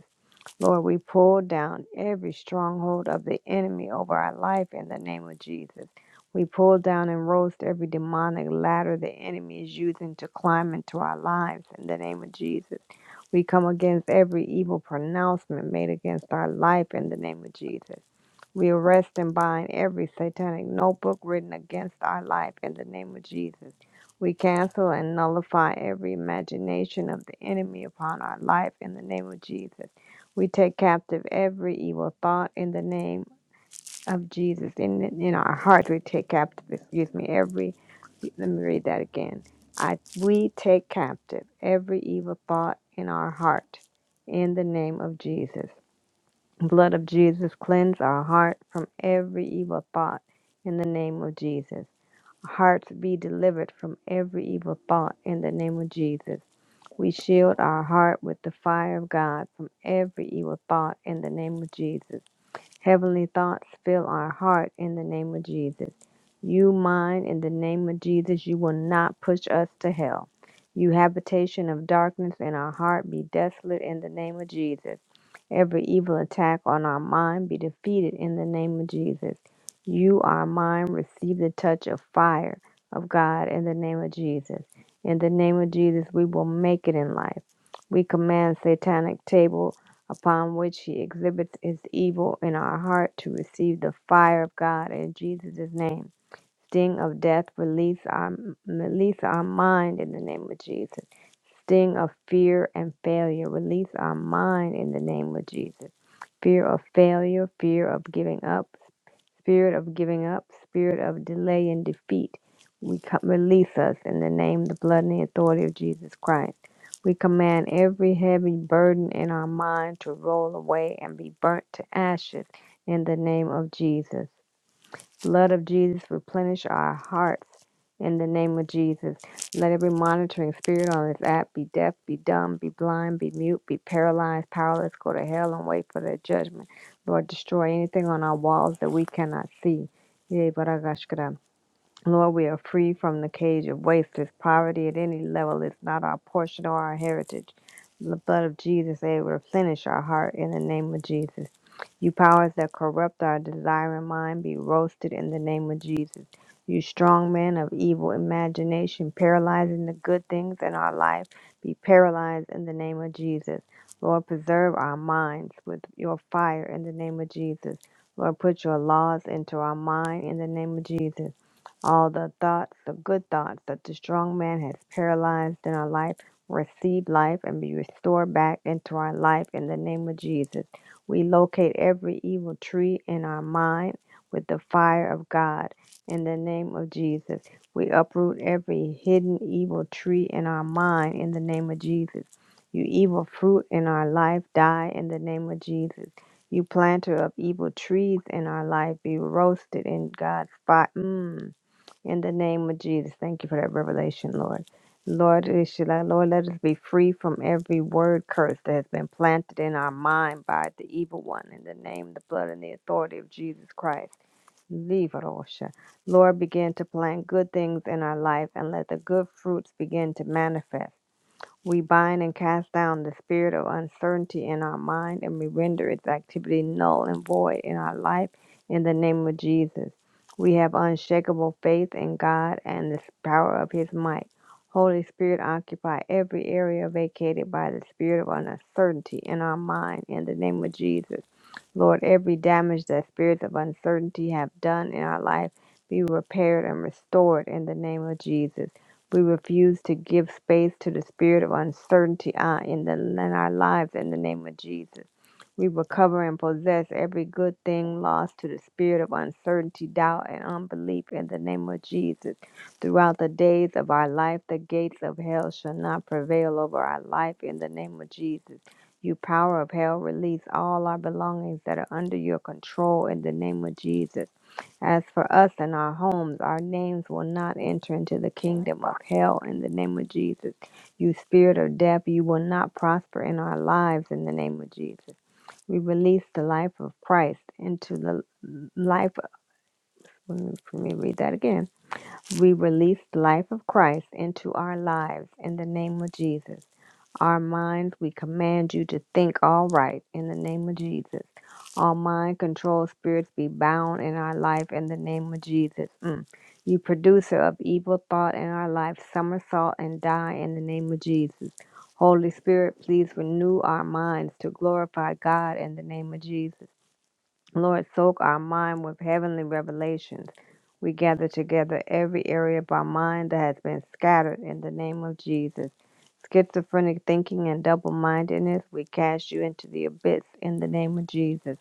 Lord, we pull down every stronghold of the enemy over our life in the name of Jesus. We pull down and roast every demonic ladder the enemy is using to climb into our lives in the name of Jesus. We come against every evil pronouncement made against our life in the name of Jesus. We arrest and bind every satanic notebook written against our life in the name of Jesus. We cancel and nullify every imagination of the enemy upon our life in the name of Jesus. We take captive every evil thought in the name of Jesus. In in our hearts, we take captive. Excuse me. Every. Let me read that again. I we take captive every evil thought in our heart in the name of Jesus. Blood of Jesus, cleanse our heart from every evil thought in the name of Jesus. Hearts be delivered from every evil thought in the name of Jesus. We shield our heart with the fire of God from every evil thought in the name of Jesus. Heavenly thoughts fill our heart in the name of Jesus. You, mine, in the name of Jesus, you will not push us to hell. You, habitation of darkness in our heart, be desolate in the name of Jesus. Every evil attack on our mind be defeated in the name of Jesus. You, our mind, receive the touch of fire of God in the name of Jesus. In the name of Jesus, we will make it in life. We command satanic table upon which he exhibits is evil in our heart to receive the fire of God in Jesus' name. Sting of death release our release our mind in the name of Jesus. Sting of fear and failure release our mind in the name of Jesus. Fear of failure, fear of giving up, spirit of giving up, spirit of delay and defeat, we co- release us in the name, the blood, and the authority of Jesus Christ. We command every heavy burden in our mind to roll away and be burnt to ashes in the name of Jesus. Blood of Jesus, replenish our hearts in the name of Jesus. Let every monitoring spirit on this app be deaf, be dumb, be blind, be mute, be paralyzed, powerless, go to hell and wait for their judgment. Lord, destroy anything on our walls that we cannot see. Yea, Baragashkara. Lord, we are free from the cage of wasteless poverty at any level. It's not our portion or our heritage. The blood of Jesus, they replenish our heart in the name of Jesus. You powers that corrupt our desiring mind, be roasted in the name of Jesus. You strong men of evil imagination, paralyzing the good things in our life, be paralyzed in the name of Jesus. Lord, preserve our minds with your fire in the name of Jesus. Lord, put your laws into our mind in the name of Jesus. All the thoughts, the good thoughts that the strong man has paralyzed in our life, receive life and be restored back into our life in the name of Jesus. We locate every evil tree in our mind with the fire of God in the name of Jesus. We uproot every hidden evil tree in our mind in the name of Jesus. You evil fruit in our life, die in the name of Jesus. You planter of evil trees in our life, be roasted in God's fire. Mm. In the name of Jesus, thank you for that revelation, Lord. Lord, it's your Lord, let us be free from every word curse that has been planted in our mind by the evil one. In the name, the blood, and the authority of Jesus Christ. Leave it, Osha. Lord, begin to plant good things in our life and let the good fruits begin to manifest. We bind and cast down the spirit of uncertainty in our mind and we render its activity null and void in our life in the name of Jesus. We have unshakable faith in God and the power of His might. Holy Spirit, occupy every area vacated by the spirit of uncertainty in our mind in the name of Jesus. Lord, every damage that spirits of uncertainty have done in our life be repaired and restored in the name of Jesus. We refuse to give space to the spirit of uncertainty uh, in, the, in our lives in the name of Jesus. We recover and possess every good thing lost to the spirit of uncertainty, doubt, and unbelief in the name of Jesus. Throughout the days of our life, the gates of hell shall not prevail over our life in the name of Jesus. You power of hell, release all our belongings that are under your control in the name of Jesus. As for us and our homes, our names will not enter into the kingdom of hell in the name of Jesus. You spirit of death, you will not prosper in our lives in the name of Jesus. We release the life of Christ into the life of, let me let me read that again. We release the life of Christ into our lives in the name of Jesus. Our minds, we command you to think all right in the name of Jesus. All mind controlled spirits be bound in our life in the name of Jesus. Mm. You producer of evil thought in our life, somersault and die in the name of Jesus. Holy Spirit, please renew our minds to glorify God in the name of Jesus. Lord, soak our mind with heavenly revelations. We gather together every area of our mind that has been scattered in the name of Jesus. Schizophrenic thinking and double mindedness, we cast you into the abyss in the name of Jesus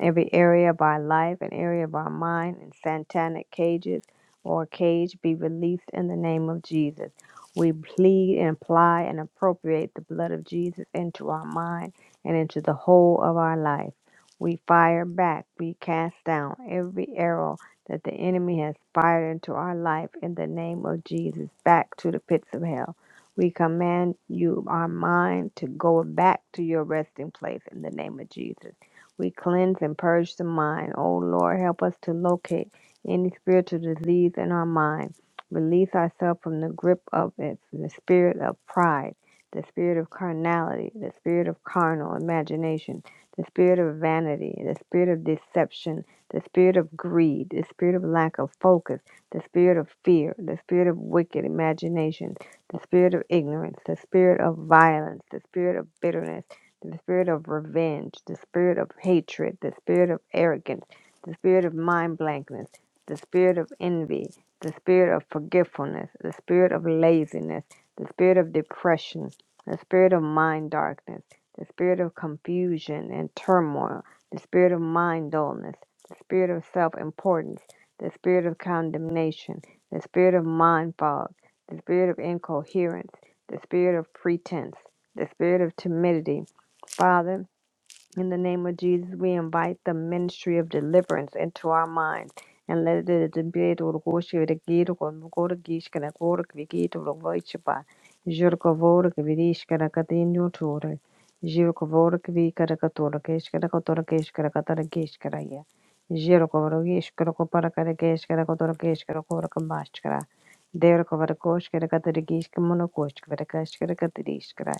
every area of our life and area of our mind in satanic cages or cage be released in the name of Jesus. We plead and apply and appropriate the blood of Jesus into our mind and into the whole of our life. We fire back, we cast down every arrow that the enemy has fired into our life in the name of Jesus back to the pits of hell. We command you, our mind, to go back to your resting place in the name of Jesus. We cleanse and purge the mind. O Lord, help us to locate any spiritual disease in our mind. Release ourselves from the grip of it, the spirit of pride, the spirit of carnality, the spirit of carnal imagination, the spirit of vanity, the spirit of deception, the spirit of greed, the spirit of lack of focus, the spirit of fear, the spirit of wicked imagination, the spirit of ignorance, the spirit of violence, the spirit of bitterness the spirit of revenge, the spirit of hatred, the spirit of arrogance, the spirit of mind blankness, the spirit of envy, the spirit of forgetfulness, the spirit of laziness, the spirit of depression, the spirit of mind darkness, the spirit of confusion and turmoil, the spirit of mind dullness, the spirit of self importance, the spirit of condemnation, the spirit of mind fog, the spirit of incoherence, the spirit of pretense, the spirit of timidity Father, in the name of Jesus, we invite the ministry of deliverance into our minds. And let it be to the worship the gate of the God of Gish and the God of the gate of the worship. Jericho Vorak Vidish and a Catino Tore. Jericho Vorak Vikara Catorokish and a Catorokish and a Catarakish and a year. Jericho Vorakish and a Coparakakish and a Catorokish and a Corakamashkara. Derek of a Kosh and a Catarakish and a Monokosh and a Kash and a Catarish.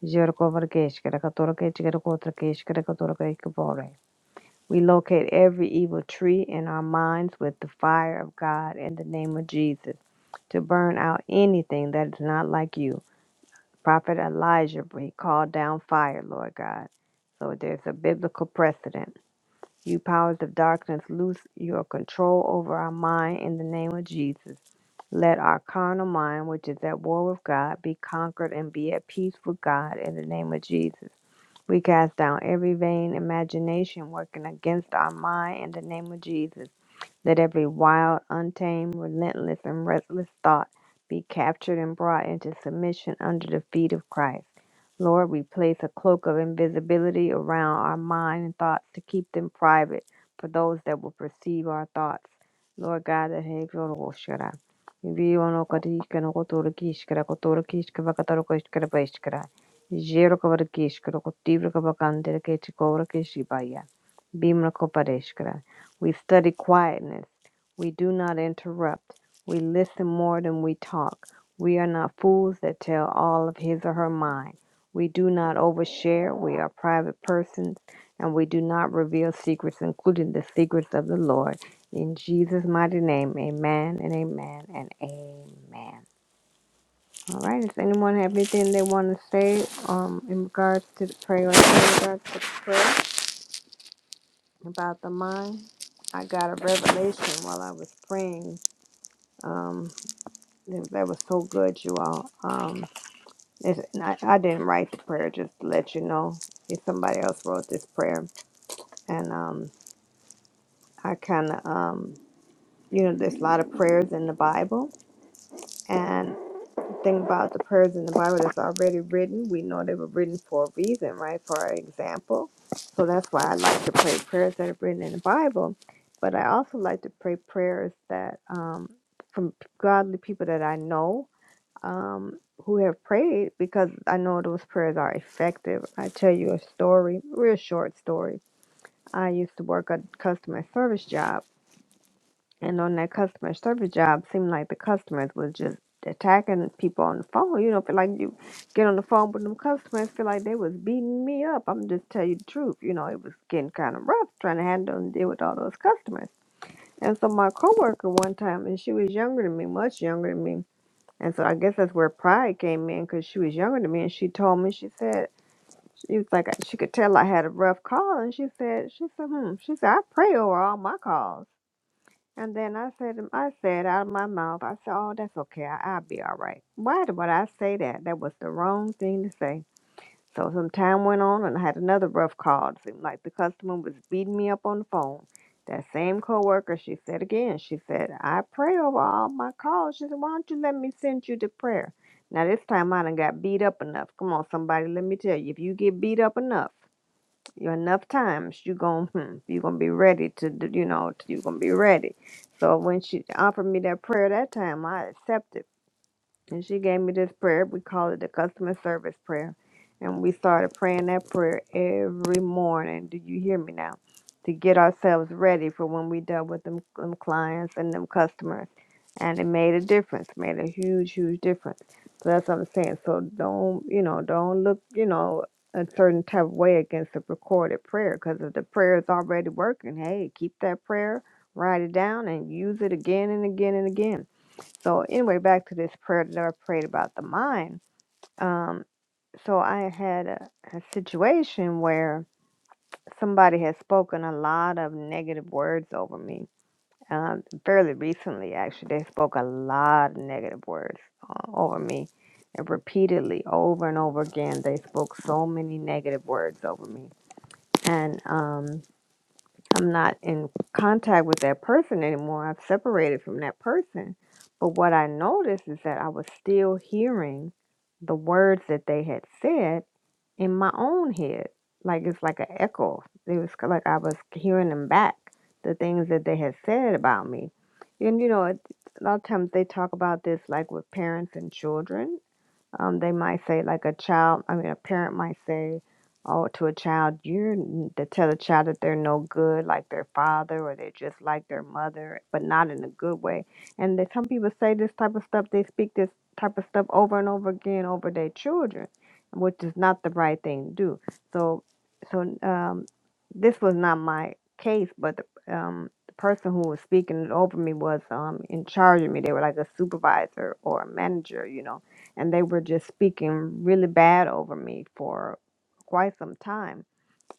We locate every evil tree in our minds with the fire of God in the name of Jesus to burn out anything that is not like you. Prophet Elijah, he called down fire, Lord God. So there's a biblical precedent. You powers of darkness, loose your control over our mind in the name of Jesus. Let our carnal mind, which is at war with God, be conquered and be at peace with God in the name of Jesus. We cast down every vain imagination working against our mind in the name of Jesus. Let every wild, untamed, relentless, and restless thought be captured and brought into submission under the feet of Christ. Lord, we place a cloak of invisibility around our mind and thoughts to keep them private for those that will perceive our thoughts. Lord God, that have your Shara. Reveal no katika no kotora kishkara kotora kishka vakataro kishkara paishkara. Jero kavara kishkara kotivra kavakandera kechi kovra keshibaya. Bhimla Kopareshkara. We study quietness. We do not interrupt. We listen more than we talk. We are not fools that tell all of his or her mind. We do not overshare. We are private persons and we do not reveal secrets, including the secrets of the Lord. In Jesus' mighty name, amen and amen and amen. All right, does anyone have anything they want to say um, in regards to the prayer? In regards to the prayer? about the mind. I got a revelation while I was praying. Um, that, that was so good, you all. Um, it's, and I, I didn't write the prayer, just to let you know. If somebody else wrote this prayer, and um, I kind of um, you know, there's a lot of prayers in the Bible, Think about the prayers in the Bible that's already written. We know they were written for a reason, right? For our example. So that's why I like to pray prayers that are written in the Bible. But I also like to pray prayers that um, from godly people that I know um, who have prayed because I know those prayers are effective. I tell you a story, real short story. I used to work a customer service job and on that customer service job, seemed like the customers was just attacking people on the phone. You know, feel like you get on the phone with them customers, feel like they was beating me up. I'm just tell you the truth. You know, it was getting kind of rough trying to handle and deal with all those customers. And so my coworker one time, and she was younger than me, much younger than me. And so I guess that's where pride came in because she was younger than me, and she told me she said she was like she could tell I had a rough call, and she said she said hmm she said I pray over all my calls. And then I said, I said out of my mouth, I said, oh, that's okay. I, I'll be all right. Why did- would I say that? That was the wrong thing to say. So some time went on and I had another rough call. It seemed like the customer was beating me up on the phone. That same coworker, she said again, she said, I pray over all my calls. She said, why don't you let me send you the prayer? Now this time I done got beat up enough. Come on, somebody, let me tell you, if you get beat up enough, you enough times you gon' hmm, you gonna be ready to do you know you gonna be ready so when she offered me that prayer that time i accepted and she gave me this prayer. We call it the customer service prayer. And we started praying that prayer every morning. Do you hear me now? To get ourselves ready for when we dealt with them, them clients and them customers. And it made a difference, made a huge, huge difference. So that's what I'm saying. So don't, you know, don't look, you know, a certain type of way against the recorded prayer because if the prayer is already working, hey, keep that prayer, write it down, and use it again and again and again so anyway, back to this prayer that I prayed about the mind. Um, so I had a, a situation where somebody had spoken a lot of negative words over me. Um, fairly recently, actually, they spoke a lot of negative words uh, over me, and repeatedly, over and over again, they spoke so many negative words over me. And um, I'm not in contact with that person anymore. I've separated from that person. But what I noticed is that I was still hearing the words that they had said in my own head. Like it's like an echo. It was ki- like I was hearing them back, the things that they had said about me. And you know, it, a lot of times they talk about this like with parents and children um, they might say like a child i mean a parent might say oh to a child you're n- to tell a child that they're no good like their father or they're just like their mother but not in a good way and that some people say this type of stuff they speak this type of stuff over and over again over their children which is not the right thing to do so so um this was not my case but the, um the person who was speaking it over me was um in charge of me they were like a supervisor or a manager you know and they were just speaking really bad over me for quite some time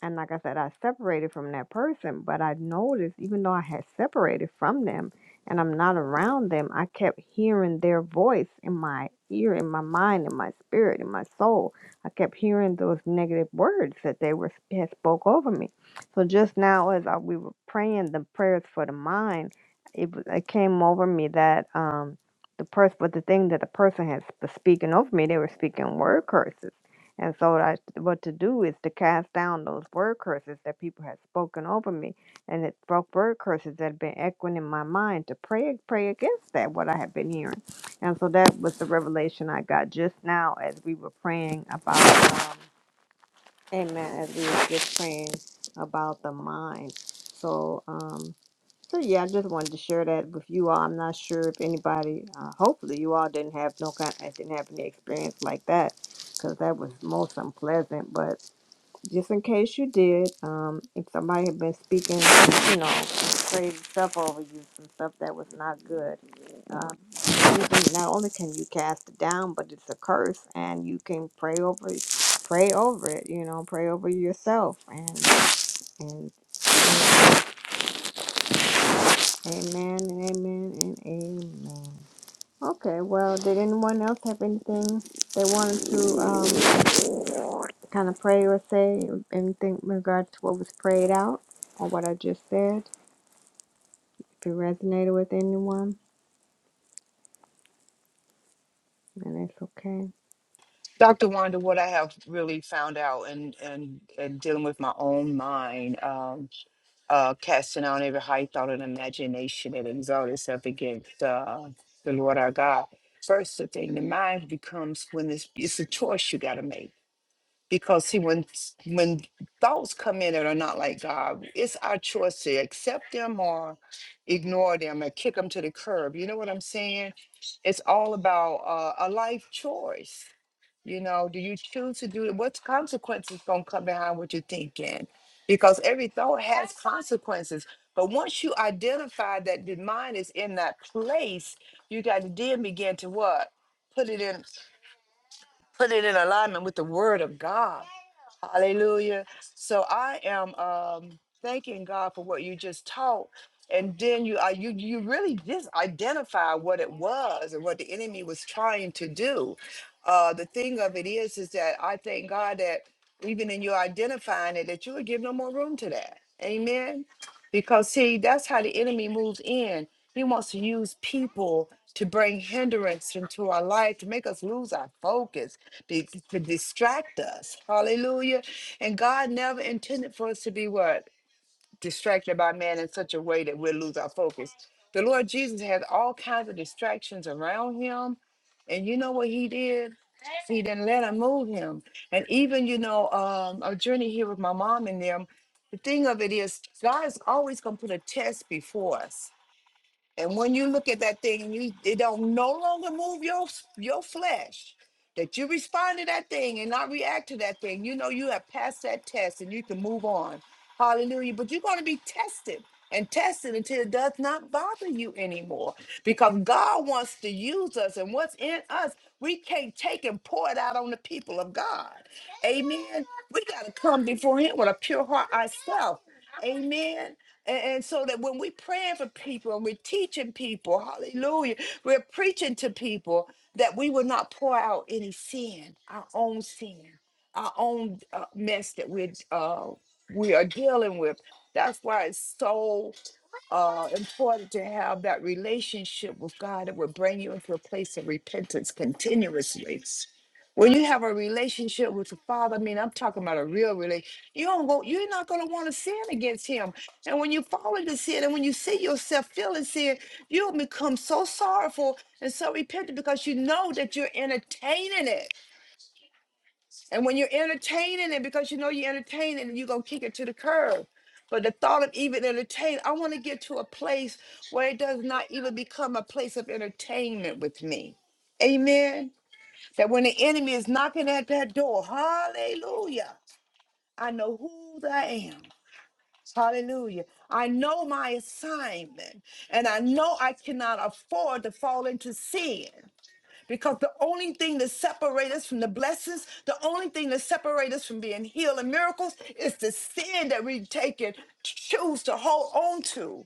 and like I said, I separated from that person, but I noticed even though I had separated from them and I'm not around them, I kept hearing their voice in my ear, in my mind, in my spirit, in my soul. I kept hearing those negative words that they were had spoke over me. So just now, as I, we were praying the prayers for the mind, it, was- it came over me that um, the person, but the thing that the person had sp- speaking over me, they were speaking word curses and so I, what to do is to cast down those word curses that people had spoken over me, and it broke word curses that had been echoing in my mind to pray, pray against that what I had been hearing, and so that was the revelation I got just now as we were praying about. Um, Amen. As we were just praying about the mind. So, um, so yeah, I just wanted to share that with you all. I'm not sure if anybody, uh, hopefully you all didn't have no kind, didn't have any experience like that, because that was most unpleasant. But just in case you did, um, if somebody had been speaking, you know, crazy stuff over you, some stuff that was not good, uh, Mm-mm. Not only can you cast it down, but it's a curse, and you can pray over, it. pray over it. You know, pray over yourself. And and, and amen, and amen, and amen. Okay. Well, did anyone else have anything they wanted to um, kind of pray or say? Anything in regards to what was prayed out or what I just said? If it resonated with anyone, then it's okay. Dr. Wanda, what I have really found out and and, and dealing with my own mind, um, uh, casting out every high thought and imagination that exalt itself against uh, the Lord our God. First, the thing the mind becomes when this it's a choice you got to make because see when s- when thoughts come in that are not like God, it's our choice to accept them or ignore them or kick them to the curb. You know what I'm saying? It's all about uh, a life choice you know, do you choose to do it? What consequences gonna come behind what you're thinking? Because every thought has consequences. But once you identify that the mind is in that place, you got to then begin to what? Put it in put it in alignment with the word of God. Hallelujah. So I am um thanking God for what you just taught. And then you are you you really just identify what it was and what the enemy was trying to do. Uh the thing of it is is that I thank God that even in you identifying it, that you would give no more room to that. Amen. Because see, that's how the enemy moves in. He wants to use people to bring hindrance into our life, to make us lose our focus, be- to distract us. Hallelujah. And God never intended for us to be what? Distracted by man in such a way that we'll lose our focus. The Lord Jesus had all kinds of distractions around him. And you know what he did? He didn't let him move him. And even, you know, um, a journey here with my mom and them, the thing of it is, God is always going to put a test before us and when you look at that thing and you it don't no longer move your your flesh, that you respond to that thing and not react to that thing, you know you have passed that test and you can move on. Hallelujah. But you're going to be tested and tested until it does not bother you anymore. Because God wants to use us and what's in us, we can't take and pour it out on the people of God. Amen. We got to come before him with a pure heart ourselves. Amen. And, and so that when we're praying for people and we're teaching people, hallelujah, we're preaching to people that we will not pour out any sin, our own sin, our own uh, mess that we uh, we are dealing with. That's why it's so uh, important to have that relationship with God that will bring you into a place of repentance continuously. When you have a relationship with the Father, I mean, I'm talking about a real relationship. You don't go, you're not going to want to sin against Him. And when you fall into sin and when you see yourself feeling sin, you'll become so sorrowful and so repentant because you know that you're entertaining it. And when you're entertaining it, because you know you're entertaining it, you're going to kick it to the curb. But the thought of even entertain, I want to get to a place where it does not even become a place of entertainment with me. Amen. That when the enemy is knocking at that door, hallelujah, I know who I am. Hallelujah. I know my assignment and I know I cannot afford to fall into sin because the only thing that separates us from the blessings, the only thing that separates us from being healed and miracles is the sin that we take and choose to hold on to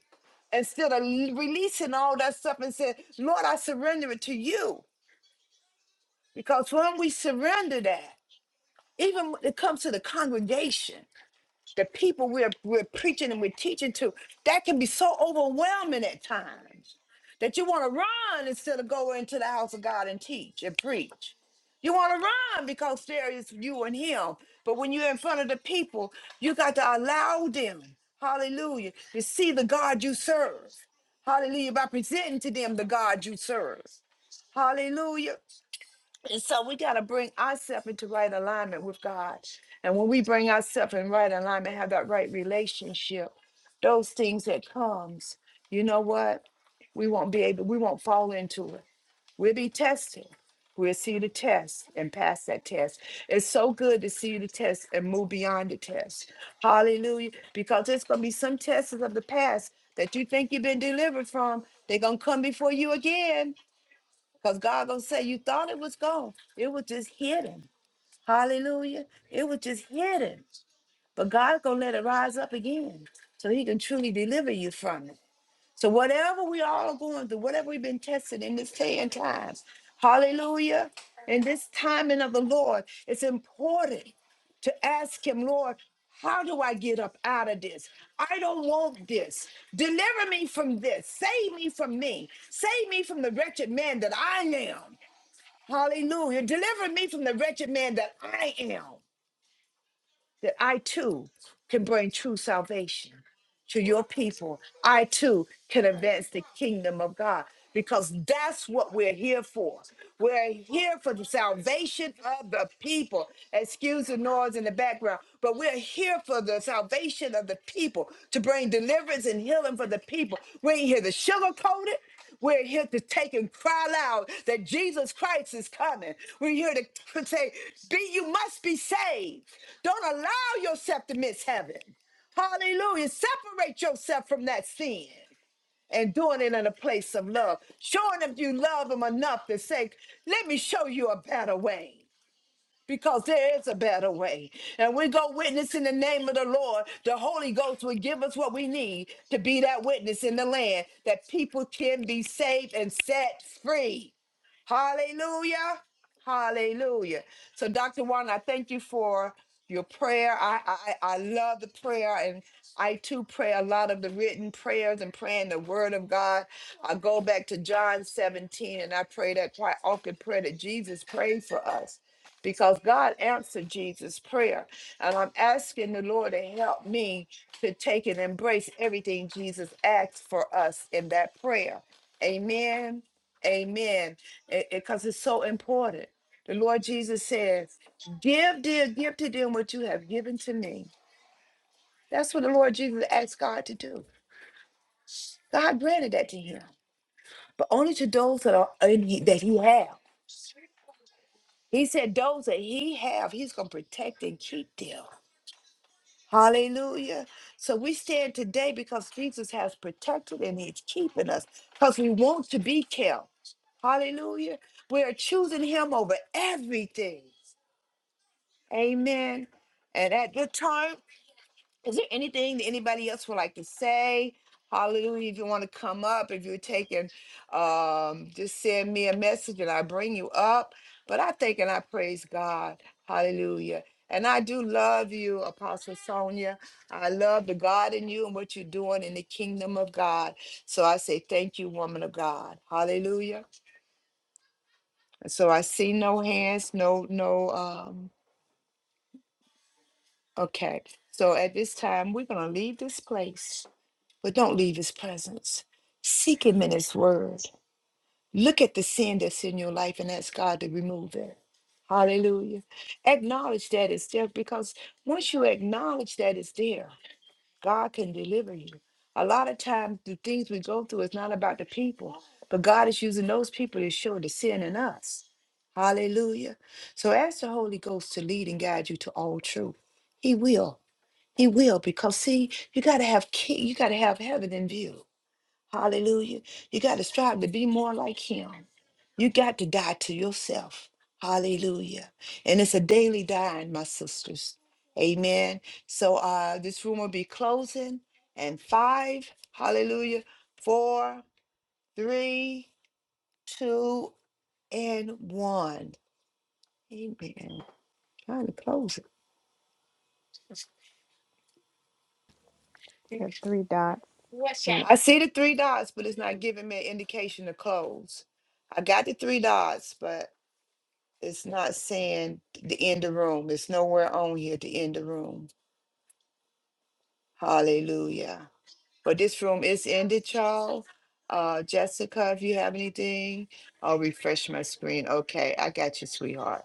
instead of releasing all that stuff and saying, Lord, I surrender it to you. Because when we surrender that, even when it comes to the congregation, the people we're, we're preaching and we're teaching to, that can be so overwhelming at times that you want to run instead of go into the house of God and teach and preach. You want to run because there is you and Him. But when you're in front of the people, you got to allow them, hallelujah, to see the God you serve. Hallelujah, by presenting to them the God you serve. Hallelujah. And so we got to bring ourselves into right alignment with God. And when we bring ourselves in right alignment, have that right relationship, those things that comes, you know what? We won't be able, we won't fall into it. We'll be tested. We'll see the test and pass that test. It's so good to see the test and move beyond the test. Hallelujah. Because there's going to be some tests of the past that you think you've been delivered from. They're going to come before you again because God gonna say, you thought it was gone. It was just hidden. Hallelujah. It was just hidden. But God's gonna let it rise up again so he can truly deliver you from it. So whatever we all are going through, whatever we've been tested in this day and time, hallelujah. In this timing of the Lord, it's important to ask him, Lord, how do I get up out of this? I don't want this. Deliver me from this. Save me from me. Save me from the wretched man that I am. Hallelujah. Deliver me from the wretched man that I am, that I too can bring true salvation to your people, I too can advance the kingdom of God because that's what we're here for. We're here for the salvation of the people. Excuse the noise in the background, but we're here for the salvation of the people to bring deliverance and healing for the people. We ain't here to sugarcoat it. We're here to take and cry loud that Jesus Christ is coming. We're here to say, "Be you must be saved. Don't allow yourself to miss heaven. Hallelujah. Separate yourself from that sin and doing it in a place of love. Showing them you love them enough to say, let me show you a better way. Because there is a better way. And we go witness in the name of the Lord. The Holy Ghost will give us what we need to be that witness in the land that people can be saved and set free. Hallelujah. Hallelujah. So, Dr. Juan, I thank you for your prayer. I, I, I love the prayer, and I too pray a lot of the written prayers and praying the word of God. I go back to John 17, and I pray that quite often prayer that Jesus prayed for us because God answered Jesus' prayer. And I'm asking the Lord to help me to take and embrace everything Jesus asked for us in that prayer. Amen. Amen. Because it's so important. The Lord Jesus says, Give, dear, give to them what you have given to me. That's what the Lord Jesus asked God to do. God granted that to him, but only to those that are in he- that he have. He said, Those that he have, he's going to protect and keep them. Hallelujah. So we stand today because Jesus has protected and he's keeping us because we want to be kept. Hallelujah. We are choosing him over everything. Amen. And at this time, is there anything that anybody else would like to say? Hallelujah. If you want to come up, if you're taking, um, just send me a message and I bring you up. But I thank and I praise God. Hallelujah. And I do love you, Apostle Sonia. I love the God in you and what you're doing in the kingdom of God. So I say thank you, woman of God. Hallelujah. And so I see no hands, no, no, um, Okay, so at this time, we're going to leave this place, but don't leave his presence. Seek him in his word. Look at the sin that's in your life and ask God to remove it. Hallelujah. Acknowledge that it's there because once you acknowledge that it's there, God can deliver you. A lot of times, the things we go through is not about the people, but God is using those people to show the sin in us. Hallelujah. So ask the Holy Ghost to lead and guide you to all truth. He will. He will because see, you got to have ki- you got to have heaven in view. Hallelujah. You got to strive to be more like him. You got to die to yourself. Hallelujah. And it's a daily dying, my sisters. Amen. So uh this room will be closing and five, hallelujah, four, three, two, and one. Amen. Trying to close. Got three dots. I see the three dots, but it's not giving me an indication to close. I got the three dots, but it's not saying the end the room. It's nowhere on here to end the room. Hallelujah. But this room is ended, y'all. Uh, Jessica, if you have anything, I'll refresh my screen. Okay, I got you, sweetheart.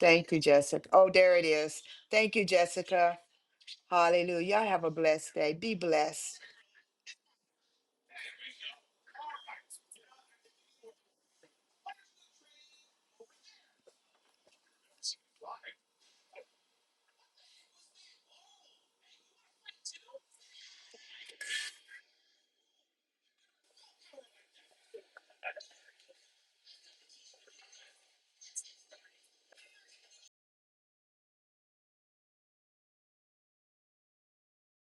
Thank you, Jessica. Oh, there it is. Thank you, Jessica. Hallelujah. Y'all have a blessed day. Be blessed.